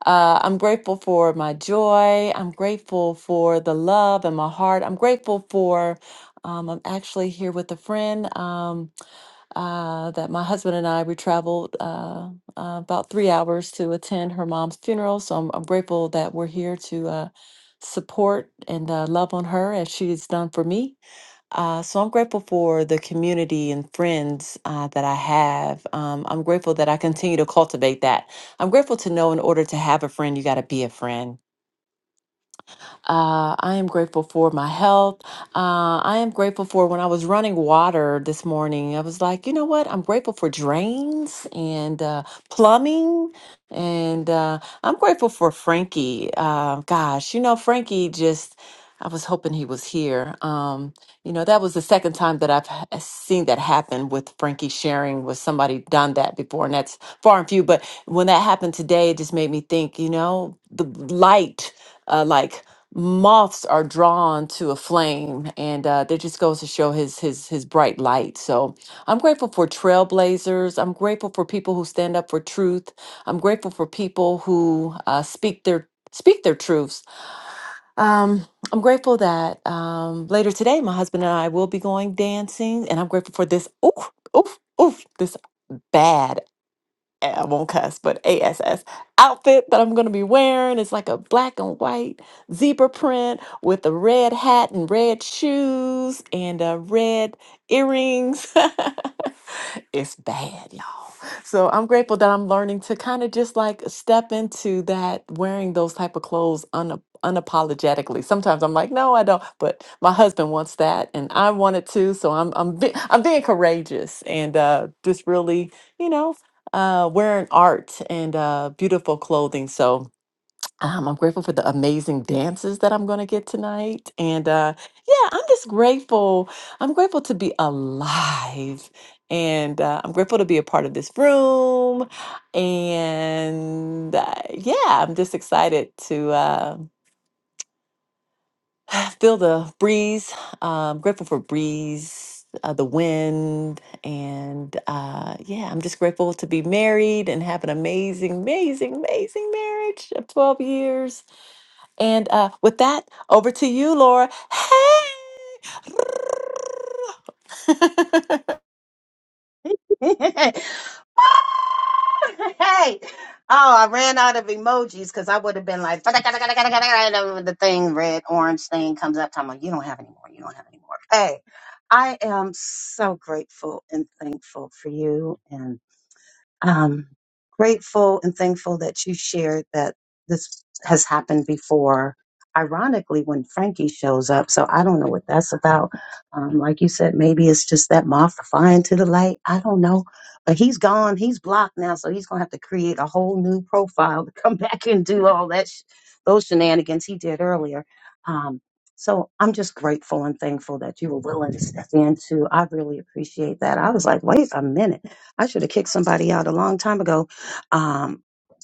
S15: Uh, I'm grateful for my joy. I'm grateful for the love in my heart. I'm grateful for. Um, I'm actually here with a friend um, uh, that my husband and I we traveled uh, uh, about three hours to attend her mom's funeral. So I'm, I'm grateful that we're here to uh, support and uh, love on her as she's done for me. Uh, so I'm grateful for the community and friends uh, that I have. Um, I'm grateful that I continue to cultivate that. I'm grateful to know in order to have a friend, you got to be a friend. Uh, I am grateful for my health. Uh, I am grateful for when I was running water this morning. I was like, you know what? I'm grateful for drains and uh, plumbing. And uh, I'm grateful for Frankie. Uh, gosh, you know, Frankie just, I was hoping he was here. Um, you know, that was the second time that I've h- seen that happen with Frankie sharing with somebody done that before. And that's far and few. But when that happened today, it just made me think, you know, the light uh, like moths are drawn to a flame and uh, that just goes to show his his his bright light so i'm grateful for trailblazers i'm grateful for people who stand up for truth i'm grateful for people who uh, speak their speak their truths um, i'm grateful that um, later today my husband and i will be going dancing and i'm grateful for this oof oof oof this bad. I won't cuss, but ASS outfit that I'm gonna be wearing is like a black and white zebra print with a red hat and red shoes and uh, red earrings. it's bad, so I'm grateful that I'm learning to kind of just like step into that wearing those type of clothes un- unapologetically. Sometimes I'm like, no, I don't, but my husband wants that, and I want it too. So I'm I'm be- I'm being courageous and uh, just really, you know, uh, wearing art and uh, beautiful clothing. So um, I'm grateful for the amazing dances that I'm going to get tonight. And uh, yeah, I'm just grateful. I'm grateful to be alive. And uh, I'm grateful to be a part of this room. And uh, yeah, I'm just excited to uh, feel the breeze. Um grateful for breeze, uh, the wind. And uh, yeah, I'm just grateful to be married and have an amazing, amazing, amazing marriage of 12 years and uh, with that, over to you, Laura. Hey!
S1: hey. Oh, I ran out of emojis because I would have been like, the thing, red, orange thing comes up. I'm like, you don't have any more. You don't have any more. Hey, I am so grateful and thankful for you um, grateful and thankful that you shared that this has happened before. Ironically, when Frankie shows up, so I don't know what that's about. Um, like you said, maybe it's just that moth flying to the light. I don't know, but he's gone. He's blocked now, so he's gonna have to create a whole new profile to come back and do all that sh- those shenanigans he did earlier. Um, so I'm just grateful and thankful that you were willing to step into. I really appreciate that. I was like, wait a minute I should have kicked somebody out a long time ago, um,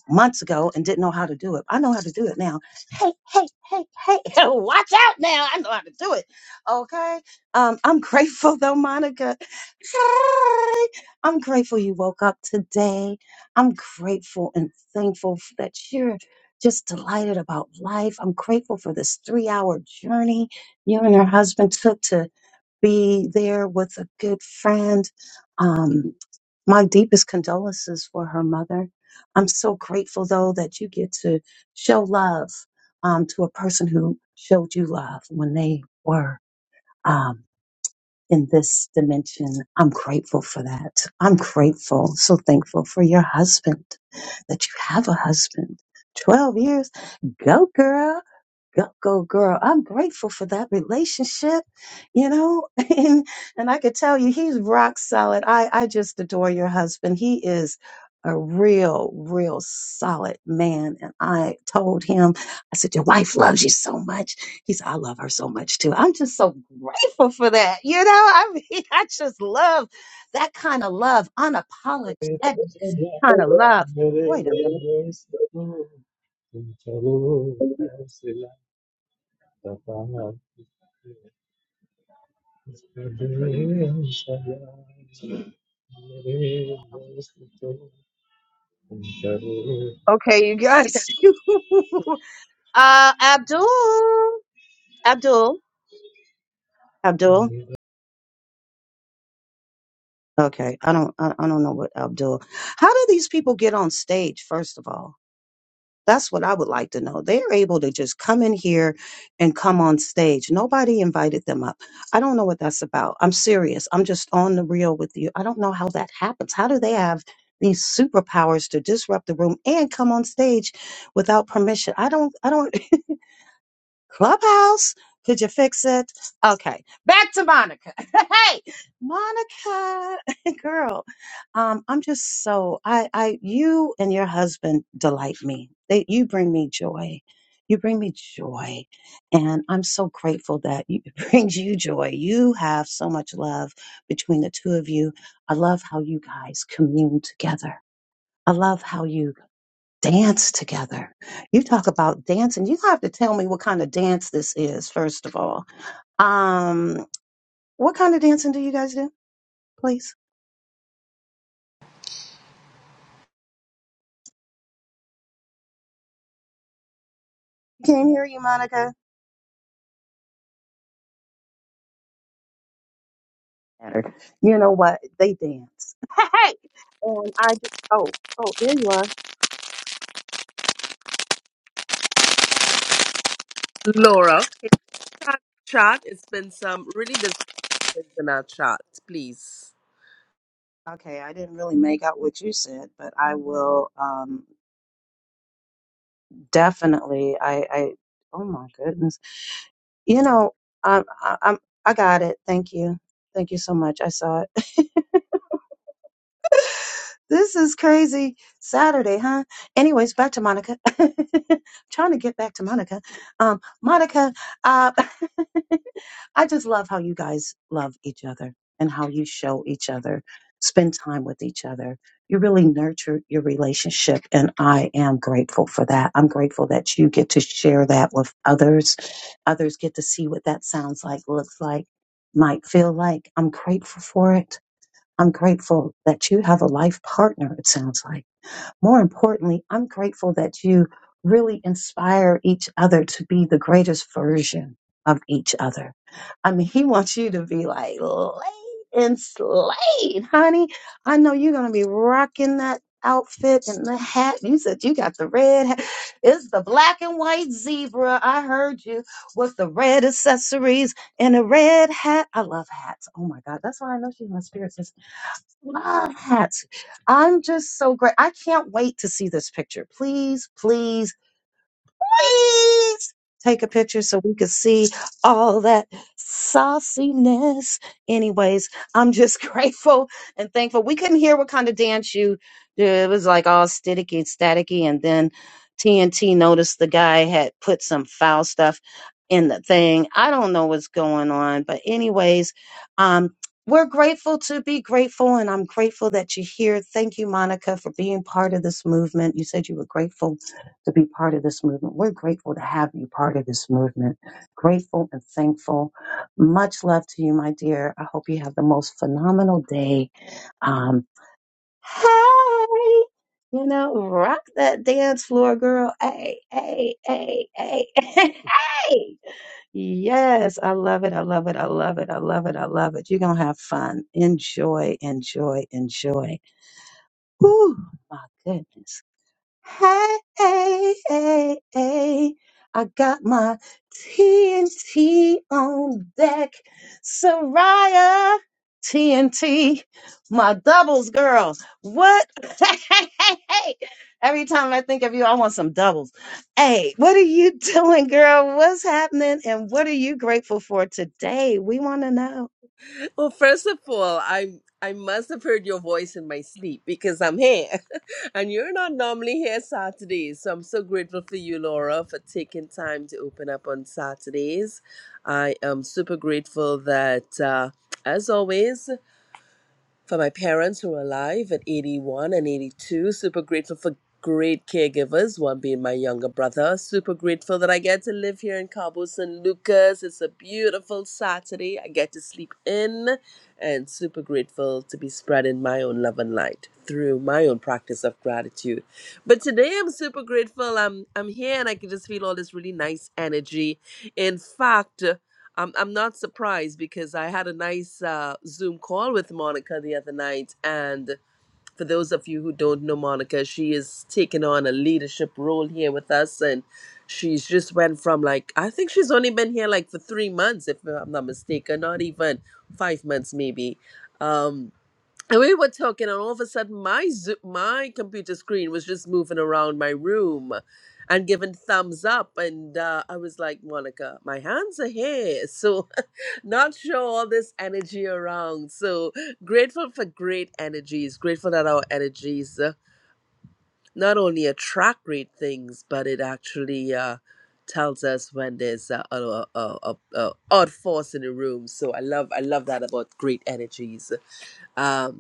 S1: months ago, and didn't know how to do it. I know how to do it now. Hey, hey, hey, hey, watch out now. I know how to do it. Okay. Um, I'm grateful though, Monica. Hi. I'm grateful you woke up today. I'm grateful and thankful f- that you're just delighted about life. I'm grateful for this three hour journey you and your husband took to be there with a good friend. Um, my deepest condolences for her mother. I'm so grateful though that you get to show love um, to a person who showed you love when they were um, in this dimension. I'm grateful for that. I'm grateful, so thankful for your husband that you have a husband. 12 years. Go girl go, go girl. I'm grateful for that relationship, you know, and, and I could tell you he's rock solid. I, I just adore your husband. He is a real, real solid man. And I told him, I said, your wife loves you so much. He said, I love her so much too. I'm just so grateful for that. You know, I mean, I just love that kind of love, unapologetic kind of love. Wait a minute.
S17: Thank
S1: Okay, you
S18: Can you
S1: guys.
S18: close his
S1: Uh, Abdul, Abdul, Abdul. Okay, I don't, I, I don't know what Abdul. How do these people get on stage? First of all, that's what I would like to know. They are able to just come in here and come on stage. Nobody invited them up. I don't know what that's about. I'm serious. I'm just on the real with you. I don't know how that happens. How do they have these superpowers to disrupt the room and come on stage without permission? I don't, I don't. Clubhouse, could you fix it? Okay, back to Monica. hey, Monica, girl, um, I'm just so I, I, you and your husband delight me. They, you bring me joy. You bring me joy, and I'm so grateful that you, it brings you joy. You have so much love between the two of you. I love how you guys commune together. I love how you dance together. You talk about dancing. You have to tell me what kind of dance this is, first of all. Um, what kind of dancing do you guys do, please? Can't hear you, Monica. Better. You know what? They dance. Hey! And I, d- oh, oh, there you are.
S18: mic, Laura? Laura, can you not chat? It's been some really disturbance in our chat, please.
S1: Okay, I didn't really make out what you said, but I will um, definitely. I, I, oh my goodness. You know, I'm, I- I'm, I got it. Thank you. Thank you so much. I saw it. This is crazy Saturday, huh? Anyways, back to Monica. Trying to get back to Monica. Um, Monica, uh, I just love how you guys love each other and how you show each other, spend time with each other. You really nurture your relationship, and I am grateful for that. I'm grateful that you get to share that with others. Others get to see what that sounds like, looks like, might feel like. I'm grateful for it. I'm grateful that you have a life partner, it sounds like. More importantly, I'm grateful that you really inspire each other to be the greatest version of each other. I mean, he wants you to be like laid and slayed, honey. I know you're going to be rocking that outfit and the hat. You said you got the red hat. It's the black and white zebra. I heard you with the red accessories and a red hat. I love hats. Oh my God. That's why I know she's my spirit sister love hats! I'm just so great. I can't wait to see this picture. Please, please please take a picture so we could see all that sauciness. Anyways, I'm just grateful and thankful. We couldn't hear what kind of dance you did. It was like all staticky and staticky. And then TNT noticed the guy had put some foul stuff in the thing. I don't know what's going on. But anyways, um, we're grateful to be grateful, and I'm grateful that you're here. Thank you, Monica, for being part of this movement. You said you were grateful to be part of this movement. We're grateful to have you part of this movement. Grateful and thankful. Much love to you, my dear. I hope you have the most phenomenal day. Um, hey, you know, rock that dance floor, girl. Hey, hey, hey, hey, hey. hey. Yes, I love it. I love it. I love it. I love it. I love it. You're going to have fun. Enjoy, enjoy, enjoy. Whew, my goodness. Hey, hey, hey, hey. I got my TNT on deck. Soraya, TNT, my doubles girl. What? Hey, hey, hey, hey. Every time I think of you, I want some doubles. Hey, what are you doing, girl? What's happening? And what are you grateful for today? We want to know.
S18: Well, first of all, I I must have heard your voice in my sleep because I'm here, and you're not normally here Saturdays. So I'm so grateful for you, Laura, for taking time to open up on Saturdays. I am super grateful that, uh, as always. for my parents who are alive at 81 and 82. Super grateful for great caregivers, one being my younger brother. Super grateful that I get to live here in Cabo San Lucas. It's a beautiful Saturday. I get to sleep in and super grateful to be spreading my own love and light through my own practice of gratitude. But today I'm super grateful. I'm I'm here and I can just feel all this really nice energy. In fact, I'm I'm not surprised because I had a nice uh, Zoom call with Monica the other night, and for those of you who don't know Monica, she is taking on a leadership role here with us, and she's just went from like I think she's only been here like for three months, if I'm not mistaken, not even five months maybe. Um, and we were talking and all of a sudden my zo- my computer screen was just moving around my room and giving thumbs up and uh, i was like monica my hands are here so not sure all this energy around so grateful for great energies grateful that our energies uh, not only attract great things but it actually uh, tells us when there's a, a, a, a, a odd force in the room so i love i love that about great energies um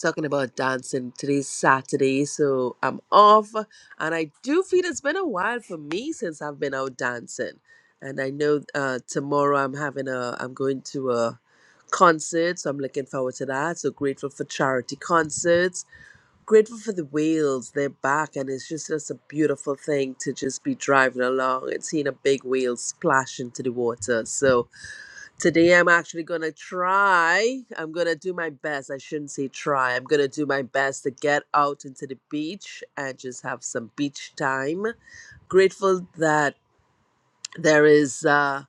S18: talking about dancing. Today's Saturday, so I'm off. And I do feel it's been a while for me since I've been out dancing. And I know uh, tomorrow I'm having a, I'm going to a concert, so I'm looking forward to that. So grateful for charity concerts. Grateful for the whales, they're back, and it's just just a beautiful thing to just be driving along and seeing a big whale splash into the water. So Today I'm actually gonna try. I'm gonna do my best. I shouldn't say try. I'm gonna do my best to get out into the beach and just have some beach time. Grateful that there is. uh,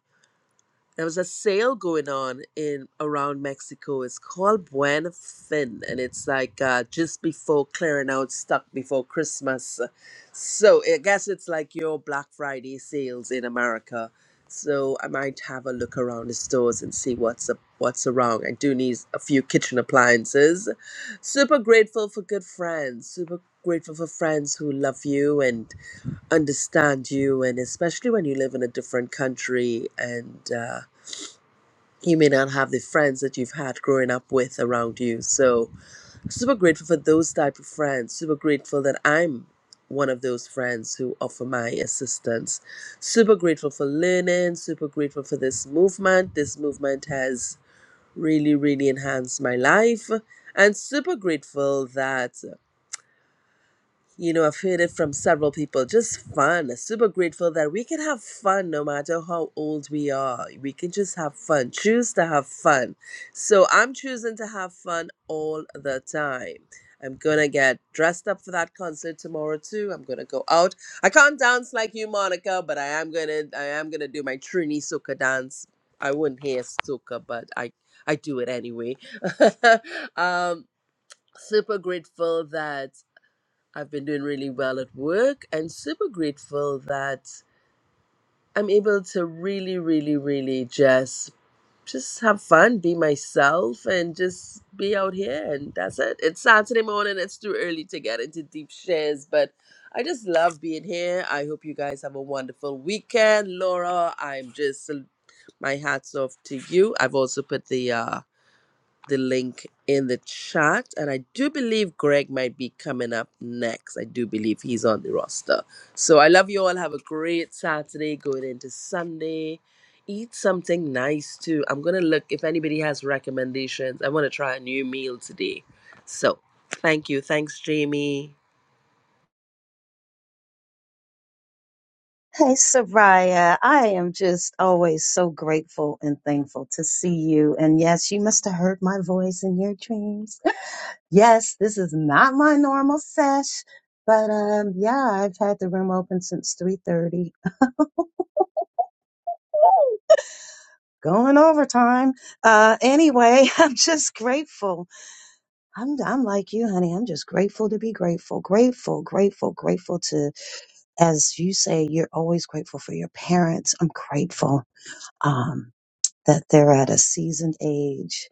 S18: there was a sale going on in around Mexico. It's called Buen Fin, and it's like uh, just before clearing out stock before Christmas. So I guess it's like your Black Friday sales in America. So I might have a look around the stores and see what's up, what's around. I do need a few kitchen appliances. Super grateful for good friends. Super grateful for friends who love you and understand you, and especially when you live in a different country and. Uh, you may not have the friends that you've had growing up with around you. So super grateful for those type of friends. Super grateful that I'm one of those friends who offer my assistance. Super grateful for learning. Super grateful for this movement. This movement has really, really enhanced my life. And super grateful that you know, I've heard it from several people. Just fun. Super grateful that we can have fun no matter how old we are. We can just have fun. Choose to have fun. So I'm choosing to have fun all the time. I'm gonna get dressed up for that concert tomorrow too. I'm gonna go out. I can't dance like you, Monica, but I am gonna I am gonna do my Trini soca dance. I wouldn't hear soca, but I I do it anyway. um, super grateful that I've been doing really well at work and super grateful that I'm able to really, really, really just just have fun, be myself and just be out here and that's it. It's Saturday morning, it's too early to get into deep shares, but I just love being here. I hope you guys have a wonderful weekend. Laura, I'm just my hats off to you. I've also put the uh the link in the chat. And I do believe Greg might be coming up next. I do believe he's on the roster. So I love you all. Have a great Saturday going into Sunday. Eat something nice too. I'm going to look if anybody has recommendations. I want to try a new meal today. So thank you. Thanks, Jamie.
S1: Hey, Soraya. I am just always so grateful and thankful to see you. And yes, you must have heard my voice in your dreams. Yes, this is not my normal sesh, but um, yeah, I've had the room open since 3:30. Ooh, Going overtime. Uh, anyway, I'm just grateful. I'm I'm like you, honey. I'm just grateful to be grateful, grateful, grateful, grateful to, as you say, you're always grateful for your parents. I'm grateful. Um. that they're at a seasoned age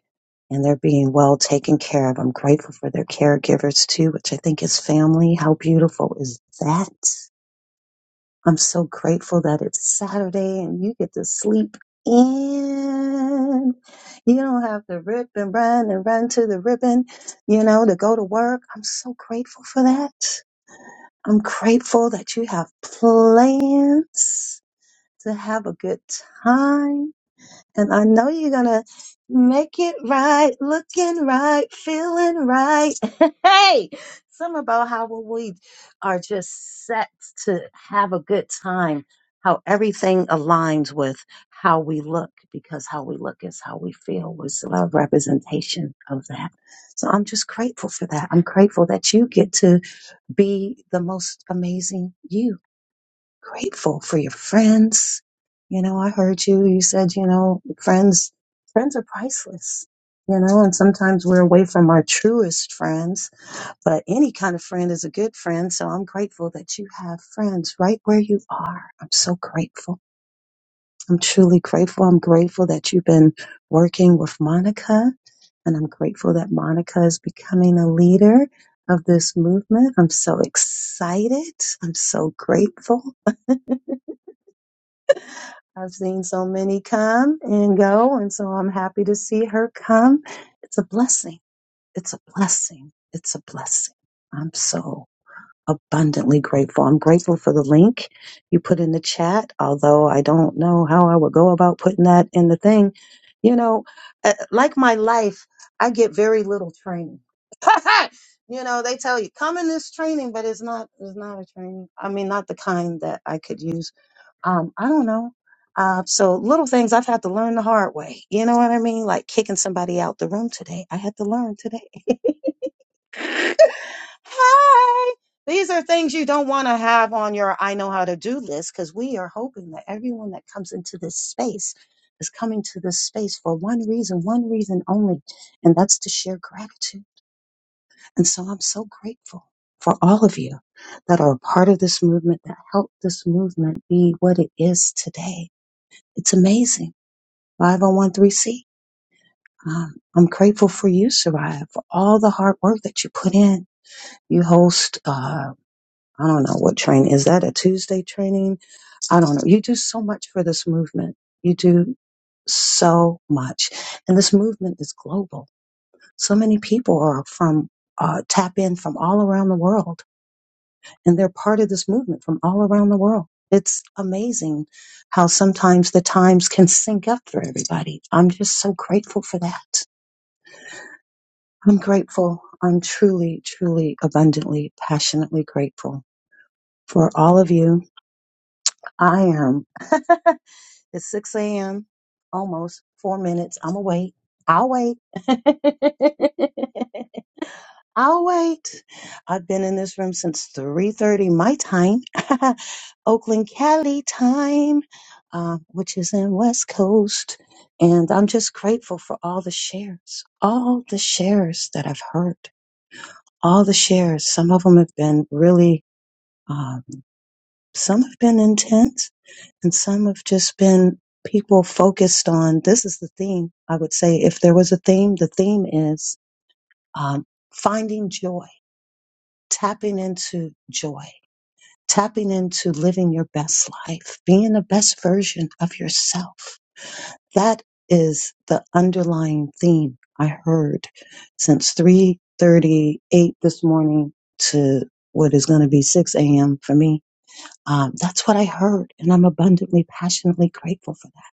S1: and they're being well taken care of. I'm grateful for their caregivers too, which I think is family. How beautiful is that? I'm so grateful that it's Saturday and you get to sleep in. You don't have to rip and run and run to the ribbon, you know, to go to work. I'm so grateful for that. I'm grateful that you have plans to have a good time and I know you're gonna make it right, looking right, feeling right. Hey, something about how when we are just set to have a good time, how everything aligns with how we look, because how we look is how we feel. It's a lot of representation of that. So I'm just grateful for that. I'm grateful that you get to be the most amazing you grateful for your friends. You know, I heard you. You said, you know, friends, friends are priceless. You know, and sometimes we're away from our truest friends, but any kind of friend is a good friend. So I'm grateful that you have friends right where you are. I'm so grateful. I'm truly grateful. I'm grateful that you've been working with Monica and I'm grateful that Monica is becoming a leader of this movement. I'm so excited. I'm so grateful. I've seen so many come and go, and so I'm happy to see her come. It's a blessing. It's a blessing. It's a blessing. I'm so abundantly grateful. I'm grateful for the link you put in the chat, although I don't know how I would go about putting that in the thing. You know, uh, like my life, I get very little training. you know, they tell you come in this training, but it's not it's not a training. I mean, not the kind that I could use um, I don't know. Uh, so little things I've had to learn the hard way. You know what I mean? Like kicking somebody out the room today. I had to learn today. Hi. These are things you don't want to have on your I know how to do list because we are hoping that everyone that comes into this space is coming to this space for one reason, one reason only, and that's to share gratitude. And so I'm so grateful for all of you that are a part of this movement, that helped this movement be what it is today it's amazing. 5013C. Um, I'm grateful for you, Soraya, for all the hard work that you put in. You host, uh, I don't know what training. Is that a Tuesday training? I don't know. You do so much for this movement. You do so much. And this movement is global. So many people are from, uh, tap in from all around the world and they're part of this movement from all around the world. It's amazing how sometimes the times can sync up for everybody. I'm just so grateful for that. I'm grateful. I'm truly, truly, abundantly, passionately grateful for all of you. I am. It's 6 a.m., almost four minutes. I'm awake. I'll wait. I'll wait. I've been in this room since 3:30 my time, Oakland, Cali time, uh, which is in West Coast, and I'm just grateful for all the shares, all the shares that I've heard, all the shares. Some of them have been really, um, some have been intense, and some have just been people focused on. This is the theme. I would say, if there was a theme, the theme is um, finding joy tapping into joy, tapping into living your best life, being the best version of yourself. That is the underlying theme I heard since 3:38 this morning to what is going to be 6 a.m. for me. Um, that's what I heard, and I'm abundantly, passionately grateful for that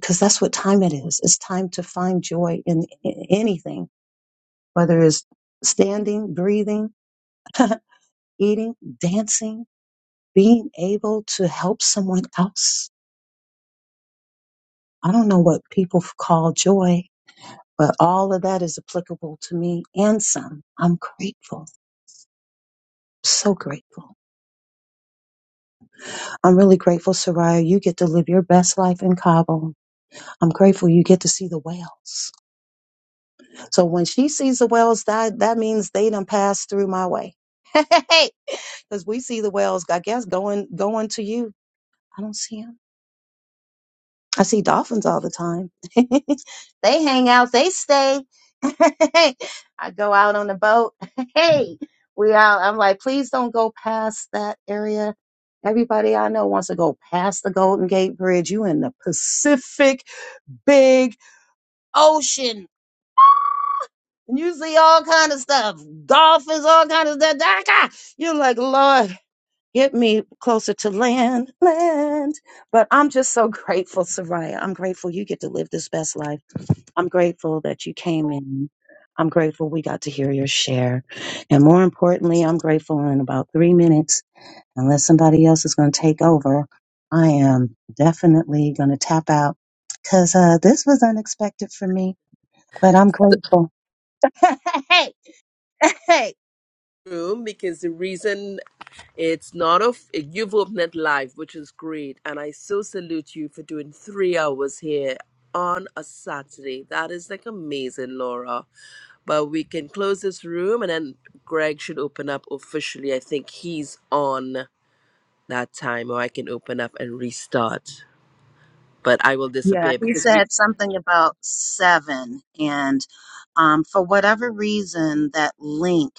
S1: because that's what time it is. It's time to find joy in, in anything, whether it's standing, breathing, eating, dancing being able to help someone else. I don't know what people call joy, but all of that is applicable to me and some. I'm grateful. So grateful. I'm really grateful, Soraya. You get to live your best life in Cabo. I'm grateful you get to see the whales. So when she sees the whales, that, that means they done passed through my way. Because we see the whales, I guess, going going to you. I don't see 'em. I see dolphins all the time. they hang out, they stay. I go out on the boat. Hey, we out. I'm like, please don't go past that area. Everybody I know wants to go past the Golden Gate Bridge. You in the Pacific big ocean. And you see all kind of stuff, dolphins, all kind of stuff. Daka! You're like, Lord, get me closer to land, land. But I'm just so grateful, Soraya. I'm grateful you get to live this best life. I'm grateful that you came in. I'm grateful we got to hear your share. And more importantly, I'm grateful in about three minutes, unless somebody else is going to take over, I am definitely going to tap out because uh, this was unexpected for me, but I'm grateful. hey, hey.
S18: room because the reason it's not of you've opened it live, which is great, and I so salute you for doing three hours here on a Saturday. That is like amazing, Laura. But we can close this room, and then Greg should open up officially. I think he's on that time, or I can open up and restart. But I will
S1: Yeah,
S18: disappear
S1: he
S18: because we
S1: said something about seven. And um, for whatever reason, that link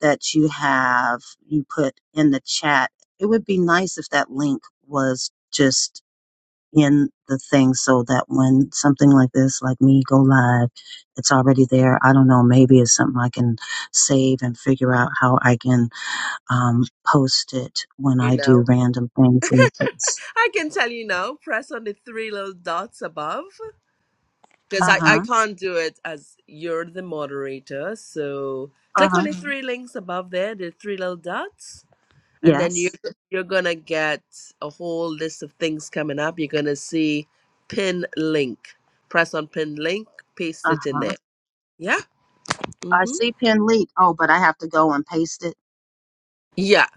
S1: that you have, you put in the chat, it would be nice if that link was just in the thing so that when something like this, like me, go live, it's already there. I don't know. Maybe it's something I can save and figure out how I can um, post it when
S18: you
S1: I do
S18: know.
S1: random things like this.
S18: I can tell you now. Press on the three little dots above. because
S1: Uh
S18: I, I
S1: huh.
S18: can't do it as you're the moderator. So
S1: Uh
S18: click on
S1: huh.
S18: the Mhm. three links above there, the three little dots, and then you
S1: Yes.
S18: you're gonna get a whole list of things coming up. You're gonna see pin link. Press on pin link, paste
S1: Uh
S18: it in
S1: huh.
S18: there. Yeah.
S1: I
S18: Mm-hmm.
S1: see pin leak. Oh, but I have to go and paste it.
S18: Yeah.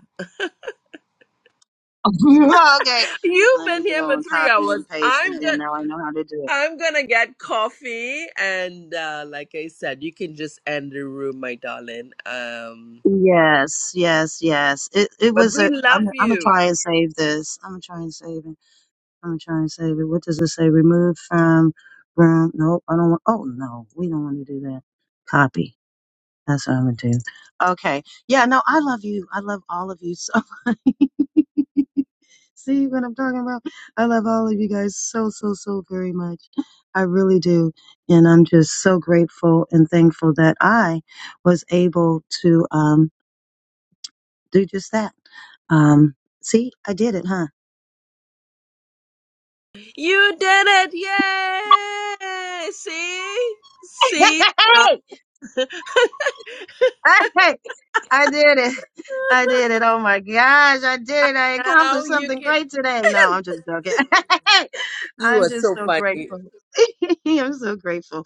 S1: okay.
S18: You've
S1: Let me
S18: been here
S1: go
S18: for
S1: and
S18: three
S1: copy
S18: hours.
S1: and paste
S18: I'm
S1: and then
S18: gonna
S1: now I know how to do it.
S18: I'm gonna get coffee, and uh, like I said, you can just end the room, my darling. Um,
S1: Yes, yes, yes. It it
S18: but
S1: was
S18: we
S1: a
S18: love
S1: I'm I'm gonna
S18: you.
S1: try and save this. I'm gonna try and save it. I'm gonna try and save it. What does it say? Remove from from nope, I don't want oh no, we don't want to do that. Copy. That's what I'm gonna do. Okay. Yeah, no, I love you. I love all of you so much. See what I'm talking about? I love all of you guys so, so, so very much. I really do. And I'm just so grateful and thankful that I was able to um do just that. Um see, I did it, huh?
S18: You did it! Yay! See? See? Now,
S1: I I did it. I did it. Oh my gosh, I did it. I
S18: now
S1: accomplished
S18: you
S1: something
S18: can.
S1: great today. No, I'm just joking.
S18: You
S1: I'm
S18: are
S1: just
S18: so
S1: so
S18: funny.
S1: grateful. I'm so grateful.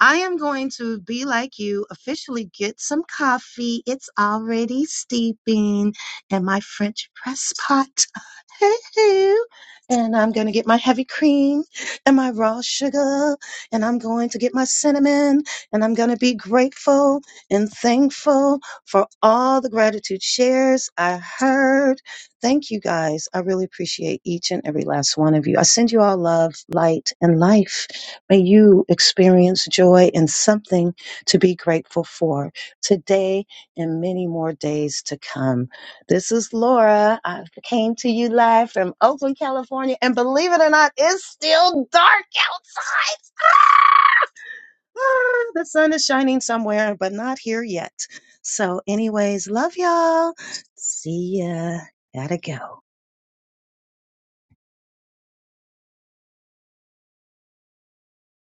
S1: I am going to be like you, officially get some coffee. It's already steeping in my French press pot. Hoo-hoo. And I'm going to get my heavy cream and my raw sugar, and I'm going to get my cinnamon, and I'm going to be grateful and thankful for all the gratitude shares I heard. Thank you guys. I really appreciate each and every last one of you. I send you all love, light, and life. May you experience joy and something to be grateful for today and many more days to come. This is Laura. I came to you live from Oakland, California, and believe it or not, it's still dark outside. Ah! ah, the sun is shining somewhere, but not here yet. So, anyways, love y'all. See ya. Gotta go.